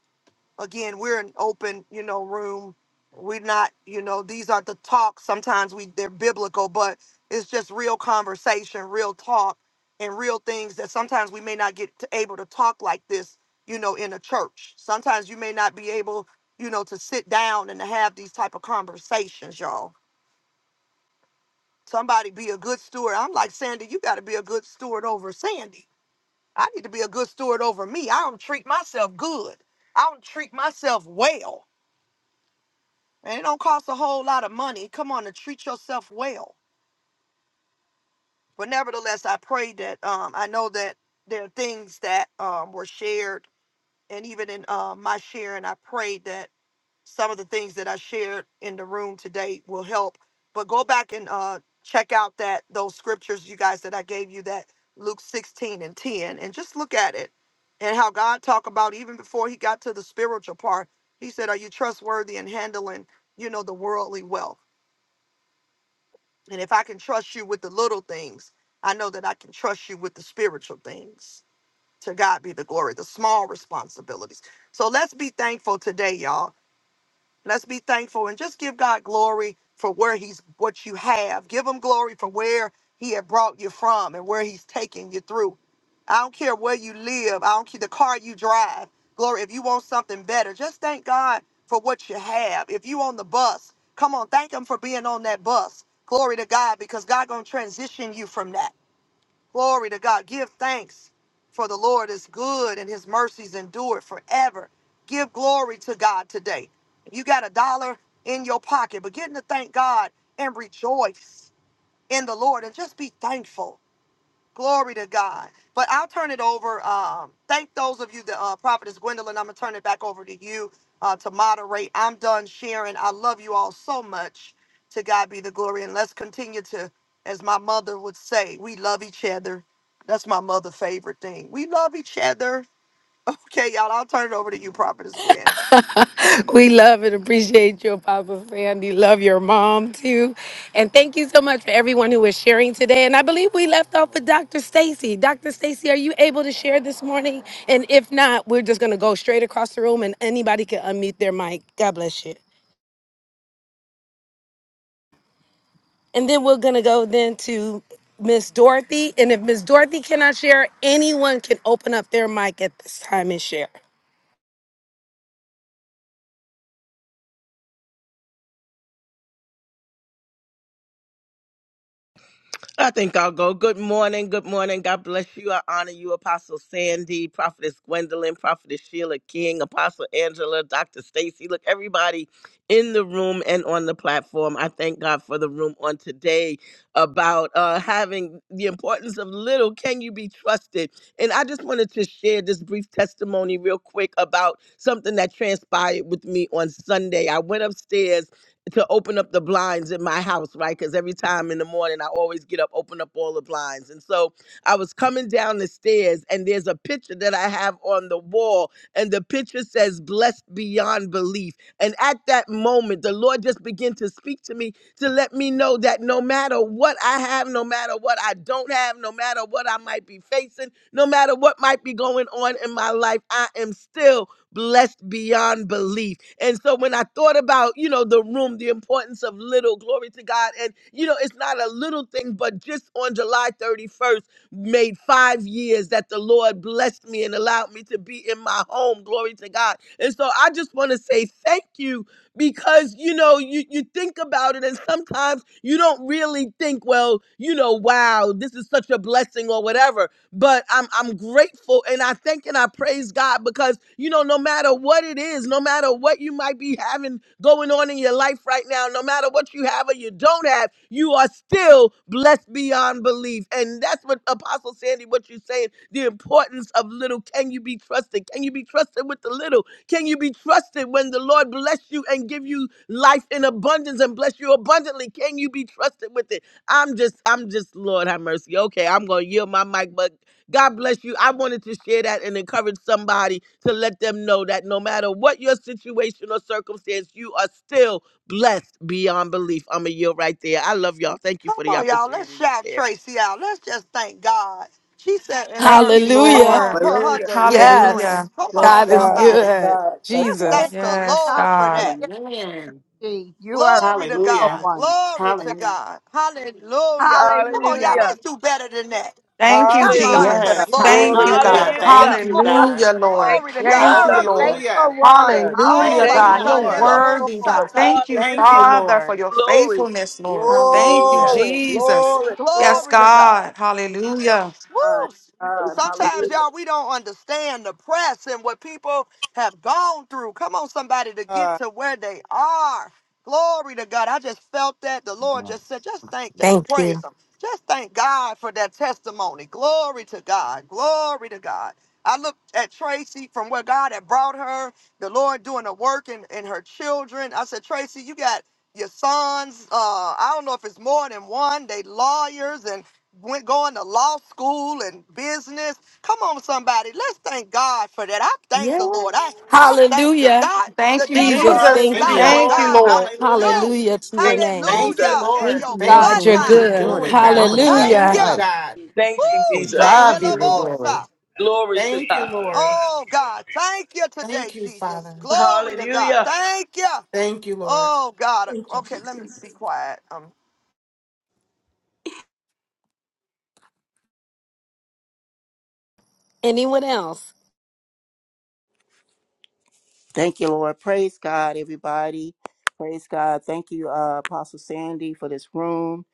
Speaker 1: Again, we're an open, you know, room. We're not, you know, these are the talks. Sometimes we they're biblical, but it's just real conversation, real talk, and real things that sometimes we may not get to, able to talk like this, you know, in a church. Sometimes you may not be able, you know, to sit down and to have these type of conversations, y'all Somebody be a good steward. I'm like, Sandy, you got to be a good steward over Sandy. I need to be a good steward over me. I don't treat myself good. I don't treat myself well. And it don't cost a whole lot of money. Come on to treat yourself well. But nevertheless, I pray that um, I know that there are things that um, were shared. And even in uh, my sharing, I prayed that some of the things that I shared in the room today will help. But go back and uh, check out that those scriptures, you guys, that I gave you that Luke 16 and 10, and just look at it and how God talked about even before he got to the spiritual part. He said, "Are you trustworthy in handling, you know, the worldly wealth? And if I can trust you with the little things, I know that I can trust you with the spiritual things." To God be the glory, the small responsibilities. So let's be thankful today, y'all Let's be thankful and just give God glory for where He's what you have. Give Him glory for where He had brought you from and where He's taking you through. I don't care where you live. I don't care the car you drive. Glory, if you want something better, just thank God for what you have. If you on the bus, come on, thank Him for being on that bus. Glory to God, because God gonna transition you from that. Glory to God. Give thanks for the Lord is good and his mercies endure forever. Give glory to God today. you got a dollar in your pocket, begin to thank God and rejoice in the Lord and just be thankful. Glory to God. But I'll turn it over. Um, thank those of you, that uh, Prophetess Gwendolyn. I'm going to turn it back over to you uh, to moderate. I'm done sharing. I love you all so much. To God be the glory. And let's continue to, as my mother would say, we love each other. That's my mother' favorite thing. We love each other. Okay, y'all, I'll turn it over to you, Prophetess Gwen.
Speaker 3: We love and appreciate you, Papa Sandy. Love your mom too. And thank you so much for everyone who was sharing today. And I believe we left off with Dr. Stacy. Dr. Stacy, are you able to share this morning? And if not, we're just gonna go straight across the room and anybody can unmute their mic. God bless you. And then we're gonna go then to Miss Dorothy. And if Miss Dorothy cannot share, anyone can open up their mic at this time and share.
Speaker 6: I think I'll go. Good morning. Good morning. God bless you. I honor you, Apostle Sandy, Prophetess Gwendolyn, Prophetess Sheila King, Apostle Angela, Dr. Stacy. Look, everybody in the room and on the platform. I thank God for the room on today about uh, having the importance of little. Can you be trusted? And I just wanted to share this brief testimony real quick about something that transpired with me on Sunday. I went upstairs to open up the blinds in my house, right? Because every time in the morning, I always get up, open up all the blinds. And so I was coming down the stairs, and there's a picture that I have on the wall, and the picture says, Blessed beyond belief. And at that moment, the Lord just began to speak to me to let me know that no matter what I have, no matter what I don't have, no matter what I might be facing, no matter what might be going on in my life, I am still blessed beyond belief. And so when I thought about, you know, the room, the importance of little, glory to God. And, you know, it's not a little thing, but just on July 31st, made five years that the Lord blessed me and allowed me to be in my home, glory to God. And so I just want to say thank you because you know you, you think about it and sometimes you don't really think well you know wow this is such a blessing or whatever but I'm I'm grateful and I thank and I praise God because you know no matter what it is, no matter what you might be having going on in your life right now, no matter what you have or you don't have, you are still blessed beyond belief. And that's what Apostle Sandy, what you're saying, the importance of little. Can you be trusted? Can you be trusted with the little? Can you be trusted when the Lord bless you and give you life in abundance and bless you abundantly? Can you be trusted with it? I'm just, I'm just, Lord have mercy. Okay, I'm gonna yield my mic, but God bless you. I wanted to share that and encourage somebody to let them know that no matter what your situation or circumstance, you are still blessed beyond belief. I'm a yield right there. I love y'all. Thank you
Speaker 1: Come
Speaker 6: for the
Speaker 1: on, y'all. Let's
Speaker 6: opportunity to
Speaker 1: shout
Speaker 6: share.
Speaker 1: Tracy out. Let's just thank God. She said in
Speaker 16: Thank
Speaker 1: her,
Speaker 16: you,
Speaker 1: come
Speaker 3: Hallelujah.
Speaker 16: Lord.
Speaker 1: on,
Speaker 5: Hallelujah.
Speaker 1: her, her
Speaker 3: Yes.
Speaker 16: Hallelujah.
Speaker 1: deliverance. Come
Speaker 5: Bless
Speaker 1: on,
Speaker 3: God is
Speaker 5: God. Bless
Speaker 1: somebody.
Speaker 3: good.
Speaker 5: God. Bless
Speaker 1: Let's
Speaker 5: God.
Speaker 2: Yes.
Speaker 3: Jesus.
Speaker 1: thank the
Speaker 16: Yes,
Speaker 1: Lord for
Speaker 16: God.
Speaker 1: that.
Speaker 2: Hallelujah.
Speaker 4: Amen.
Speaker 2: Gee, You are
Speaker 1: Glory to
Speaker 2: the
Speaker 14: Hallelujah.
Speaker 1: God.
Speaker 2: one.
Speaker 1: Glory to
Speaker 14: Hallelujah.
Speaker 1: God. Hallelujah. Come on, y'all.
Speaker 2: Hallelujah.
Speaker 1: Let's
Speaker 6: Hallelujah.
Speaker 1: do better than that.
Speaker 16: Thank you,
Speaker 1: Let's
Speaker 2: Come
Speaker 1: give God
Speaker 2: on,
Speaker 1: some
Speaker 14: Yes.
Speaker 5: Hallelujah.
Speaker 16: Jesus.
Speaker 1: glory
Speaker 16: Thank
Speaker 1: for
Speaker 5: Glory,
Speaker 16: you,
Speaker 1: that
Speaker 5: glory,
Speaker 14: Hallelujah.
Speaker 16: God.
Speaker 1: testimony.
Speaker 6: Hallelujah.
Speaker 14: Thank you,
Speaker 5: glory.
Speaker 14: God.
Speaker 16: Hallelujah, Lord.
Speaker 6: Thank
Speaker 1: Glory
Speaker 6: you,
Speaker 1: to
Speaker 2: You
Speaker 1: God.
Speaker 16: Thank
Speaker 5: Bless
Speaker 16: you,
Speaker 5: the
Speaker 2: are
Speaker 6: Jesus.
Speaker 2: a
Speaker 5: name of
Speaker 16: Lord.
Speaker 14: Hallelujah.
Speaker 2: faithful one.
Speaker 5: God.
Speaker 1: Oh,
Speaker 16: Hallelujah,
Speaker 14: Thank
Speaker 6: Thank
Speaker 14: you,
Speaker 6: you,
Speaker 2: Hallelujah.
Speaker 16: God. You're
Speaker 14: Lord.
Speaker 6: Jesus.
Speaker 16: worthy, God.
Speaker 1: Bashandelobosata.
Speaker 16: Thank you,
Speaker 14: Thank
Speaker 6: Hallelujah.
Speaker 14: you,
Speaker 5: Hallelujah.
Speaker 16: Father, for
Speaker 14: Lord.
Speaker 16: your
Speaker 6: Glory.
Speaker 16: faithfulness, Lord. Thank you,
Speaker 14: Hallelujah.
Speaker 5: Glory,
Speaker 16: Jesus.
Speaker 5: glory, glory.
Speaker 16: Yes,
Speaker 1: Glory to God.
Speaker 16: God. Hallelujah.
Speaker 5: My
Speaker 1: Woo!
Speaker 6: Thank
Speaker 5: God,
Speaker 6: you,
Speaker 5: hallelujah.
Speaker 1: Sometimes,
Speaker 6: Jesus.
Speaker 1: y'all, we don't understand the press and what people have gone through. Come on, somebody, to get
Speaker 5: God.
Speaker 1: to where they are. Glory to God. I just felt that. The Lord just said, just thank, just
Speaker 3: Thank you.
Speaker 1: praise Him. Just thank God for that testimony. Glory to God. Glory to God. I looked at Tracy from where God had brought her, the Lord doing the work in, in her children. I said, Tracy, you got your sons. Uh, I don't know if it's more than one. They lawyers and went going to law school and business. Come on, somebody. Let's thank God for that. I thank the Lord. I, I
Speaker 4: Yes.
Speaker 1: thank the
Speaker 3: Hallelujah.
Speaker 1: God. The
Speaker 16: Thank you,
Speaker 1: devil
Speaker 3: Jesus.
Speaker 1: didn't
Speaker 16: Jesus.
Speaker 3: Thank
Speaker 14: Thank
Speaker 1: stop
Speaker 14: you,
Speaker 6: Hallelujah.
Speaker 3: you.
Speaker 1: what
Speaker 16: Thank you,
Speaker 14: Lord.
Speaker 1: God
Speaker 16: Lord.
Speaker 1: wanted to
Speaker 14: Hallelujah.
Speaker 1: do.
Speaker 3: Hallelujah to your
Speaker 6: Thank you,
Speaker 3: name.
Speaker 14: Thank you,
Speaker 1: Hallelujah.
Speaker 6: Jesus.
Speaker 1: In
Speaker 4: Thank
Speaker 14: Lord.
Speaker 4: you,
Speaker 1: your
Speaker 14: Thank
Speaker 4: Lord,
Speaker 14: you
Speaker 4: for
Speaker 3: God,
Speaker 14: for
Speaker 3: you're
Speaker 4: what
Speaker 14: what
Speaker 4: you're
Speaker 1: bloodline.
Speaker 14: you're
Speaker 3: good.
Speaker 4: doing in
Speaker 14: doing,
Speaker 4: the
Speaker 14: God.
Speaker 4: woman of
Speaker 1: Thank
Speaker 4: God's
Speaker 14: Thank
Speaker 3: Hallelujah.
Speaker 14: you,
Speaker 1: you.
Speaker 4: life.
Speaker 14: God.
Speaker 6: Thank you,
Speaker 1: Woo!
Speaker 4: To
Speaker 11: Yeah,
Speaker 6: Jesus.
Speaker 11: but
Speaker 4: God
Speaker 14: Thank
Speaker 4: be
Speaker 14: you,
Speaker 4: the
Speaker 14: Lord.
Speaker 4: glory.
Speaker 1: Shandelobosa.
Speaker 11: uh,
Speaker 6: Glory
Speaker 11: let
Speaker 6: to
Speaker 11: me
Speaker 14: Thank you,
Speaker 6: God.
Speaker 11: uh, go
Speaker 14: Lord.
Speaker 11: ahead and
Speaker 1: Oh
Speaker 11: drink.
Speaker 1: God, thank you today,
Speaker 14: Thank you,
Speaker 1: Jesus.
Speaker 14: Father.
Speaker 1: Glory to God.
Speaker 6: Hallelujah.
Speaker 1: Thank you.
Speaker 14: Thank you, Lord.
Speaker 1: Oh God. Okay, let me be quiet. Um,
Speaker 3: Anyone else?
Speaker 5: Thank you, Lord. Praise God, everybody. Praise God. Thank you, uh, Apostle Sandy, for this room.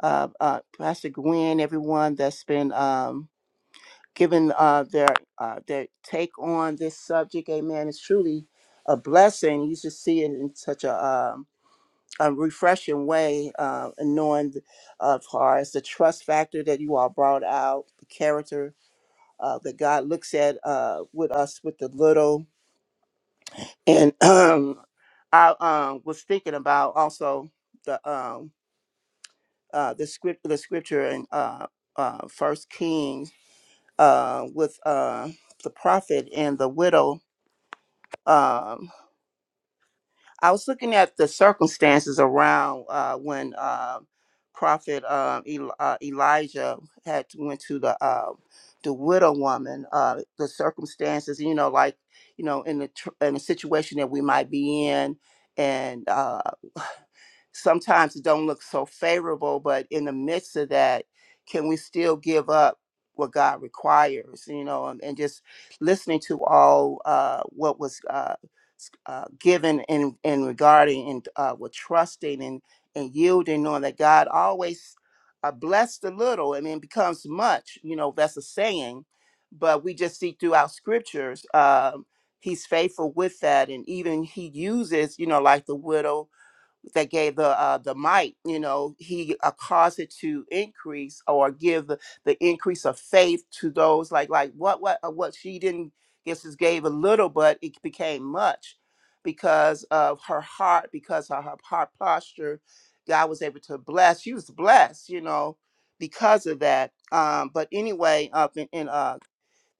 Speaker 5: Uh, uh, Pastor Gwen, everyone that's been um, given uh, their uh, their take on this subject. Amen. It's truly a blessing. You should see it in such a um, a refreshing way, uh, and knowing uh, as far as the trust factor that you all brought out, the character uh, that God looks at uh, with us with the little. And um, I um, was thinking about also the um, uh, the script the scripture in uh, uh, First Kings uh, with uh, the prophet and the widow. um, I was looking at the circumstances around uh, when uh, Prophet uh, Eli- uh, Elijah had went to the uh, the widow woman. Uh, the circumstances, you know, like you know, in the tr- in the situation that we might be in, and uh, sometimes it don't look so favorable. But in the midst of that, can we still give up? what God requires, you know, and, and just listening to all uh, what was uh, uh, given and, and regarding and uh, with trusting and, and yielding, knowing that God always uh, blessed a little and then becomes much. You know, that's a saying, but we just see throughout scriptures, um, He's faithful with that. And even He uses, you know, like the widow that gave the uh, the might, you know, he uh, caused it to increase or give the, the increase of faith to those like like what what uh, what she didn't guess just gave a little, but it became much because of her heart, because of her heart posture. God was able to bless. She was blessed, you know, because of that. Um, but anyway, up in, in uh,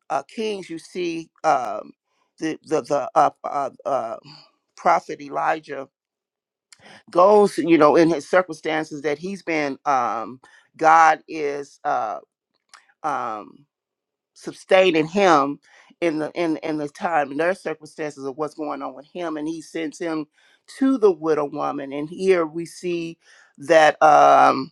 Speaker 5: uh, Kings, you see um, the the the uh, uh, uh, prophet Elijah goes, you know, in his circumstances that he's been, um, God is uh, um, sustaining him in the in in the time and their circumstances of what's going on with him, and he sends him to the widow woman. And here we see that. Um,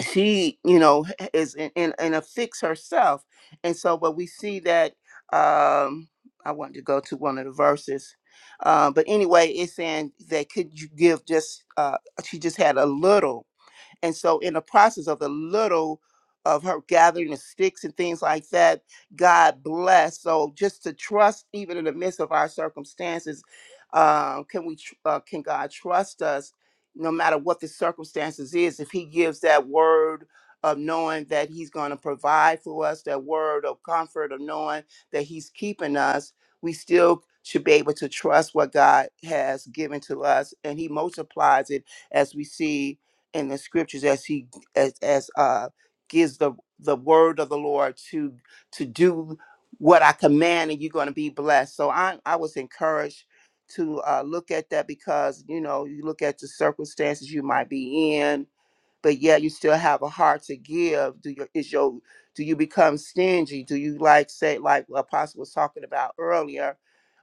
Speaker 5: she you know is in, in, in a fix herself and so but we see that um i wanted to go to one of the verses uh, but anyway it's saying that could you give just uh she just had a little and so, in the process of the little of her gathering the sticks and things like that, God bless. So, just to trust, even in the midst of our circumstances, uh, can we? tr- Uh, can God trust us, no matter what the circumstances is? If He gives that word of knowing that He's going to provide for us, that word of comfort of knowing that He's keeping us, we still should be able to trust what God has given to us, and He multiplies it as we see in the scriptures as he as as uh gives the the word of the Lord to to do what I command and you're going to be blessed. So I I was encouraged to uh look at that because you know you look at the circumstances you might be in but yet you still have a heart to give. Do your is your do you become stingy? Do you like say like what apostle was talking about earlier?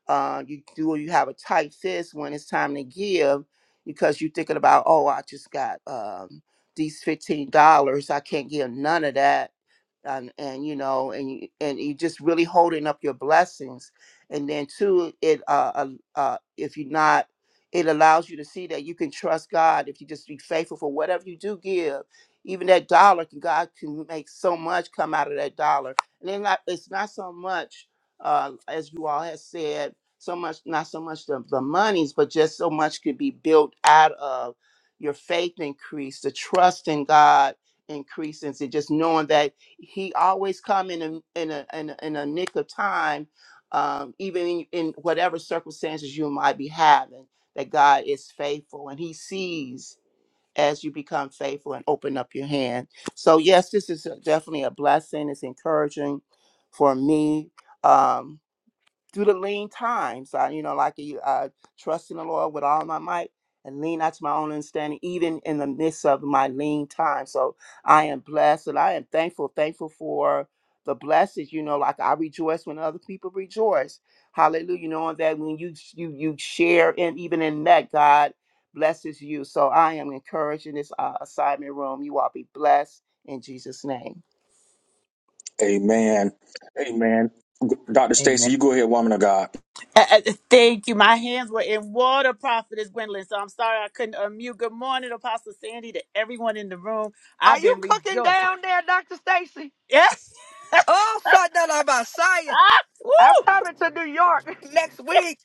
Speaker 5: uh, you do you have a tight fist when it's time to give because you're thinking about oh i just got um, these $15 i can't give none of that and and you know and you, and you just really holding up your blessings and then two it uh, uh uh, if you're not it allows you to see that you can trust god if you just be faithful for whatever you do give even that dollar can god can make so much come out of that dollar and then not, it's not so much uh as you all have said so much not so much the, the monies but just so much could be built out of your faith increase the trust in god increases and just knowing that he always come in a in a in a, in a nick of time, um, even in, in whatever circumstances you might be having. That God is faithful, and He sees as you become faithful and open up your hand. So yes, this is a- definitely a blessing. It's encouraging for me. Um, through the lean times, I, you know, like you, I uh, trust in the Lord with all my might and lean not to my own understanding, even in the midst of my lean time. So I am blessed and I am thankful, thankful for the blessings, you know, like I rejoice when other people rejoice. Hallelujah. Knowing that when you you you share and even in that God blesses you. So I am encouraging this uh, assignment room. You all be blessed in Jesus' name.
Speaker 8: Amen. Amen. Dr.
Speaker 13: Amen.
Speaker 8: Stacy, you go ahead, woman of God.
Speaker 13: Uh, uh, Thank you. My hands were in water, Prophetess Gwendolyn. So I'm sorry I couldn't unmute. Good morning, Apostle Sandy, to everyone in the room.
Speaker 1: are
Speaker 13: I've
Speaker 1: you
Speaker 13: been
Speaker 1: cooking
Speaker 13: rejoicing.
Speaker 1: down there, Dr. Stacy?
Speaker 13: Yes.
Speaker 1: Oh, Shandelabasaya.
Speaker 13: Ah,
Speaker 1: I'm
Speaker 13: woo!
Speaker 1: coming to New York next week.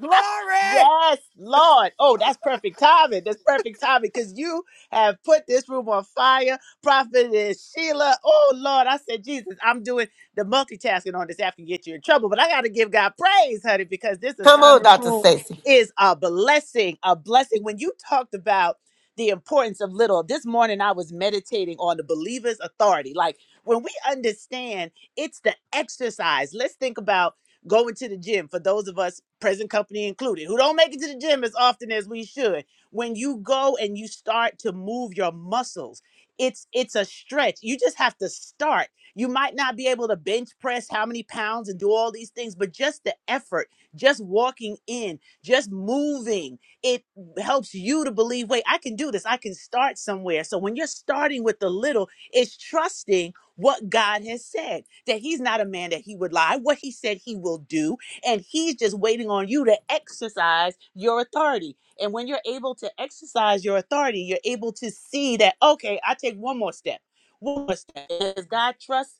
Speaker 1: Glory!
Speaker 13: Yes, Lord. Oh, that's perfect timing. That's perfect timing because you have put this room on fire. Prophetess Sheila. Oh, Lord. I said, Jesus, I'm doing the multitasking on this app can get you in trouble. But I got to give God praise, honey, because this
Speaker 4: Come on,
Speaker 13: assignment
Speaker 4: Dr.
Speaker 13: room
Speaker 4: Stacy.
Speaker 13: is a blessing. A blessing. When you talked about the importance of little, this morning I was meditating on the believer's authority. Like when we understand it's the exercise, let's think about going to the gym for those of us present company included who don't make it to the gym as often as we should when you go and you start to move your muscles it's it's a stretch you just have to start you might not be able to bench press how many pounds and do all these things but just the effort just walking in just moving it helps you to believe wait i can do this i can start somewhere so when you're starting with the little it's trusting what God has said, that he's not a man that he would lie, what he said he will do, and he's just waiting on you to exercise your authority. And when you're able to exercise your authority, you're able to see that, okay, I take one more step. One more step. Does God trust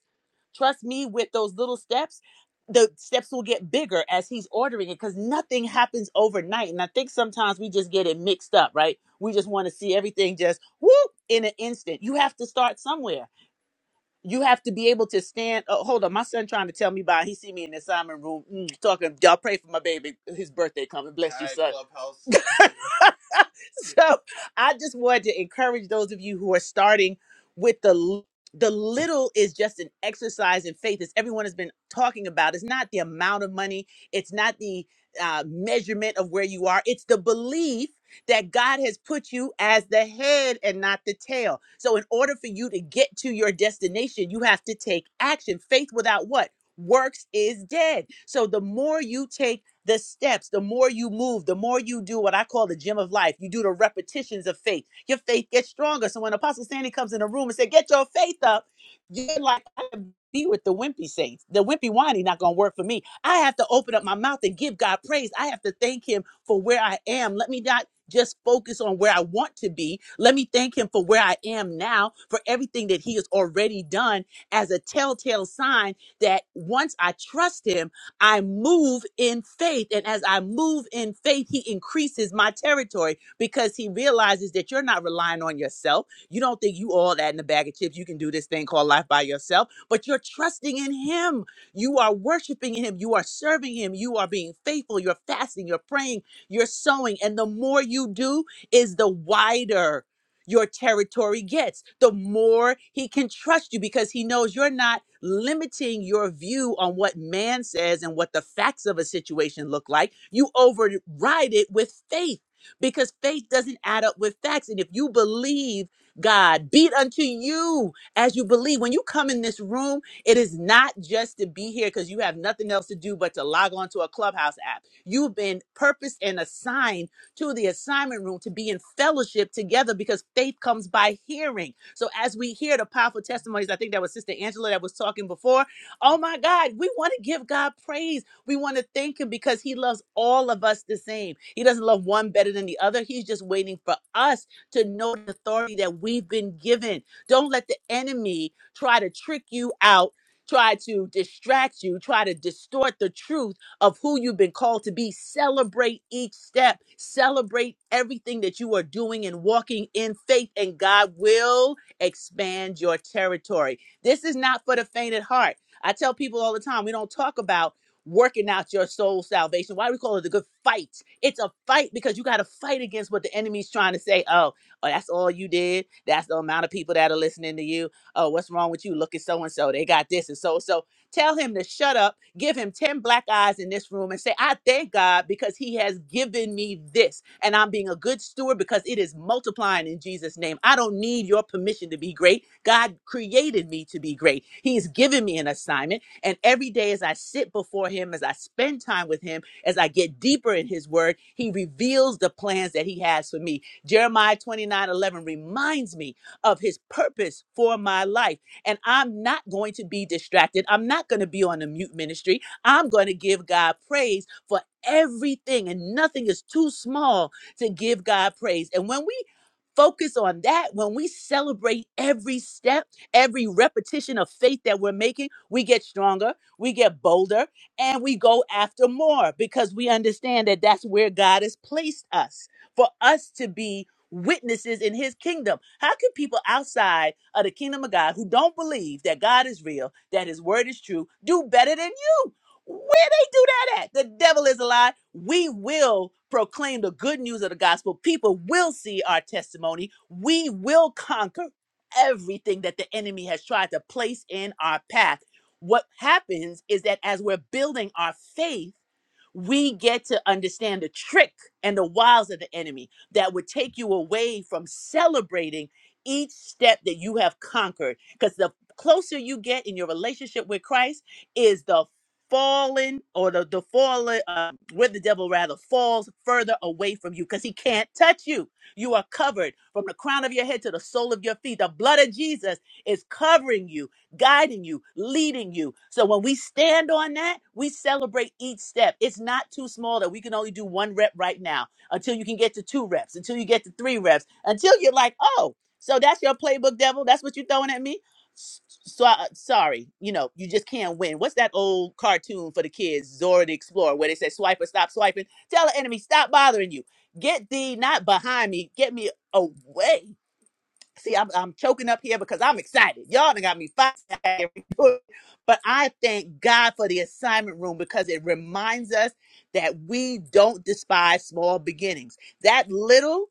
Speaker 13: trust me with those little steps? The steps will get bigger as he's ordering it because nothing happens overnight. And I think sometimes we just get it mixed up, right? We just want to see everything just whoop in an instant. You have to start somewhere you have to be able to stand. Oh, hold on, my son trying to tell me about. He see me in the assignment room mm, talking. Y'all pray for my baby. His birthday coming. Bless you, son. Clubhouse. so I just wanted to encourage those of you who are starting with the l- the little is just an exercise in faith, as everyone has been talking about. It's not the amount of money, it's not the uh, measurement of where you are, it's the belief that God has put you as the head and not the tail. So, in order for you to get to your destination, you have to take action. Faith without what? Works is dead. So, the more you take the steps, the more you move, the more you do what I call the gym of life. You do the repetitions of faith. Your faith gets stronger. So when Apostle Sandy comes in the room and says, "Get your faith up," you're like, "I can be with the wimpy saints. The wimpy whiny not gonna work for me. I have to open up my mouth and give God praise. I have to thank Him for where I am. Let me not." Just focus on where I want to be. Let me thank him for where I am now, for everything that he has already done as a telltale sign that once I trust him, I move in faith. And as I move in faith, he increases my territory because he realizes that you're not relying on yourself. You don't think you all that in a bag of chips. You can do this thing called life by yourself, but you're trusting in him. You are worshiping him. You are serving him. You are being faithful. You're fasting. You're praying. You're sowing. And the more you do is the wider your territory gets, the more he can trust you because he knows you're not limiting your view on what man says and what the facts of a situation look like. You override it with faith because faith doesn't add up with facts. And if you believe God, be it unto you as you believe. When you come in this room, it is not just to be here because you have nothing else to do but to log on to a clubhouse app. You've been purposed and assigned to the assignment room to be in fellowship together because faith comes by hearing. So as we hear the powerful testimonies, I think that was Sister Angela that was talking before. Oh my God, we want to give God praise. We want to thank Him because He loves all of us the same. He doesn't love one better than the other. He's just waiting for us to know the authority that we've been given. Don't let the enemy try to trick you out. Try to distract you, try to distort the truth of who you've been called to be. Celebrate each step, celebrate everything that you are doing and walking in faith, and God will expand your territory. This is not for the faint at heart. I tell people all the time, we don't talk about working out your soul salvation. Why do we call it a good fight? It's a fight because you got to fight against what the enemy's trying to say. Oh, oh, that's all you did. That's the amount of people that are listening to you. Oh, what's wrong with you? Look at so and so. They got this and so so. Tell him to shut up Give him 10 black eyes in this room and say, I thank God because he has given me this. And I'm being a good steward because it is multiplying in Jesus' name. I don't need your permission to be great. God created me to be great. He's given me an assignment. And every day as I sit before him, as I spend time with him, as I get deeper in his word, he reveals the plans that he has for me. Jeremiah 29:11 reminds me of his purpose for my life and I'm not going to be distracted. I'm not going to be on a mute ministry. I'm going to give God praise for everything, and nothing is too small to give God praise. And when we focus on that, when we celebrate every step, every repetition of faith that we're making, we get stronger, we get bolder, and we go after more because we understand that that's where God has placed us for us to be witnesses in his kingdom. How can people outside of the kingdom of God who don't believe that God is real, that his word is true, do better than you? Where they do that at? The devil is a lie. We will proclaim the good news of the gospel. People will see our testimony. We will conquer everything that the enemy has tried to place in our path. What happens is that as we're building our faith, we get to understand the trick and the wiles of the enemy that would take you away from celebrating each step that you have conquered. Because the closer you get in your relationship with Christ is the fallen or the, the fallen, uh, where the devil rather falls further away from you because he can't touch you. You are covered from the crown of your head to the sole of your feet. The blood of Jesus is covering you, guiding you, leading you. So when we stand on that, we celebrate each step. It's not too small that we can only do one rep right now until you can get to two reps, until you get to three reps, until you're like, oh, so that's your playbook, devil. That's what you're throwing at me. S- So uh, sorry, you know, you just can't win. What's that old cartoon for the kids, Zora the Explorer, where they say, "Swiper, stop swiping. Tell the enemy, stop bothering you. Get thee not behind me. Get me away. See, I'm, I'm choking up here because I'm excited. Y'all done got me fired. But I thank God for the assignment room because it reminds us that we don't despise small beginnings. That little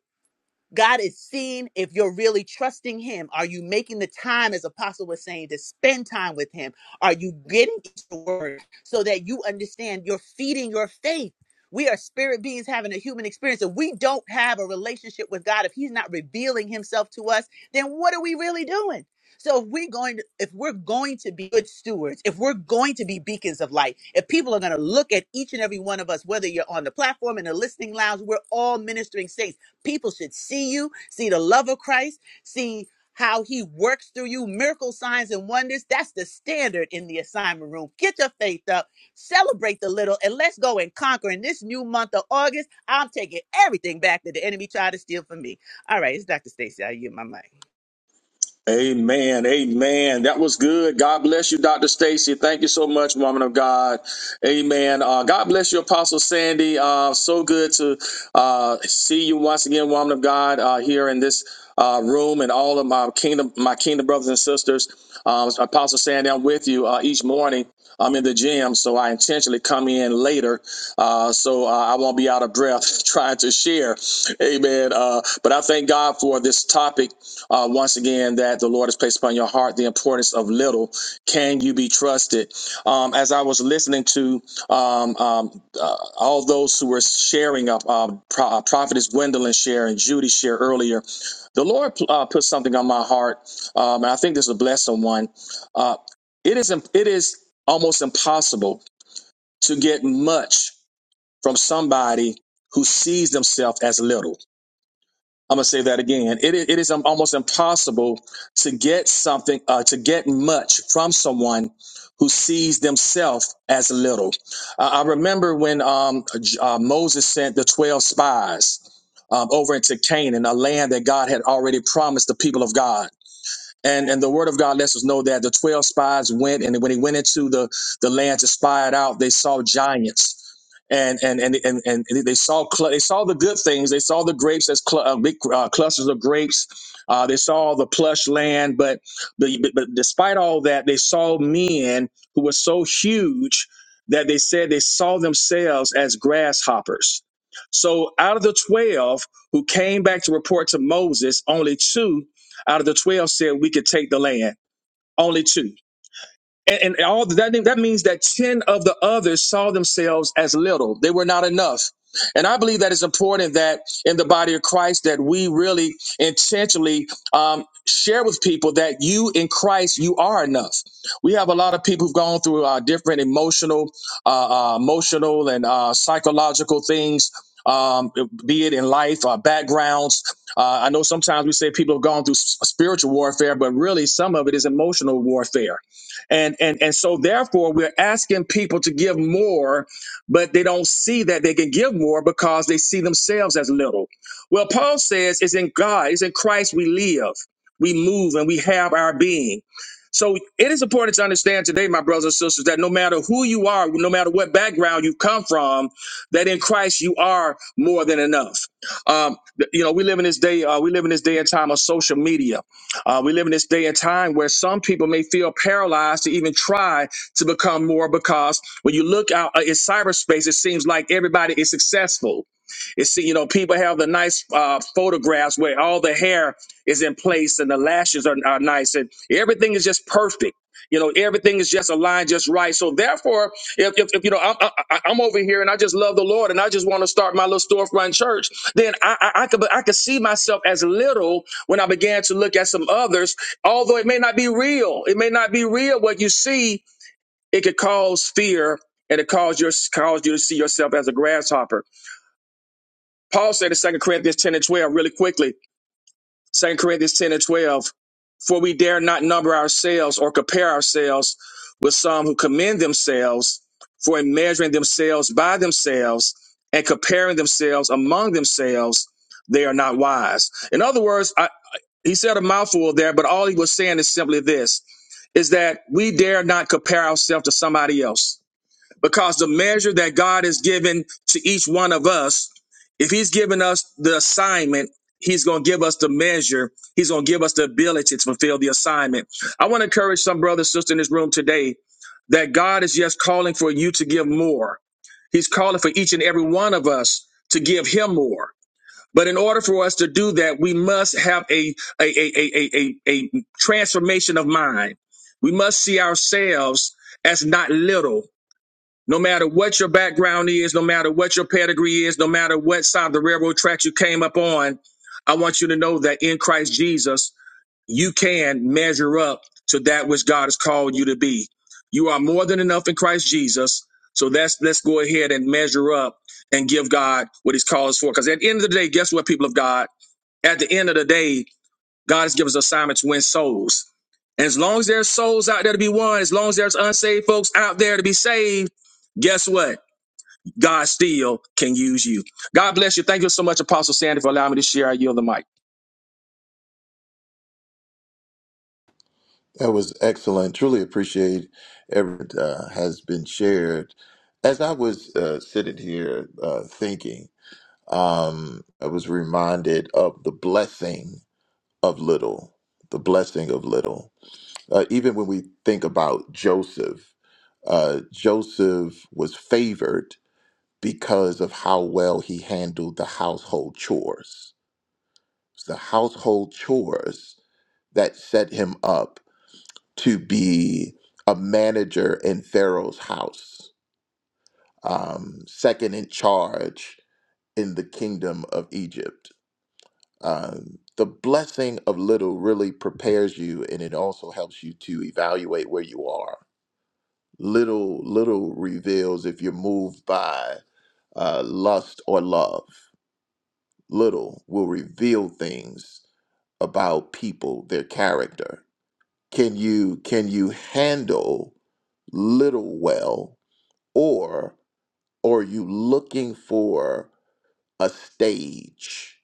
Speaker 13: God is seeing if you're really trusting Him. Are you making the time, as Apostle was saying, to spend time with Him? Are you getting into the Word so that you understand you're feeding your faith? We are spirit beings having a human experience. If we don't have a relationship with God, if He's not revealing Himself to us, then what are we really doing? So if we're going to, if we're going to be good stewards, if we're going to be beacons of light, if people are going to look at each and every one of us, whether you're on the platform in the listening lounge, we're all ministering saints People should see you, see the love of Christ, see how he works through you, miracle signs and wonders. That's the standard in the assignment room. Get your faith up, celebrate the little, and let's go and conquer. In this new month of August, I'm taking everything back that the enemy tried to steal from me. All right, it's Dr. Stacy. I yield my mic.
Speaker 8: Amen. Amen. That was good. God bless you, Dr. Stacy. Thank you so much, woman of God. Amen. Uh, God bless you, Apostle Sandy. Uh, so good to uh, see you once again, woman of God, uh, here in this uh, room and all of my kingdom, my kingdom brothers and sisters. Um, Apostle Sandy, I'm with you uh, each morning. I'm in the gym, so I intentionally come in later, uh, so uh, I won't be out of breath trying to share. Amen. Uh, but I thank God for this topic uh, once again that the Lord has placed upon your heart the importance of little. Can you be trusted? Um, as I was listening to um, um, uh, all those who were sharing, uh, uh, Pro- uh, Prophetess Gwendolyn share and Judy share earlier, the Lord uh, put something on my heart, um, and I think this is a blessing one. Uh, it is im- it is almost impossible to get much from somebody who sees themselves as little I'm gonna say that again. It, i- it is um, almost impossible to get something, uh, to get much from someone who sees themselves as little. Uh, I remember when um, J- uh, Moses sent the twelve spies um, over into Canaan, a land that God had already promised the people of God and and the word of God lets us know that the twelve spies went, and when they went into the the land to spy it out, they saw giants. And and and and, and they saw cl- they saw the good things. They saw the grapes as cl- uh, big uh, clusters of grapes. Uh, they saw the plush land, but, but but but despite all that, they saw men who were so huge that they said they saw themselves as grasshoppers. So out of the twelve who came back to report to Moses, only two out of the 12 said we could take the land, only two. And, and all that that means that 10 of the others saw themselves as little. They were not enough. And I believe that it's important that in the body of Christ that we really intentionally um, share with people that you in Christ you are enough. We have a lot of people who've gone through uh, different emotional, uh, uh, emotional and uh, psychological things, um, be it in life, uh, backgrounds. Uh, I know sometimes we say people have gone through s- spiritual warfare, but really some of it is emotional warfare and and and so therefore we're asking people to give more but they don't see that they can give more because they see themselves as little well paul says it's in god it's in christ we live we move and we have our being so it is important to understand today my brothers and sisters that no matter who you are no matter what background you come from that in christ you are more than enough um, th- you know we live in this day uh, we live in this day and time of social media uh, we live in this day and time where some people may feel paralyzed to even try to become more because when you look out uh, in cyberspace, it seems like everybody is successful. It's see, you know, people have the nice uh, photographs where all the hair is in place and the lashes are, are nice and everything is just perfect. You know, everything is just aligned just right. So therefore, if, if, if you know, I'm, I, I- I'm over here and I just love the Lord and I just want to start my little storefront church, then I, I, I could I could see myself as little when I began to look at some others, although it may not be real, it may not be real what you see, it could cause fear and it cause your cause you to see yourself as a grasshopper. Paul said in Second Corinthians 10 and 12 really quickly. Second Corinthians 10 and 12. For we dare not number ourselves or compare ourselves with some who commend themselves, for in measuring themselves by themselves and comparing themselves among themselves, they are not wise. In other words, I, he said a mouthful there, but all he was saying is simply this is that we dare not compare ourselves to somebody else because the measure that God has given to each one of us, if He's given us the assignment, He's going to give us the measure. He's going to give us the ability to fulfill the assignment. I want to encourage some brother, sister in this room today that God is just calling for you to give more. He's calling for each and every one of us to give Him more. But in order for us to do that, we must have a a a a a, a a transformation of mind. We must see ourselves as not little. No matter what your background is, no matter what your pedigree is, no matter what side of the railroad tracks you came up on, I want you to know that in Christ Jesus, you can measure up to that which God has called you to be. You are more than enough in Christ Jesus. So that's let's go ahead and measure up and give God what He's called us for. Because at the end of the day, guess what, people of God? At the end of the day, God has given us assignment to win souls. And as long as there's souls out there to be won, as long as there's unsaved folks out there to be saved, guess what? God still can use you. God bless you. Thank you so much, Apostle Sandy, for allowing me to share. I yield the mic.
Speaker 17: That was excellent. Truly appreciate everything uh, has been shared. As I was uh, sitting here uh, thinking, um, I was reminded of the blessing of little, the blessing of little. Uh, even when we think about Joseph, uh, Joseph was favored because of how well he handled the household chores. It's the household chores that set him up to be a manager in Pharaoh's house, um, second in charge in the kingdom of Egypt. Um, the blessing of little really prepares you, and it also helps you to evaluate where you are. Little, little reveals if you're moved by uh, lust or love. Little will reveal things about people, their character. Can you can you handle little well or or are you looking for a stage?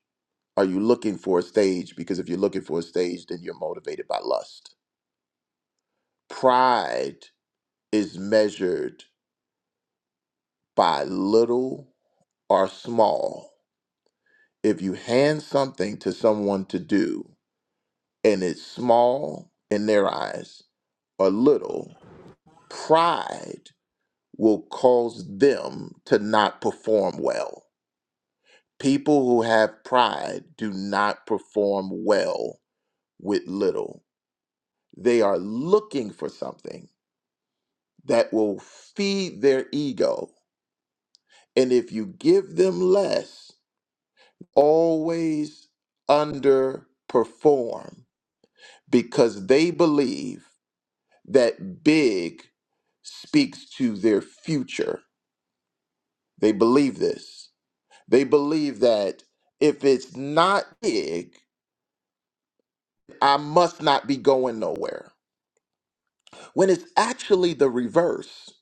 Speaker 17: Are you looking for a stage? Because if you're looking for a stage, then you're motivated by lust. Pride is measured by little or small. If you hand something to someone to do and it's small in their eyes or little, pride will cause them to not perform well People who have pride do not perform well with little. They are looking for something that will feed their ego. And if you give them less, always underperform because they believe that big speaks to their future. They believe this. They believe that if it's not big, I must not be going nowhere. when it's actually the reverse.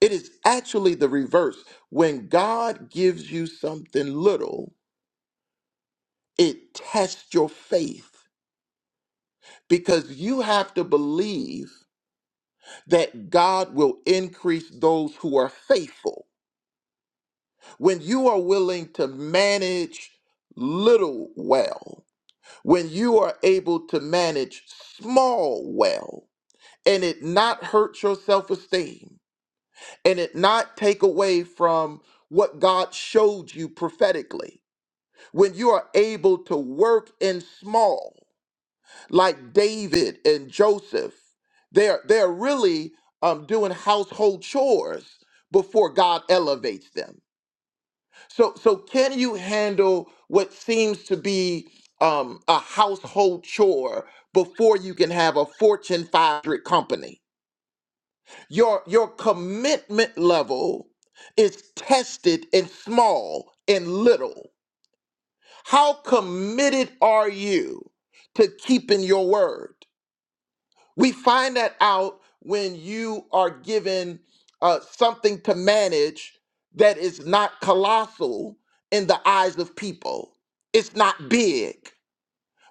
Speaker 17: It is actually the reverse. When God gives you something little, it tests your faith because you have to believe that God will increase those who are faithful. When you are willing to manage little well, when you are able to manage small well, and it not hurt your self esteem, and it not take away from what God showed you prophetically. When you are able to work in small, like David and Joseph, they're they're really um, doing household chores before God elevates them. So so can you handle what seems to be um, a household chore before you can have a Fortune 500 company? Your your commitment level is tested in small and little. How committed are you to keeping your word? We find that out when you are given uh, something to manage that is not colossal in the eyes of people. It's not big,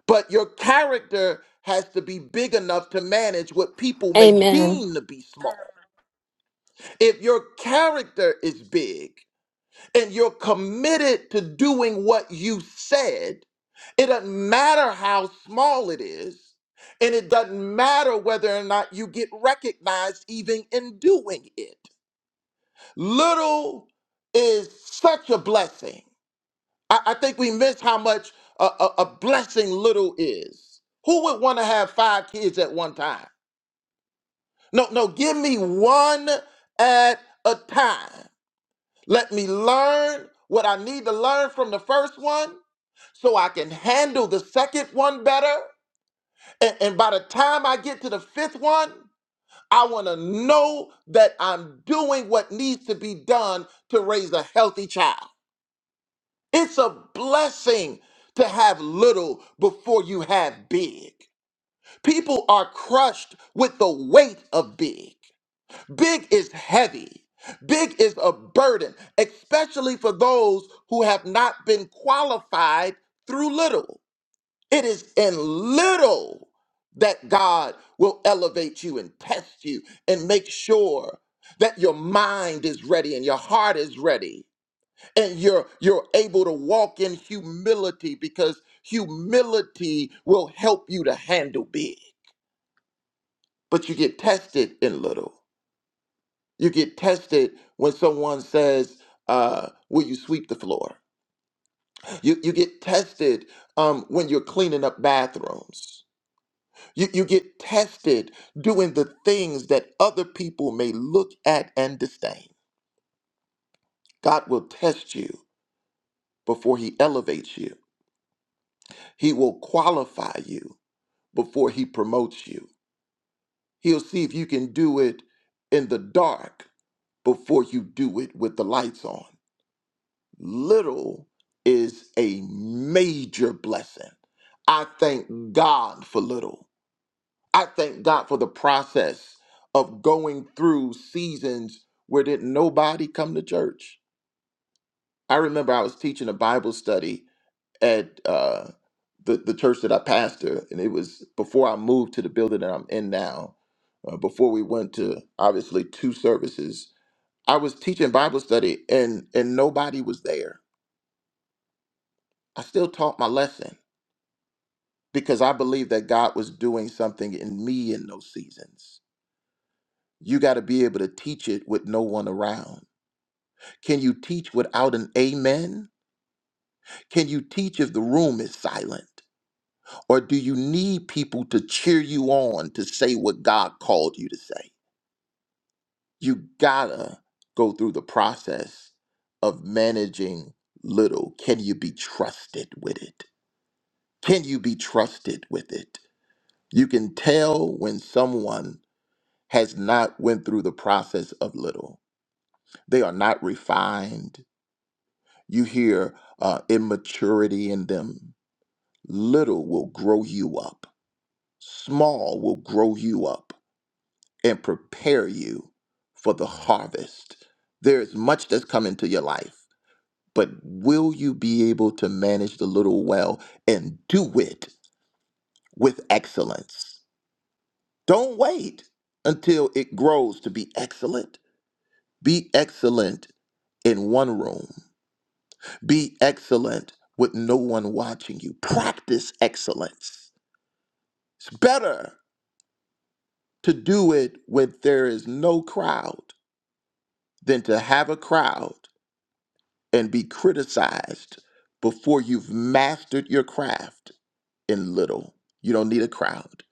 Speaker 17: but your character has to be big enough to manage what people may
Speaker 3: Amen.
Speaker 17: deem to be small. If your character is big and you're committed to doing what you said, it doesn't matter how small it is, and it doesn't matter whether or not you get recognized even in doing it. Little is such a blessing. I, I think we miss how much a, a, a blessing little is. Who would want to have five kids at one time? No, no, give me one at a time. Let me learn what I need to learn from the first one so I can handle the second one better. And, and by the time I get to the fifth one, I want to know that I'm doing what needs to be done to raise a healthy child. It's a blessing to have little before you have big. People are crushed with the weight of big. Big is heavy. Big is a burden, especially for those who have not been qualified through little. It is in little that God will elevate you and test you and make sure that your mind is ready and your heart is ready and you're you're able to walk in humility because humility will help you to handle big but you get tested in little You get tested when someone says, uh, Will you sweep the floor? You, you get tested um, when you're cleaning up bathrooms. You, you get tested doing the things that other people may look at and disdain. God will test you before He elevates you, He will qualify you before He promotes you. He'll see if you can do it in the dark before you do it with the lights on. little is a major blessing. I thank God for little. I thank God for the process of going through seasons where did nobody come to church. I remember I was teaching a Bible study at uh, the the church that I pastor, and it was before I moved to the building that I'm in now. Uh, before we went to obviously two services, I was teaching Bible study, and and nobody was there. I still taught my lesson because I believe that God was doing something in me in those seasons. You got to be able to teach it with no one around. Can you teach without an amen? Can you teach if the room is silent? Or do you need people to cheer you on to say what God called you to say? You gotta go through the process of managing little. Can you be trusted with it? Can you be trusted with it? You can tell when someone has not went through the process of little. They are not refined. You hear uh, immaturity in them. Little will grow you up. Small will grow you up and prepare you for the harvest. There is much that's come into your life, but will you be able to manage the little well and do it with excellence? Don't wait until it grows to be excellent. Be excellent in one room Be excellent with no one watching you. Practice excellence. It's better to do it when there is no crowd than to have a crowd and be criticized before you've mastered your craft in little. You don't need a crowd.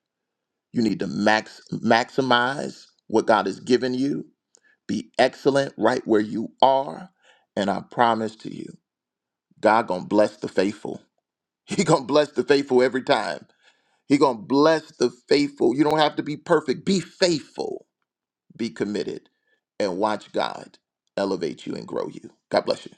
Speaker 17: You need to max maximize what God has given you. Be excellent right where you are, and I promise to you, God going to bless the faithful. He going to bless the faithful every time He gonna bless the faithful. You don't have to be perfect. Be faithful. Be committed, and watch God elevate you and grow you. God bless you.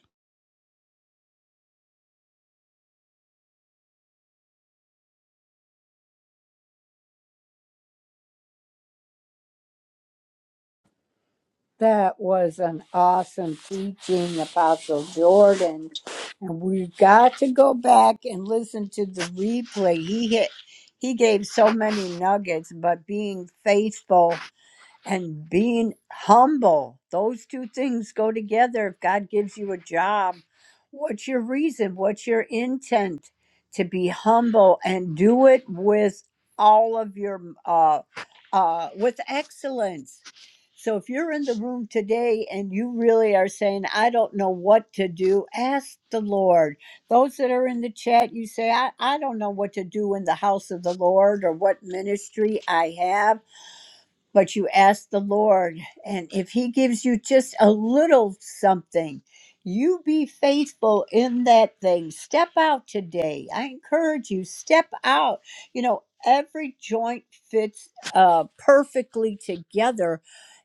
Speaker 2: That was an awesome teaching, Apostle Jordan. And we've got to go back and listen to the replay. He hit, he gave so many nuggets, but being faithful and being humble those two things go together if god gives you a job what's your reason what's your intent to be humble and do it with all of your uh uh with excellence so if you're in the room today and you really are saying i don't know what to do ask the lord those that are in the chat you say i, I don't know what to do in the house of the lord or what ministry i have but you ask the Lord, and if He gives you just a little something, you be faithful in that thing. Step out today. I encourage you, step out. You know, every joint fits uh, perfectly together,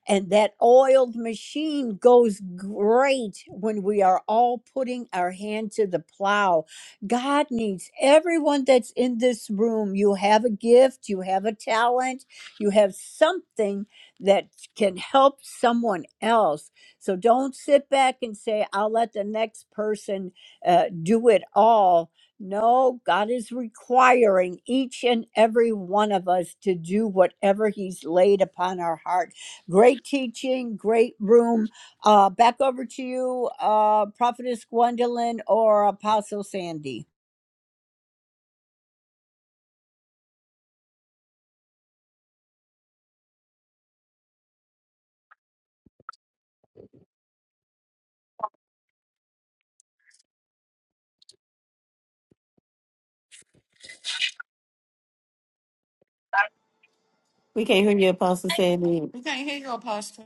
Speaker 2: and that oiled machine goes great when we are all putting our hand to the plow. God needs everyone that's in this room. You have a gift, you have a talent you have something that can help someone else. So don't sit back and say, I'll let the next person uh, do it all. No, God is requiring each and every one of us to do whatever He's laid upon our heart. Great teaching, great room. Uh, back over to you, uh, Prophetess Gwendolyn or Apostle Sandy.
Speaker 4: We can't hear you, Apostle Sandy.
Speaker 16: We can't hear you, apostle.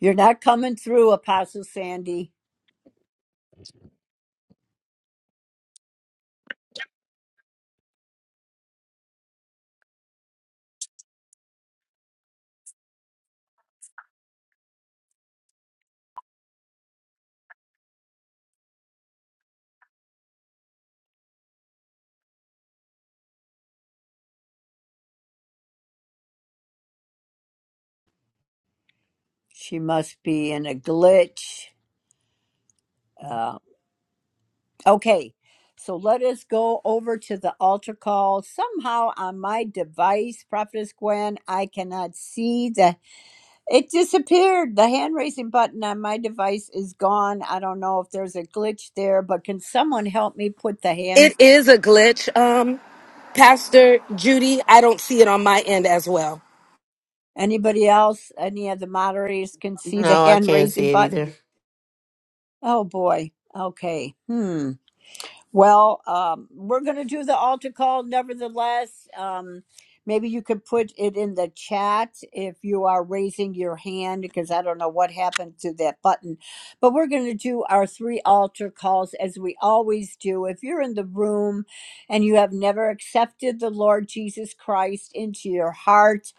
Speaker 2: You're not coming through, Apostle Sandy. She must be in a glitch. Uh, okay, so let us go over to the altar call. Somehow on my device, Prophetess Gwen, I cannot see the. It disappeared. The hand raising button on my device is gone. I don't know if there's a glitch there, but can someone help me put the
Speaker 3: It
Speaker 2: hand?
Speaker 3: is a glitch. Um, Pastor Judy, I don't see it on my end as well.
Speaker 2: Anybody else? Any of the moderators can see the
Speaker 4: No, I
Speaker 2: hand
Speaker 4: can't
Speaker 2: raising
Speaker 4: see it
Speaker 2: button?
Speaker 4: either.
Speaker 2: Oh boy. Okay. Hmm. Well, um, we're going to do the altar call nevertheless. Um, maybe you could put it in the chat if you are raising your hand, because I don't know what happened to that button. But we're going to do our three altar calls as we always do. If you're in the room and you have never accepted the Lord Jesus Christ into your heart,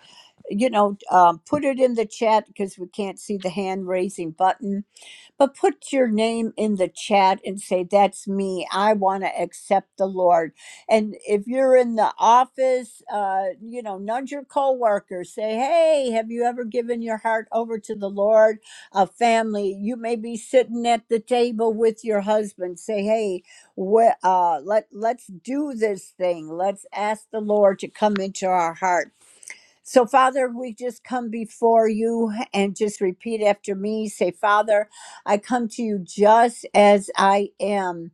Speaker 2: you know, um, put it in the chat because we can't see the hand raising button but put your name in the chat and say, That's me. I want to accept the Lord. And if you're in the office, uh, you know, nudge your coworkers. Say, Hey, have you ever given your heart over to the Lord? A family, you may be sitting at the table with your husband. Say, Hey, wh- uh, let, let's do this thing. Let's ask the Lord to come into our heart so, Father, we just come before you and just repeat after me. Say, Father, I come to you just as I am.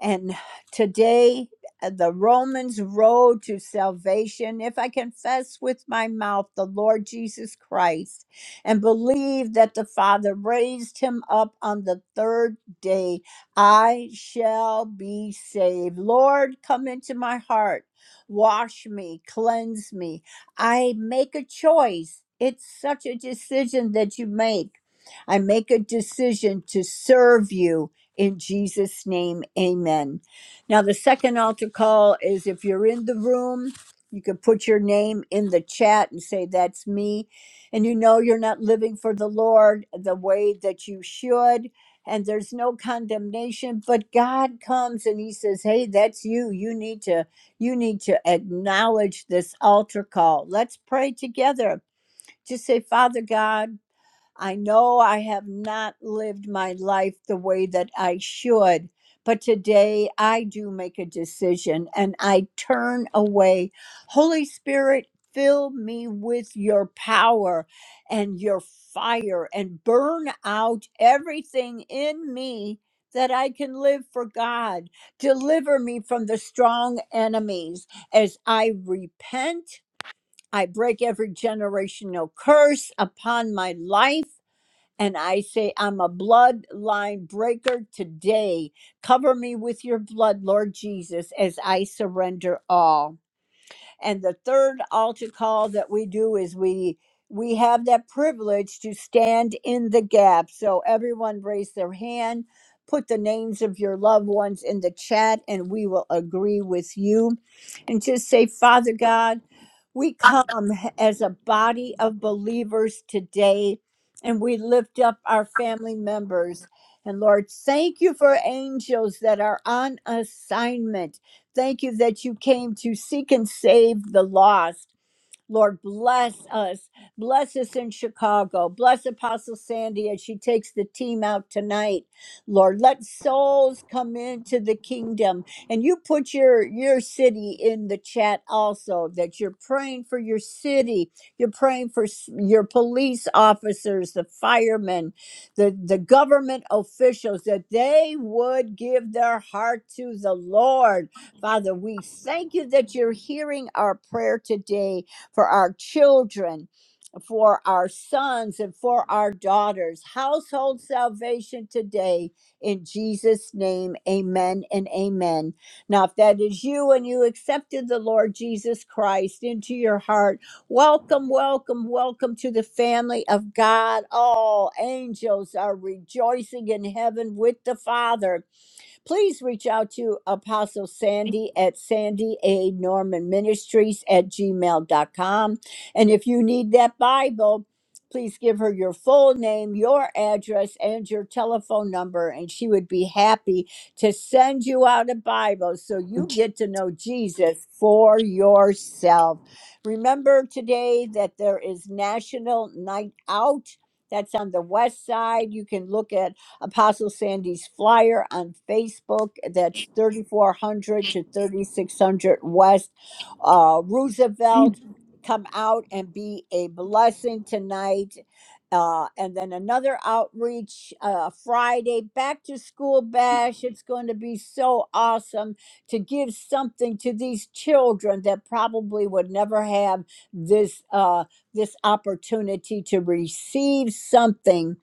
Speaker 2: And today, uh, the Romans road to salvation. If I confess with my mouth the Lord Jesus Christ and believe that the Father raised him up on the third day, I shall be saved. Lord, come into my heart, wash me, cleanse me. I make a choice. It's such a decision that you make. I make a decision to serve you in Jesus' name, amen. Now, the second altar call is if you're in the room, you can put your name in the chat and say, That's me. And you know you're not living for the Lord the way that you should. And there's no condemnation, but God comes and He says, Hey, that's you. You need to. You need to acknowledge this altar call. Let's pray together. Just say, Father God, I know I have not lived my life the way that I should, but today I do make a decision and I turn away. Holy Spirit, fill me with your power and your fire and burn out everything in me that I can live for God. Deliver me from the strong enemies as I repent. I break every generational curse upon my life. And I say, I'm a bloodline breaker today. Cover me with your blood, Lord Jesus, as I surrender all. And the third altar call that we do is we we have that privilege to stand in the gap. So everyone raise their hand, put the names of your loved ones in the chat and we will agree with you. And just say, "Father God, we come as a body of believers today and we lift up our family members. And Lord, thank you for angels that are on assignment Thank you that you came to seek and save the lost. Lord, bless us. Bless us in Chicago. Bless Apostle Sandy as she takes the team out tonight. Lord, let souls come into the kingdom. And you put your, your city in the chat also, that you're praying for your city. You're praying for s- your police officers, the firemen, the, the government officials, that they would give their heart to the Lord. Father, we thank you that you're hearing our prayer today for our children, for our sons, and for our daughters. Household salvation today in Jesus' name. Amen and amen. Now, if that is you and you accepted the Lord Jesus Christ into your heart, welcome, welcome, welcome to the family of God. All angels are rejoicing in heaven with the Father Please reach out to Apostle Sandy at Sandy A. Norman Ministries at gmail.com. And if you need that Bible, please give her your full name, your address, and your telephone number, and she would be happy to send you out a Bible so you get to know Jesus for yourself. Remember today that there is National Night Out. That's on the west side. You can look at Apostle Sandy's flyer on Facebook. That's 3400 to 3600 West uh, Roosevelt. Come out and be a blessing tonight. Uh, and then another outreach uh, Friday, back to school bash. It's going to be so awesome to give something to these children that probably would never have this uh, this opportunity to receive something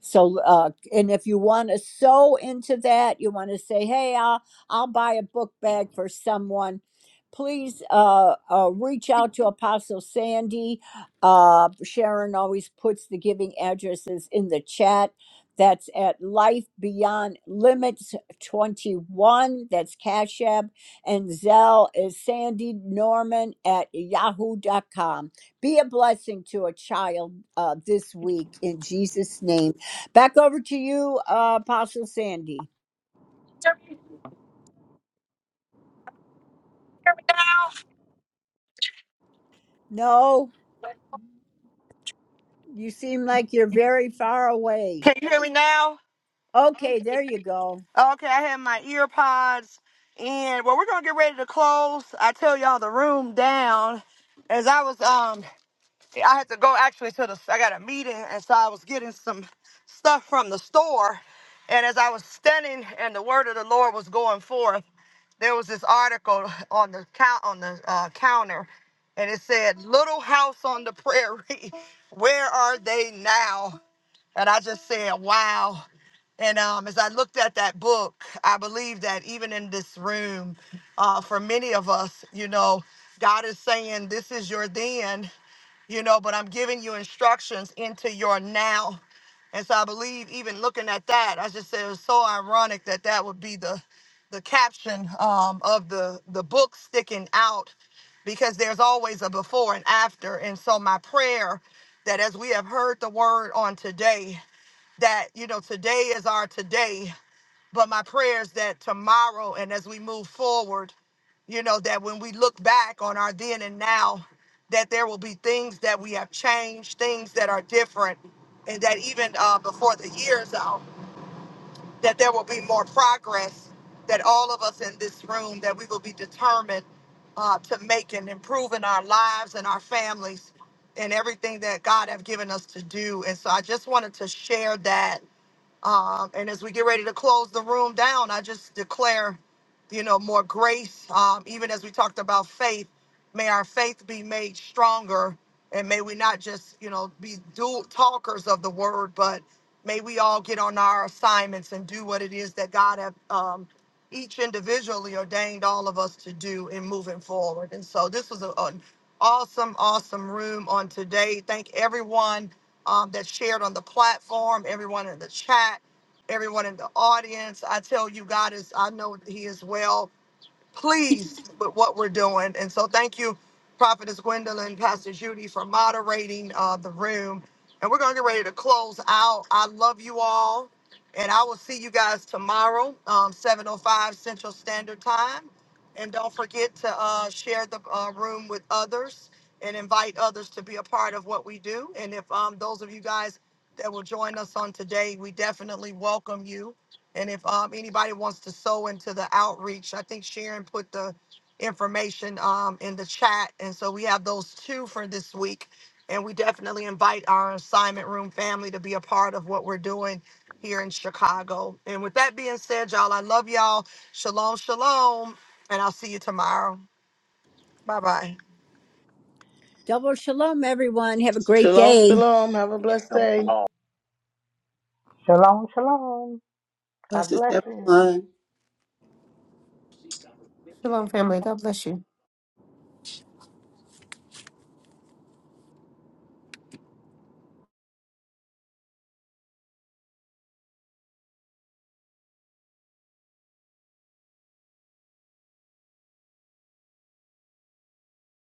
Speaker 2: so, uh, and if you want to sew into that, you want to say, "Hey, I'll I'll buy a book bag for someone." Please uh, uh, reach out to Apostle Sandy. Uh, Sharon always puts the giving addresses in the chat. That's at Life Beyond Limits 21. That's Cash App. And Zell is Sandy Norman at Yahoo dot com. Be a blessing to a child uh, this week in Jesus' name. Back over to you, uh, Apostle Sandy. No, you seem like you're very far away.
Speaker 1: Can you hear me now?
Speaker 2: Okay, there you go.
Speaker 1: Okay, I have my ear pods in. Well, we're gonna get ready to close. I tell y'all the room down. As I was um I had to go actually to the I got a meeting and so I was getting some stuff from the store. And as I was standing and the word of the Lord was going forth. there was this article on the count on the uh, counter, and it said "Little House on the Prairie, where are they now?" And I just said, wow. And um, as I looked at that book, I believe that even in this room, uh, for many of us, you know, God is saying, this is your then, you know, but I'm giving you instructions into your now. And so I believe even looking at that, I just said it was so ironic that that would be the the caption um, of the the book sticking out because there's always a before and after. And so my prayer that as we have heard the word on today, that, you know, today is our today. But my prayer is that tomorrow and as we move forward, you know, that when we look back on our then and now, that there will be things that we have changed, things that are different, and that even uh, before the year is out that there will be more progress, that all of us in this room, that we will be determined uh, to make and improve in our lives and our families and everything that God have given us to do. And so I just wanted to share that um, and as we get ready to close the room down, I just declare, you know, more grace. Um, even as we talked about faith, may our faith be made stronger, and may we not just, you know, be dual talkers of the word, but may we all get on our assignments and do what it is that God have um, each individually ordained all of us to do in moving forward. And so, this was a, an awesome, awesome room on today. Thank everyone um, that shared on the platform, everyone in the chat, everyone in the audience. I tell you, God is, I know He is well pleased with what we're doing. And so thank you, Prophetess Gwendolyn, Pastor Judy, for moderating uh, the room. And we're going to get ready to close out. I love you all. And I will see you guys tomorrow, um, 7.05 Central Standard Time. And don't forget to uh, share the uh, room with others and invite others to be a part of what we do. And if um, those of you guys that will join us on today, we definitely welcome you. And if um anybody wants to sew into the outreach, I think Sharon put the information um in the chat. And so we have those two for this week. And we definitely invite our assignment room family to be a part of what we're doing here in Chicago. And with that being said, y'all, I love y'all. Shalom, shalom. And I'll see you tomorrow. Bye bye.
Speaker 2: Double shalom, everyone. Have a great
Speaker 6: Shalom,
Speaker 2: day.
Speaker 6: shalom. Have a blessed day.
Speaker 18: Shalom, shalom. God
Speaker 5: Blessings,
Speaker 18: bless you.
Speaker 5: everyone.
Speaker 4: God bless you.